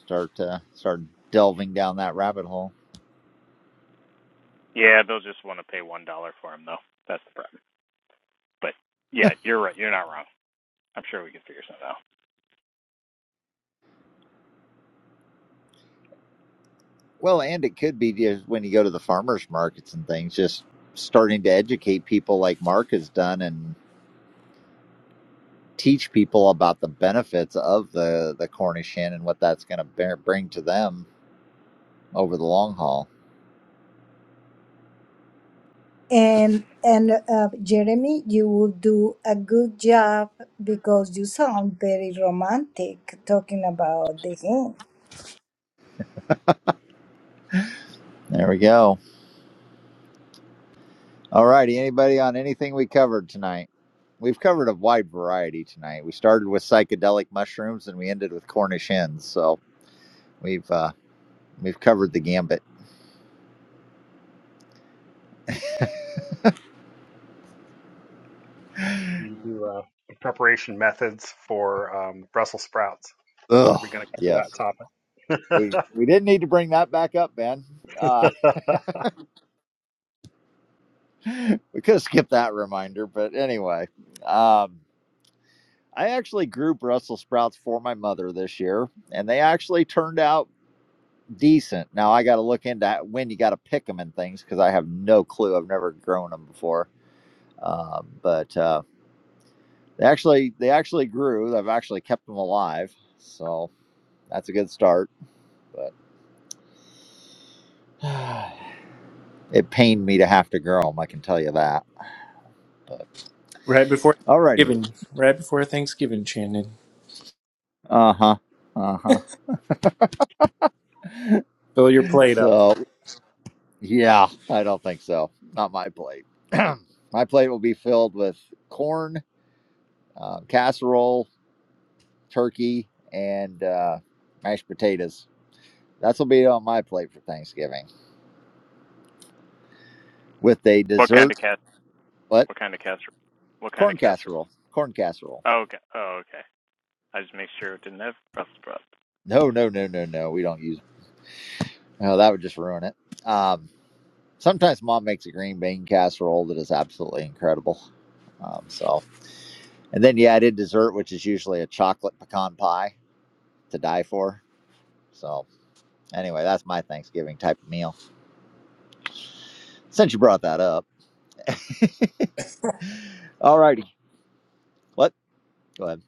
Speaker 1: start uh, start delving down that rabbit hole.
Speaker 10: Yeah, they'll just want to pay one dollar for them though. That's the problem. But yeah, you're right. You're not wrong. I'm sure we can figure something out.
Speaker 1: Well, and it could be just when you go to the farmers markets and things, just starting to educate people like Mark has done and teach people about the benefits of the the Cornish hen and what that's going to bring to them over the long haul.
Speaker 7: And and uh, Jeremy, you will do a good job because you sound very romantic talking about the game.
Speaker 1: There we go. All righty. Anybody on anything we covered tonight? We've covered a wide variety tonight. We started with psychedelic mushrooms and we ended with Cornish hens. So we've uh, we've covered the gambit.
Speaker 4: You do uh, preparation methods for um, Brussels sprouts. When are
Speaker 1: Ugh.
Speaker 4: we going to
Speaker 1: Yes.
Speaker 4: cover
Speaker 1: We
Speaker 4: that
Speaker 1: we didn't need to bring that back up, Ben. Uh,
Speaker 4: topic?
Speaker 1: we could have skipped that reminder, but anyway. Um, I actually grew Brussels sprouts for my mother this year, and they actually turned out decent. Now I got to look into when you got to pick them and things because I have no clue. I've never grown them before Um, but uh, they actually they actually grew. I've actually kept them alive, so that's a good start. But it pained me to have to grow them. I can tell you that. But
Speaker 13: Right before
Speaker 1: alrighty,
Speaker 13: Thanksgiving. Right before Thanksgiving, Shannon.
Speaker 1: uh huh, uh huh.
Speaker 13: Fill your plate up.
Speaker 1: So yeah, I don't think so. Not my plate. my plate will be filled with corn, uh, casserole, turkey, and uh, mashed potatoes. That's will be on my plate for Thanksgiving with a
Speaker 10: What kind
Speaker 1: dessert.
Speaker 10: of cat?
Speaker 1: What?
Speaker 10: What kind of casserole? What kind of
Speaker 1: Corn
Speaker 10: casserole?
Speaker 1: casserole. Corn casserole.
Speaker 10: Oh, okay. Oh, okay. I just make sure it didn't have Brussels sprouts.
Speaker 1: No, no, no, no, no. We don't use. No, that would just ruin it. Um, sometimes mom makes a green bean casserole that is absolutely incredible. Um, so, and then yeah, I did dessert, which is usually a chocolate pecan pie to die for. So, anyway, that's my Thanksgiving type of meal. Since you brought that up, all righty. What? Go ahead.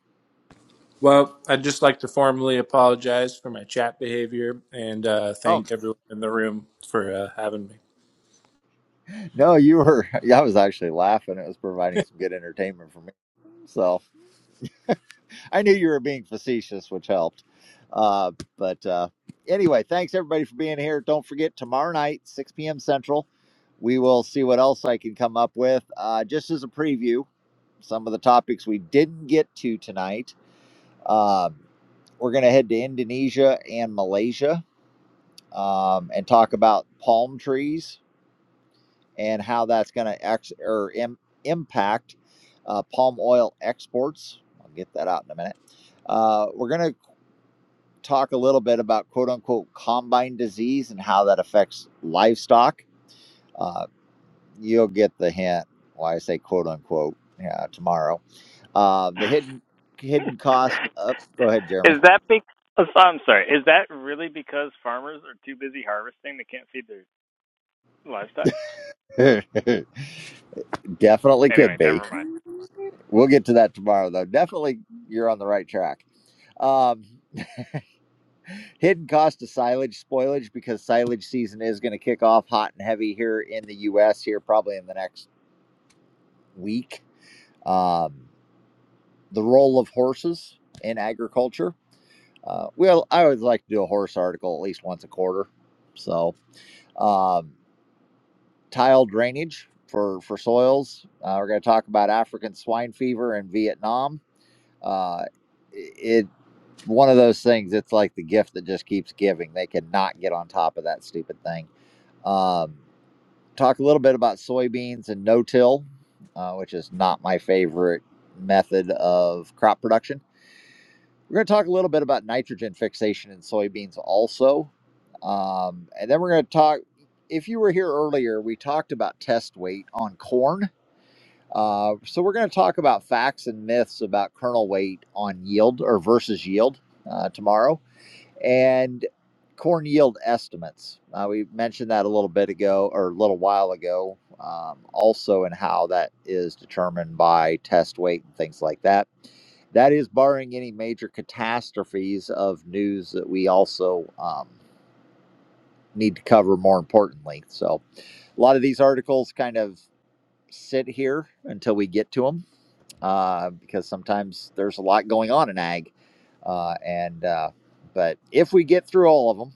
Speaker 13: Well, I'd just like to formally apologize for my chat behavior and uh,
Speaker 1: Oh
Speaker 13: thank everyone in the room for uh, having me.
Speaker 1: no, you were. I was actually laughing. It was providing some good entertainment for me. So. I knew you were being facetious, which helped. Uh, but uh, anyway, thanks everybody for being here. Don't forget tomorrow night, 6 p.m. Central. We will see what else I can come up with. Uh, just as a preview, some of the topics we didn't get to tonight. Um, we're going to head to Indonesia and Malaysia um, and talk about palm trees and how that's going to ex- or im- impact uh, palm oil exports. I'll get that out in a minute. Uh, we're going to talk a little bit about quote unquote combine disease and how that affects livestock. Uh, you'll get the hint why I say quote unquote yeah, tomorrow. Uh, the hidden hidden cost. Up, go ahead, Jeremy.
Speaker 10: Is that because I'm sorry? Is that really because farmers are too busy harvesting they can't feed their livestock?
Speaker 1: Definitely could
Speaker 10: Anyway,
Speaker 1: be.
Speaker 10: never mind.
Speaker 1: We'll get to that tomorrow, though. Definitely, you're on the right track. Um, hidden cost of silage spoilage because silage season is going to kick off hot and heavy here in the U.S. here probably in the next week. Um, the role of horses in agriculture. Uh, well, I always like to do a horse article at least once a quarter. So, um, tile drainage for for soils. Uh, we're going to talk about African swine fever in Vietnam. Uh, it one of those things. It's like the gift that just keeps giving. They cannot get on top of that stupid thing. Um, talk a little bit about soybeans and no-till, uh, which is not my favorite method of crop production We're going to talk a little bit about nitrogen fixation in soybeans also. Um, and then we're going to talk, if you were here earlier, we talked about test weight on corn. Uh, so we're going to talk about facts and myths about kernel weight on yield or versus yield uh, tomorrow and corn yield estimates. Uh, we mentioned that a little bit ago or a little while ago, um, also, and how that is determined by test weight and things like that. That is barring any major catastrophes of news that we also um, need to cover more importantly. So, a lot of these articles kind of sit here until we get to them uh, because sometimes there's a lot going on in ag. Uh, and, uh, but if we get through all of them,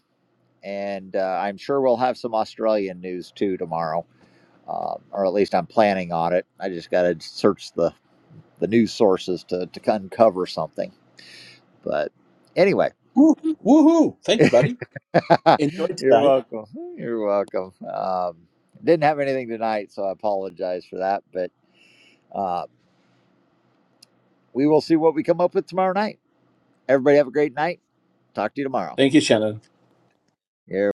Speaker 1: and uh, I'm sure we'll have some Australian news too tomorrow, uh, or at least I'm planning on it. I just got to search the the news sources to to uncover something. But anyway,
Speaker 14: Woo, woohoo! Thank you, buddy. Enjoyed
Speaker 1: you're
Speaker 14: today.
Speaker 1: welcome. You're welcome. Um, didn't have anything tonight, so I apologize for that. But uh, we will see what we come up with tomorrow night. Everybody have a great night. Talk to you tomorrow.
Speaker 14: Thank you, Shannon.
Speaker 1: You're